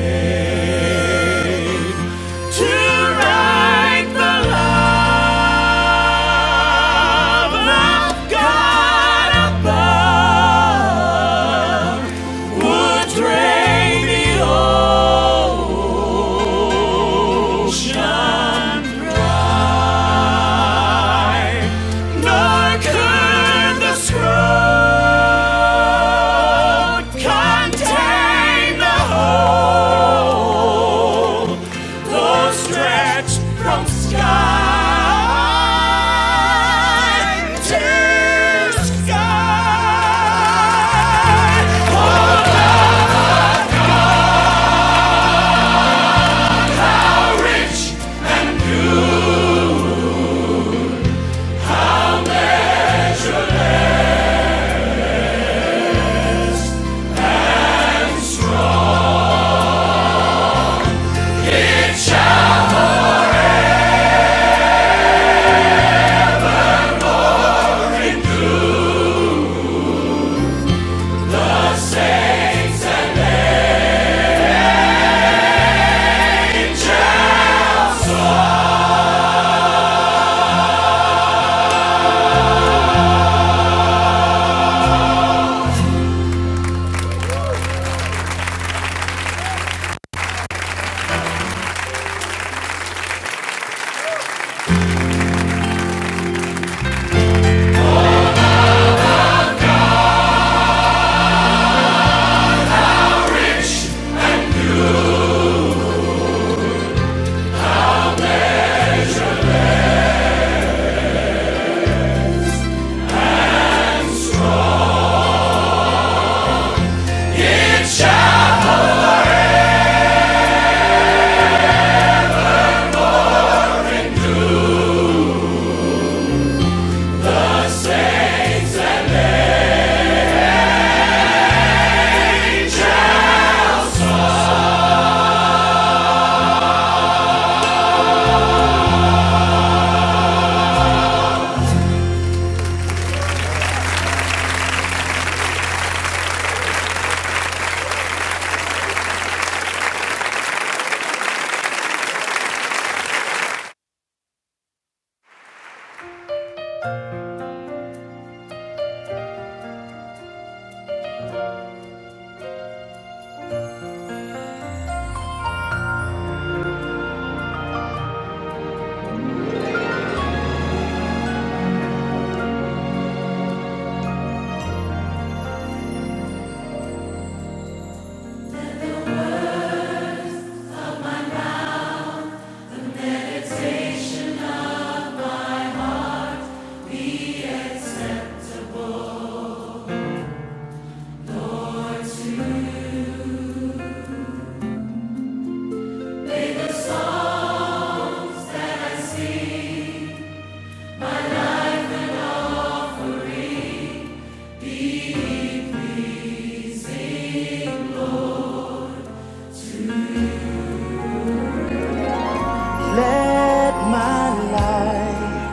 Speaker 1: Let my life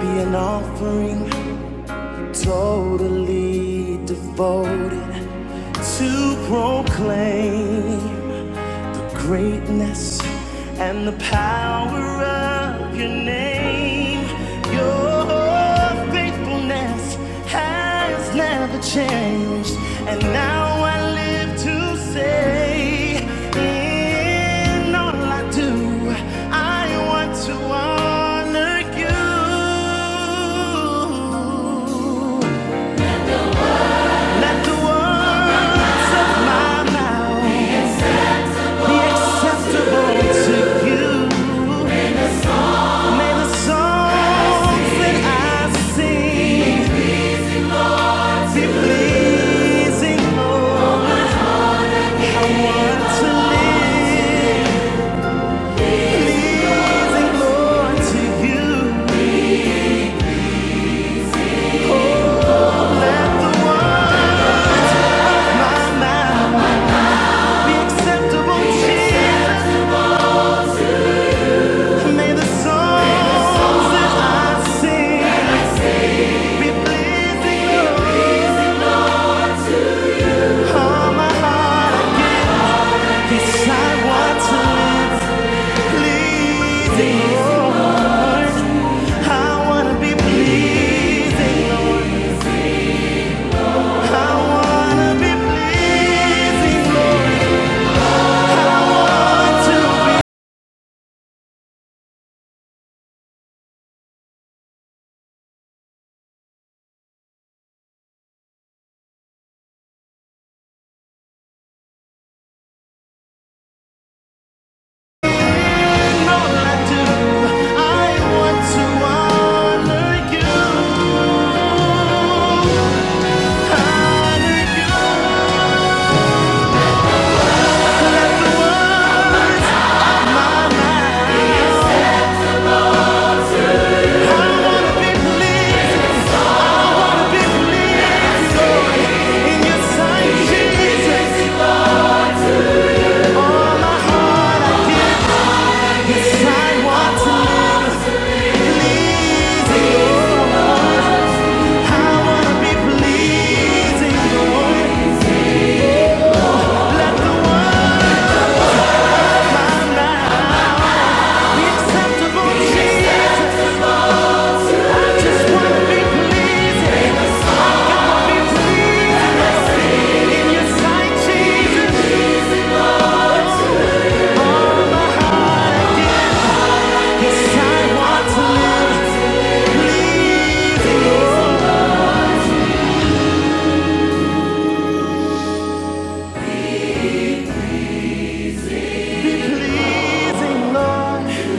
Speaker 1: be an offering totally devoted to proclaim greatness and the power of your name. Your faithfulness has never changed, and now I live to say, in all I do, I want to honor knees and glory to you. Let the one my mouth be acceptable, Jesus. May the songs that I sing be pleasing Lord. All my heart I give. Yes, I want to live pleasing I wanna be pleasing I wanna be pleasing Lord. To know what I do, I want to honor You, honor You, be pleasing. Pleasing Lord.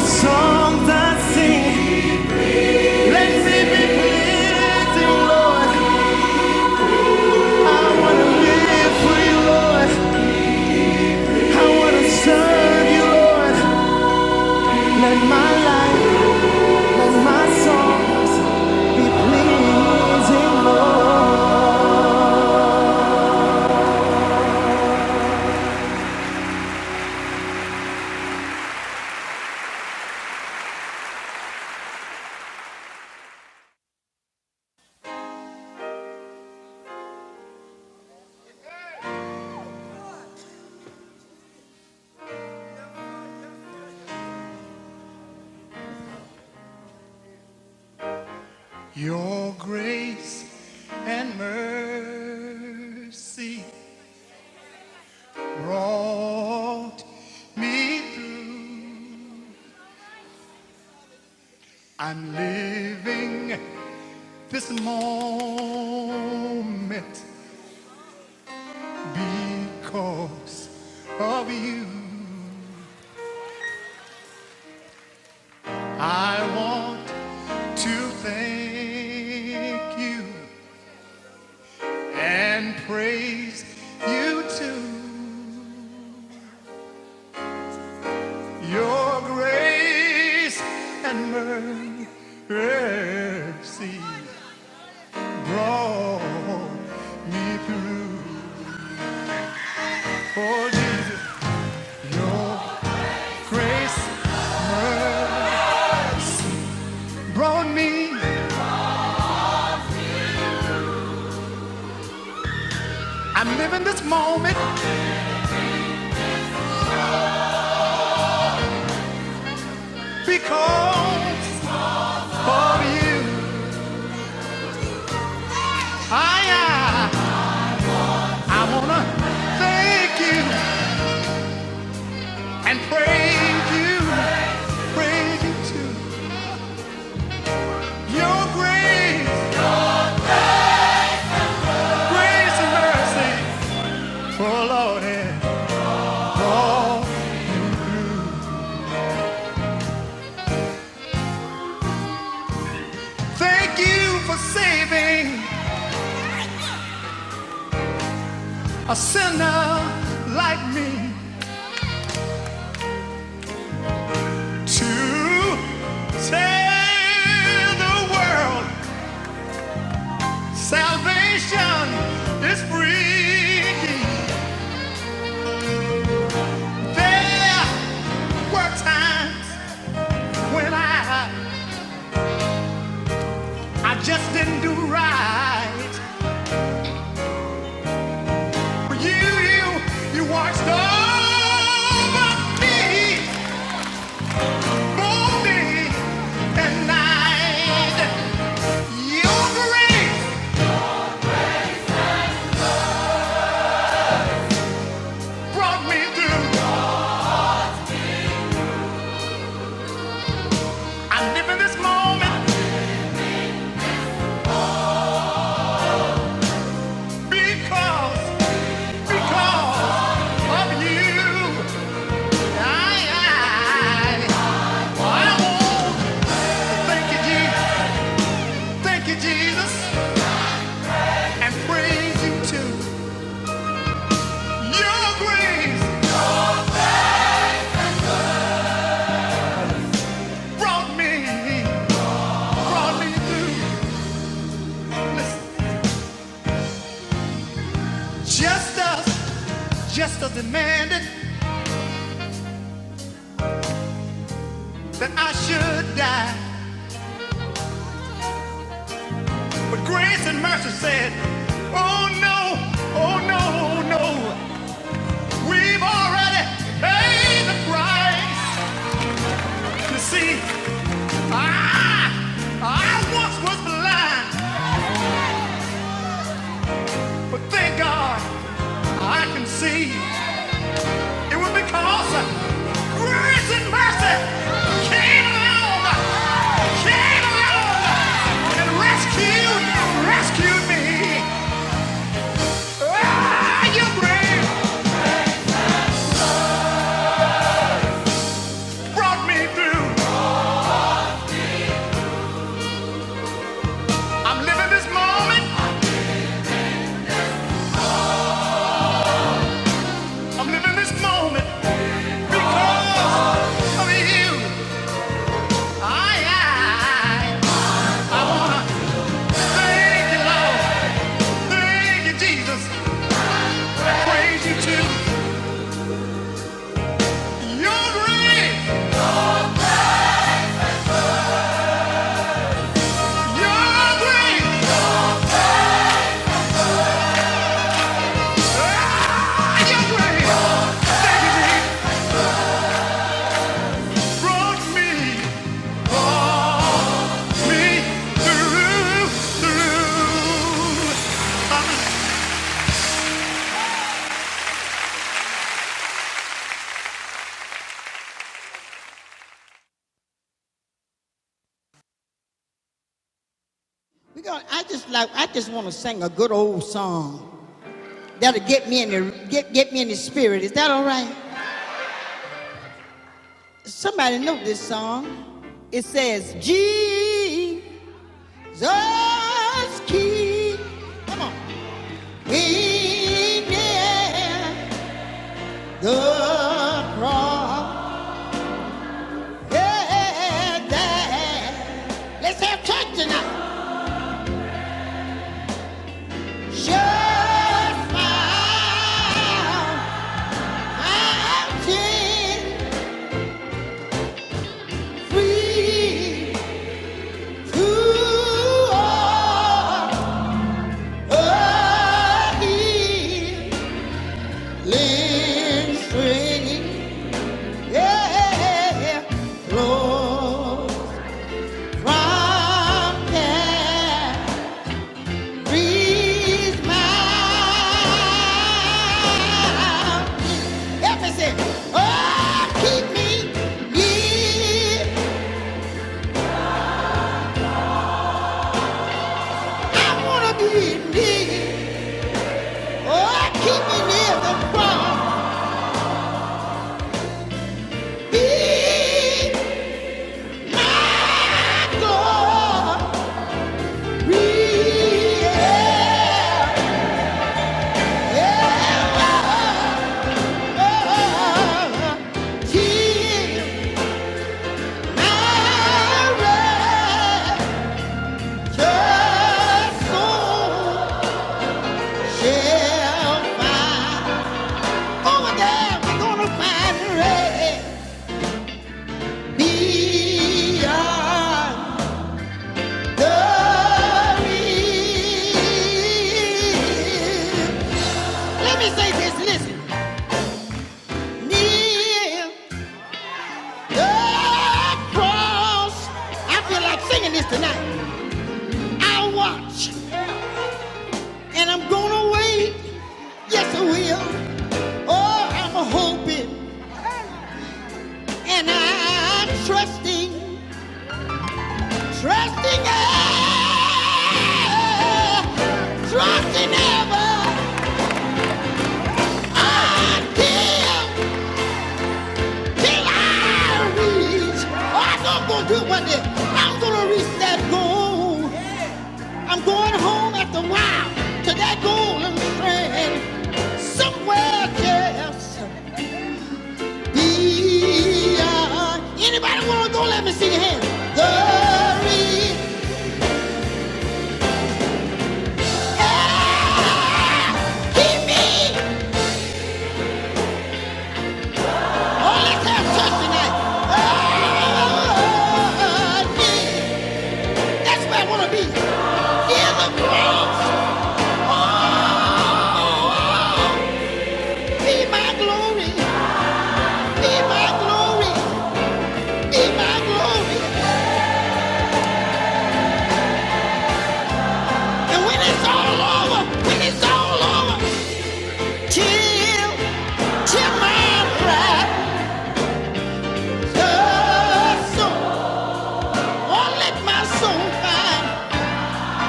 Speaker 1: Songs I sing, let me be pleasing, Lord. Your grace and mercy brought me through. I'm living this moment because I want to thank you. You too. Your grace and mercy brought me through. Oh, Jesus, your grace brought me. I'm living this moment because of you. I, I, I wanna thank you and praise you, praise you too. Your grace, grace and mercy, oh Lord, and brought Thank you for saving a sinner like me to tell the world salvation is free. There were times when I I just didn't do right. But you, you, you watched over me, for me, and night. Your grace brought me through. I'm living this moment because, because of you. I, I, I won't thank you, Jesus, thank you, Jesus, and praise you too. Your grace brought me, brought me through. Listen, justice us, demanded that I should die, but grace and mercy said, Oh no, oh no, no. We've already paid the price. You see, I, I once was blind, but thank God I can see. It was because grace and mercy came along, came along and rescued, rescued me. Ah, your grace brought me through. I'm living this moment, I'm living this moment because of you. I just like I just want to sing a good old song that'll get me in the get get me in the spirit. Is that all right? Somebody know this song. It says, "Gee, Just keep, come on, being near the cross. Yeah, that. Let's have church tonight. Just my mountain free to all a healing stream. Yeah, Lord, from there Help me sing. Oh, keep me near. I wanna be near. Oh, keep me near the cross. Be my glory. Yeah, yeah. Let me say this, listen. Near the cross. I feel like singing this tonight. I watch and I'm gonna wait. Yes, I will. Oh, I'm hoping and I'm trusting, trusting ever, trusting ever until till I reach. Oh, I know I'm gonna do it one day. I'm gonna reach that goal. I'm going home after a while to that golden strand somewhere. Yes. Dia. Anybody want to go? Let me see your hand. Glory. Ah, keep me. Oh, let's have church tonight. Ah, yeah. That's where I want to be. In the Bronx. Oh, be my glory. Be my glory. Be my glory. And when it's all over, when it's all over, chill, chill my pride. The soul, will let my soul find.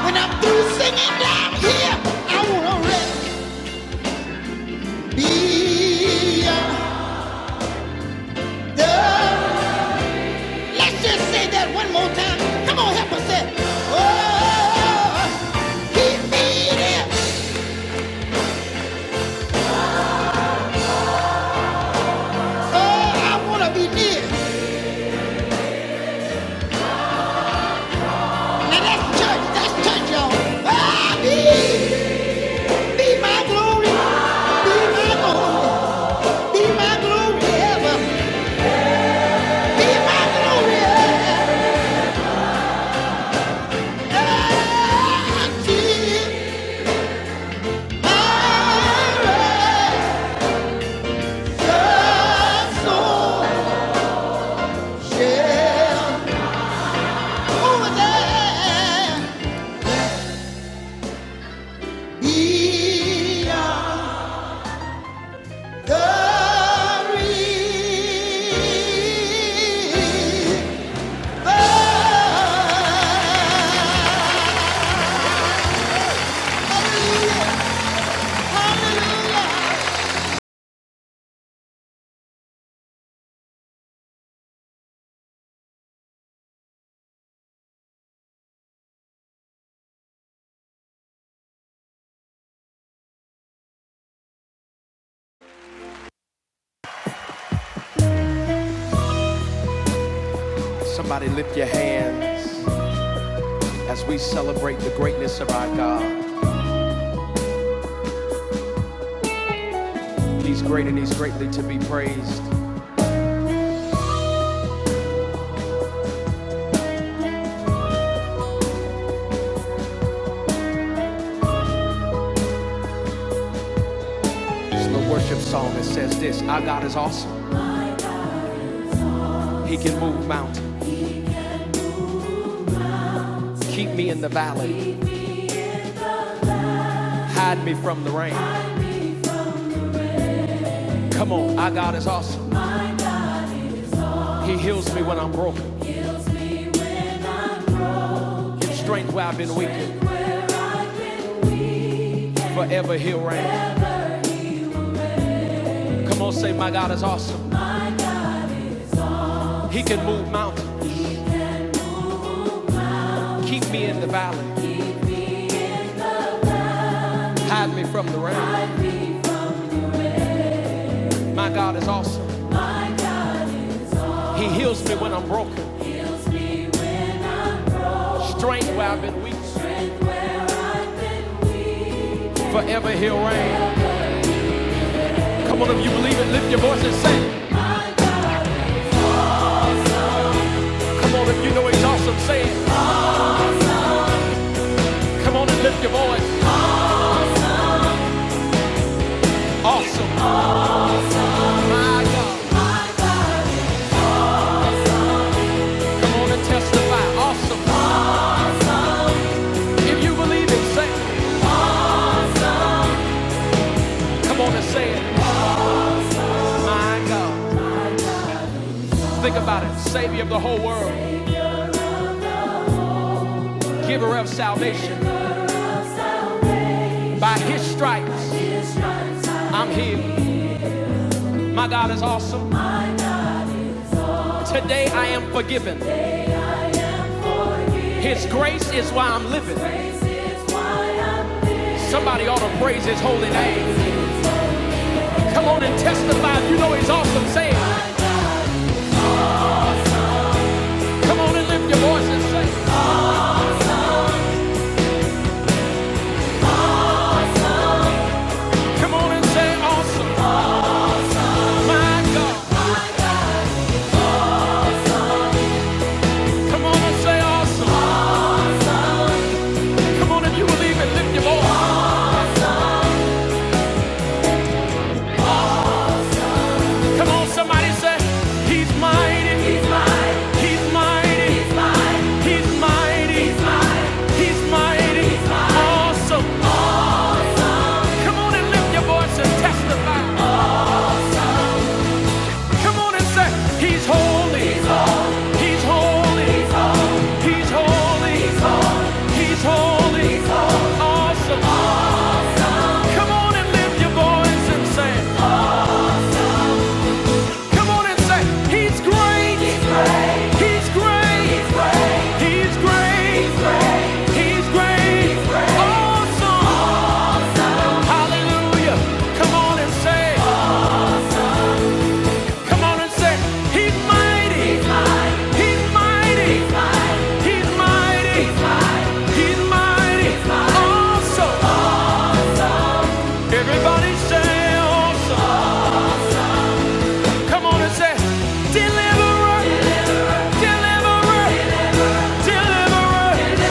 Speaker 1: When I'm through singing down here, I wanna rest and be undone. Let's just say that one more time. Come on, help us say, oh, keep me there. Oh, I wanna be near. Now that's church, that's church, y'all. Ah, be, be my glory, be my glory, be my glory ever, be my glory ever. Somebody lift your hands as we celebrate the greatness of our God. He's great and he's greatly to be praised. It's the worship song that says this Our God is awesome. He can move mountains. Keep me in the valley. Hide me from the rain. Come on, our God is awesome. He heals me when I'm broken. His strength where I've been weakened. Forever he'll reign. Come on, say, My God is awesome. He can move mountains. Keep me in the valley. Hide me from the rain. My God is awesome. He heals me when I'm broken. Strength where I've been weak. Forever he'll reign. Come on, if you believe it, lift your voice and say, it. Come on, if you know he's awesome, say it. Come on and lift your voice. Awesome. My God. Come on and testify. Awesome. If you believe it, say it. Come on and say it. My God. Think about it. Savior of the whole world. Giver of salvation. By his stripes, I'm healed. My God is awesome. Today I am forgiven. His grace is why I'm living. Somebody ought to praise his holy name. Come on and testify. if You know he's awesome. Say it. Come on and lift your voice and say it. Come on and say awesome. My God. Come on and say awesome. Come on if you believe it, lift your voice. Come on, somebody say, He's mighty. He's mighty. He's mighty. He's mighty. Awesome. Come on and lift your voice and testify. Come on and say, He's holy. He's holy. He's holy. He's holy. Awesome. Come on and lift your voice and say, Come on and say, He's great. He's great. He's great. He's great. Awesome. Hallelujah. Come on and say, Come on and say, He's mighty. He's mighty. He's mighty. He's mighty. Awesome. Everybody say awesome. Come on and say, Deliverer. Deliverer. Deliverer.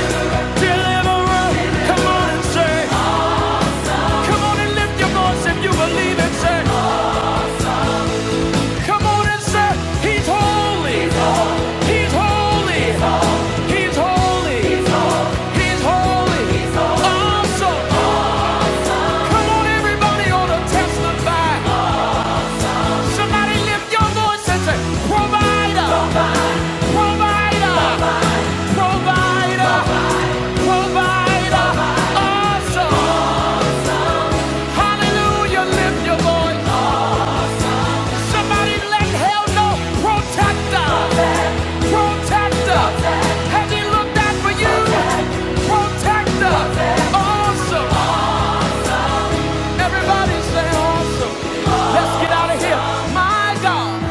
Speaker 1: Deliverer. Come on and say, Come on and lift your voice if you believe and say, Come on and say, He's holy. He's holy. He's holy. He's holy. Awesome. Come on, everybody ought to testify. Somebody lift your voice and say, Provider, provider, provider, provider. Awesome. Hallelujah, lift your voice. Somebody let hell know, protector, protector. Has he looked out for you? Protector, awesome. Everybody say awesome. Let's get out of here. My God.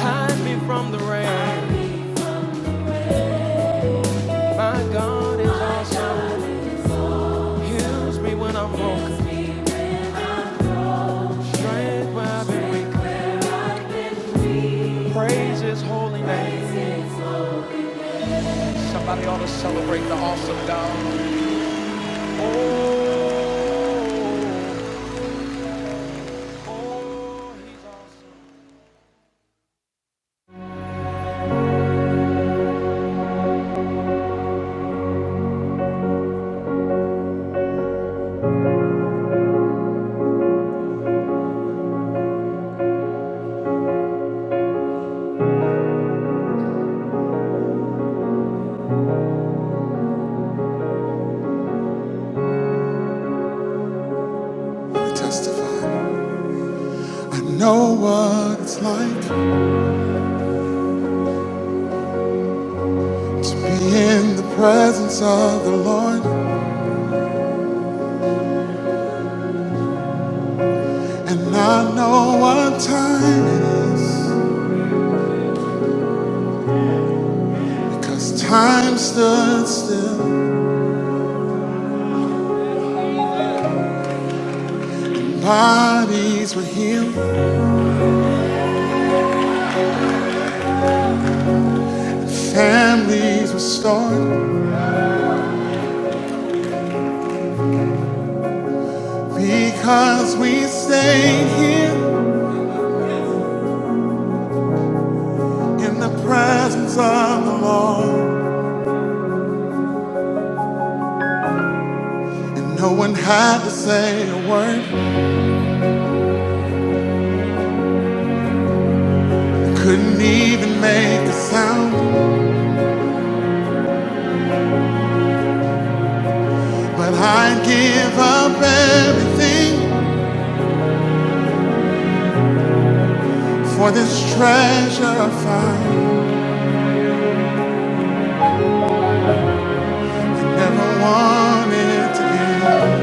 Speaker 1: Hide me from the rain. My God is awesome. Heals me when I'm broken. Strength where I've been weak. Praise His holy name. Somebody ought to celebrate the awesome God. Oh, I testify. I know what it's like to be in the presence of the Lord, and I know what time it is because time stood still, bodies were healed. Families restored because we stayed here in the presence of the Lord. And no one had to say a word, couldn't even make a sound. But I'd give up everything for this treasure I found. Never wanted to give.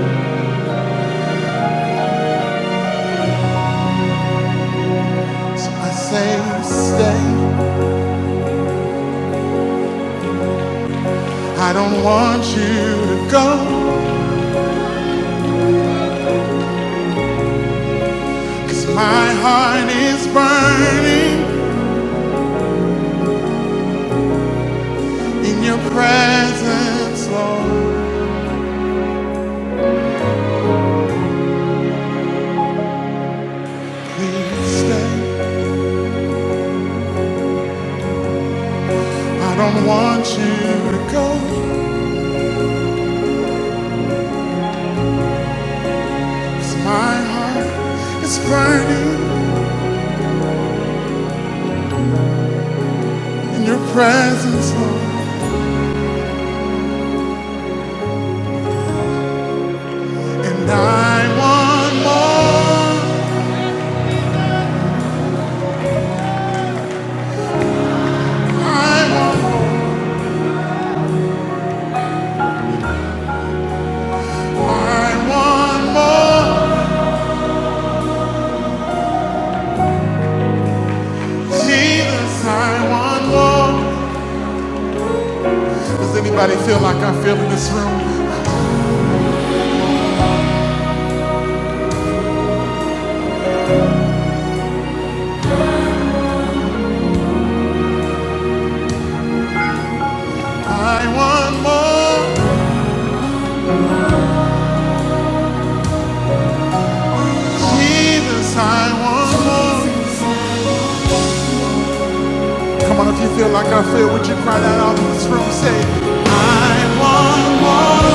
Speaker 1: So I say, stay. I don't want you to go, 'cause my heart is burning. In your presence, Lord, please stay. I don't want you to go, 'cause my heart is burning in your presence, Lord. And I want more. I want, I want more. Jesus, I want more. Does anybody feel like I feel in this room? I want more. Jesus, I want more. Cry that out and say, I want more.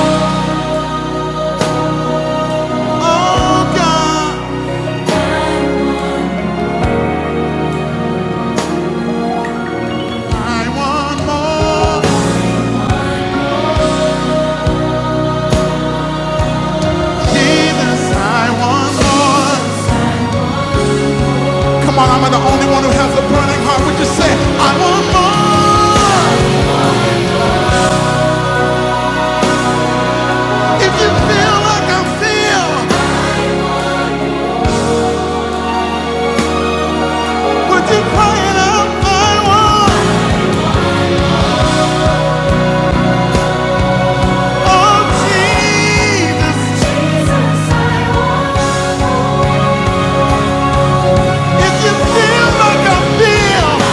Speaker 1: Come on, I'm the only one who has a burning heart. Would you say, I want more? If you feel like I feel, and I love Jesus. Jesus, I want more. If you feel like I feel,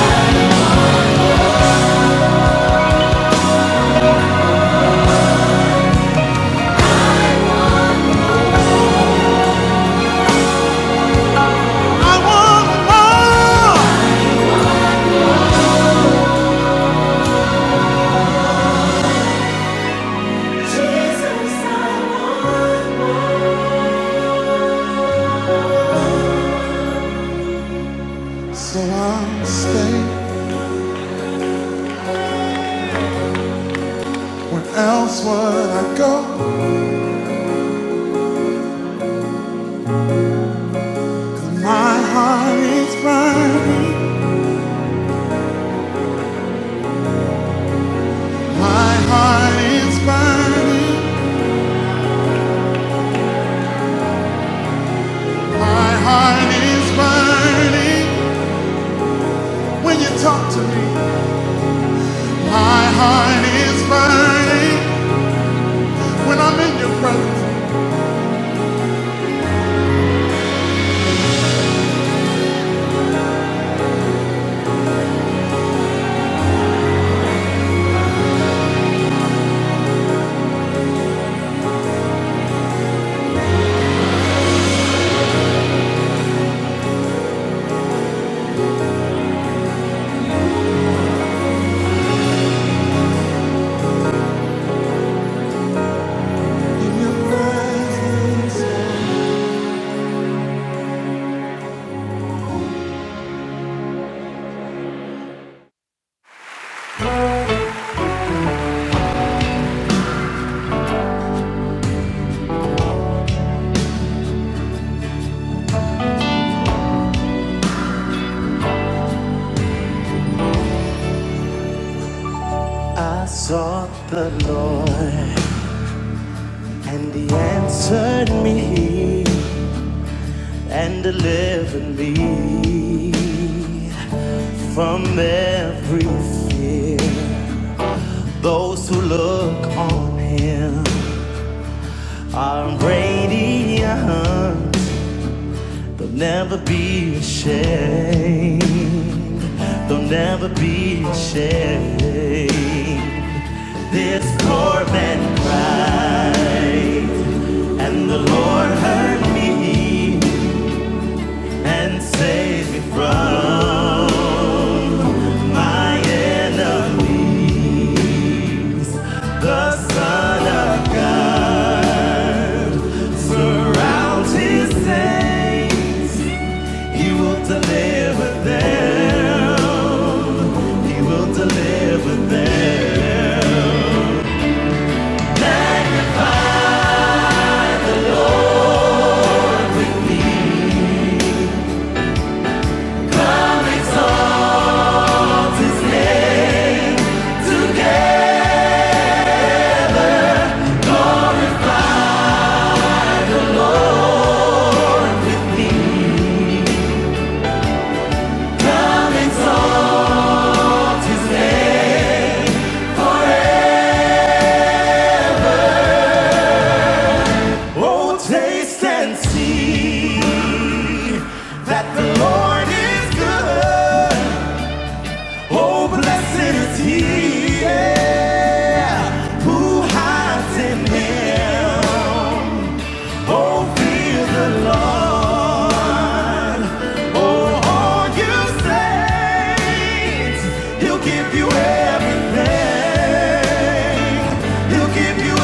Speaker 1: I want more. So I'll stay. Where else would I go? My heart is burning. My heart is burning. My heart is burning when you talk to me. My heart is burning when I'm in your presence. Those who look on him, I'm radiant, never be ashamed. They'll never be ashamed. It's more than cry, and the Lord heard me and saved me from his sin. till it hides in him. Don't feel the Lord. All you saints, He'll give you everything. He'll give you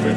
Speaker 1: everything.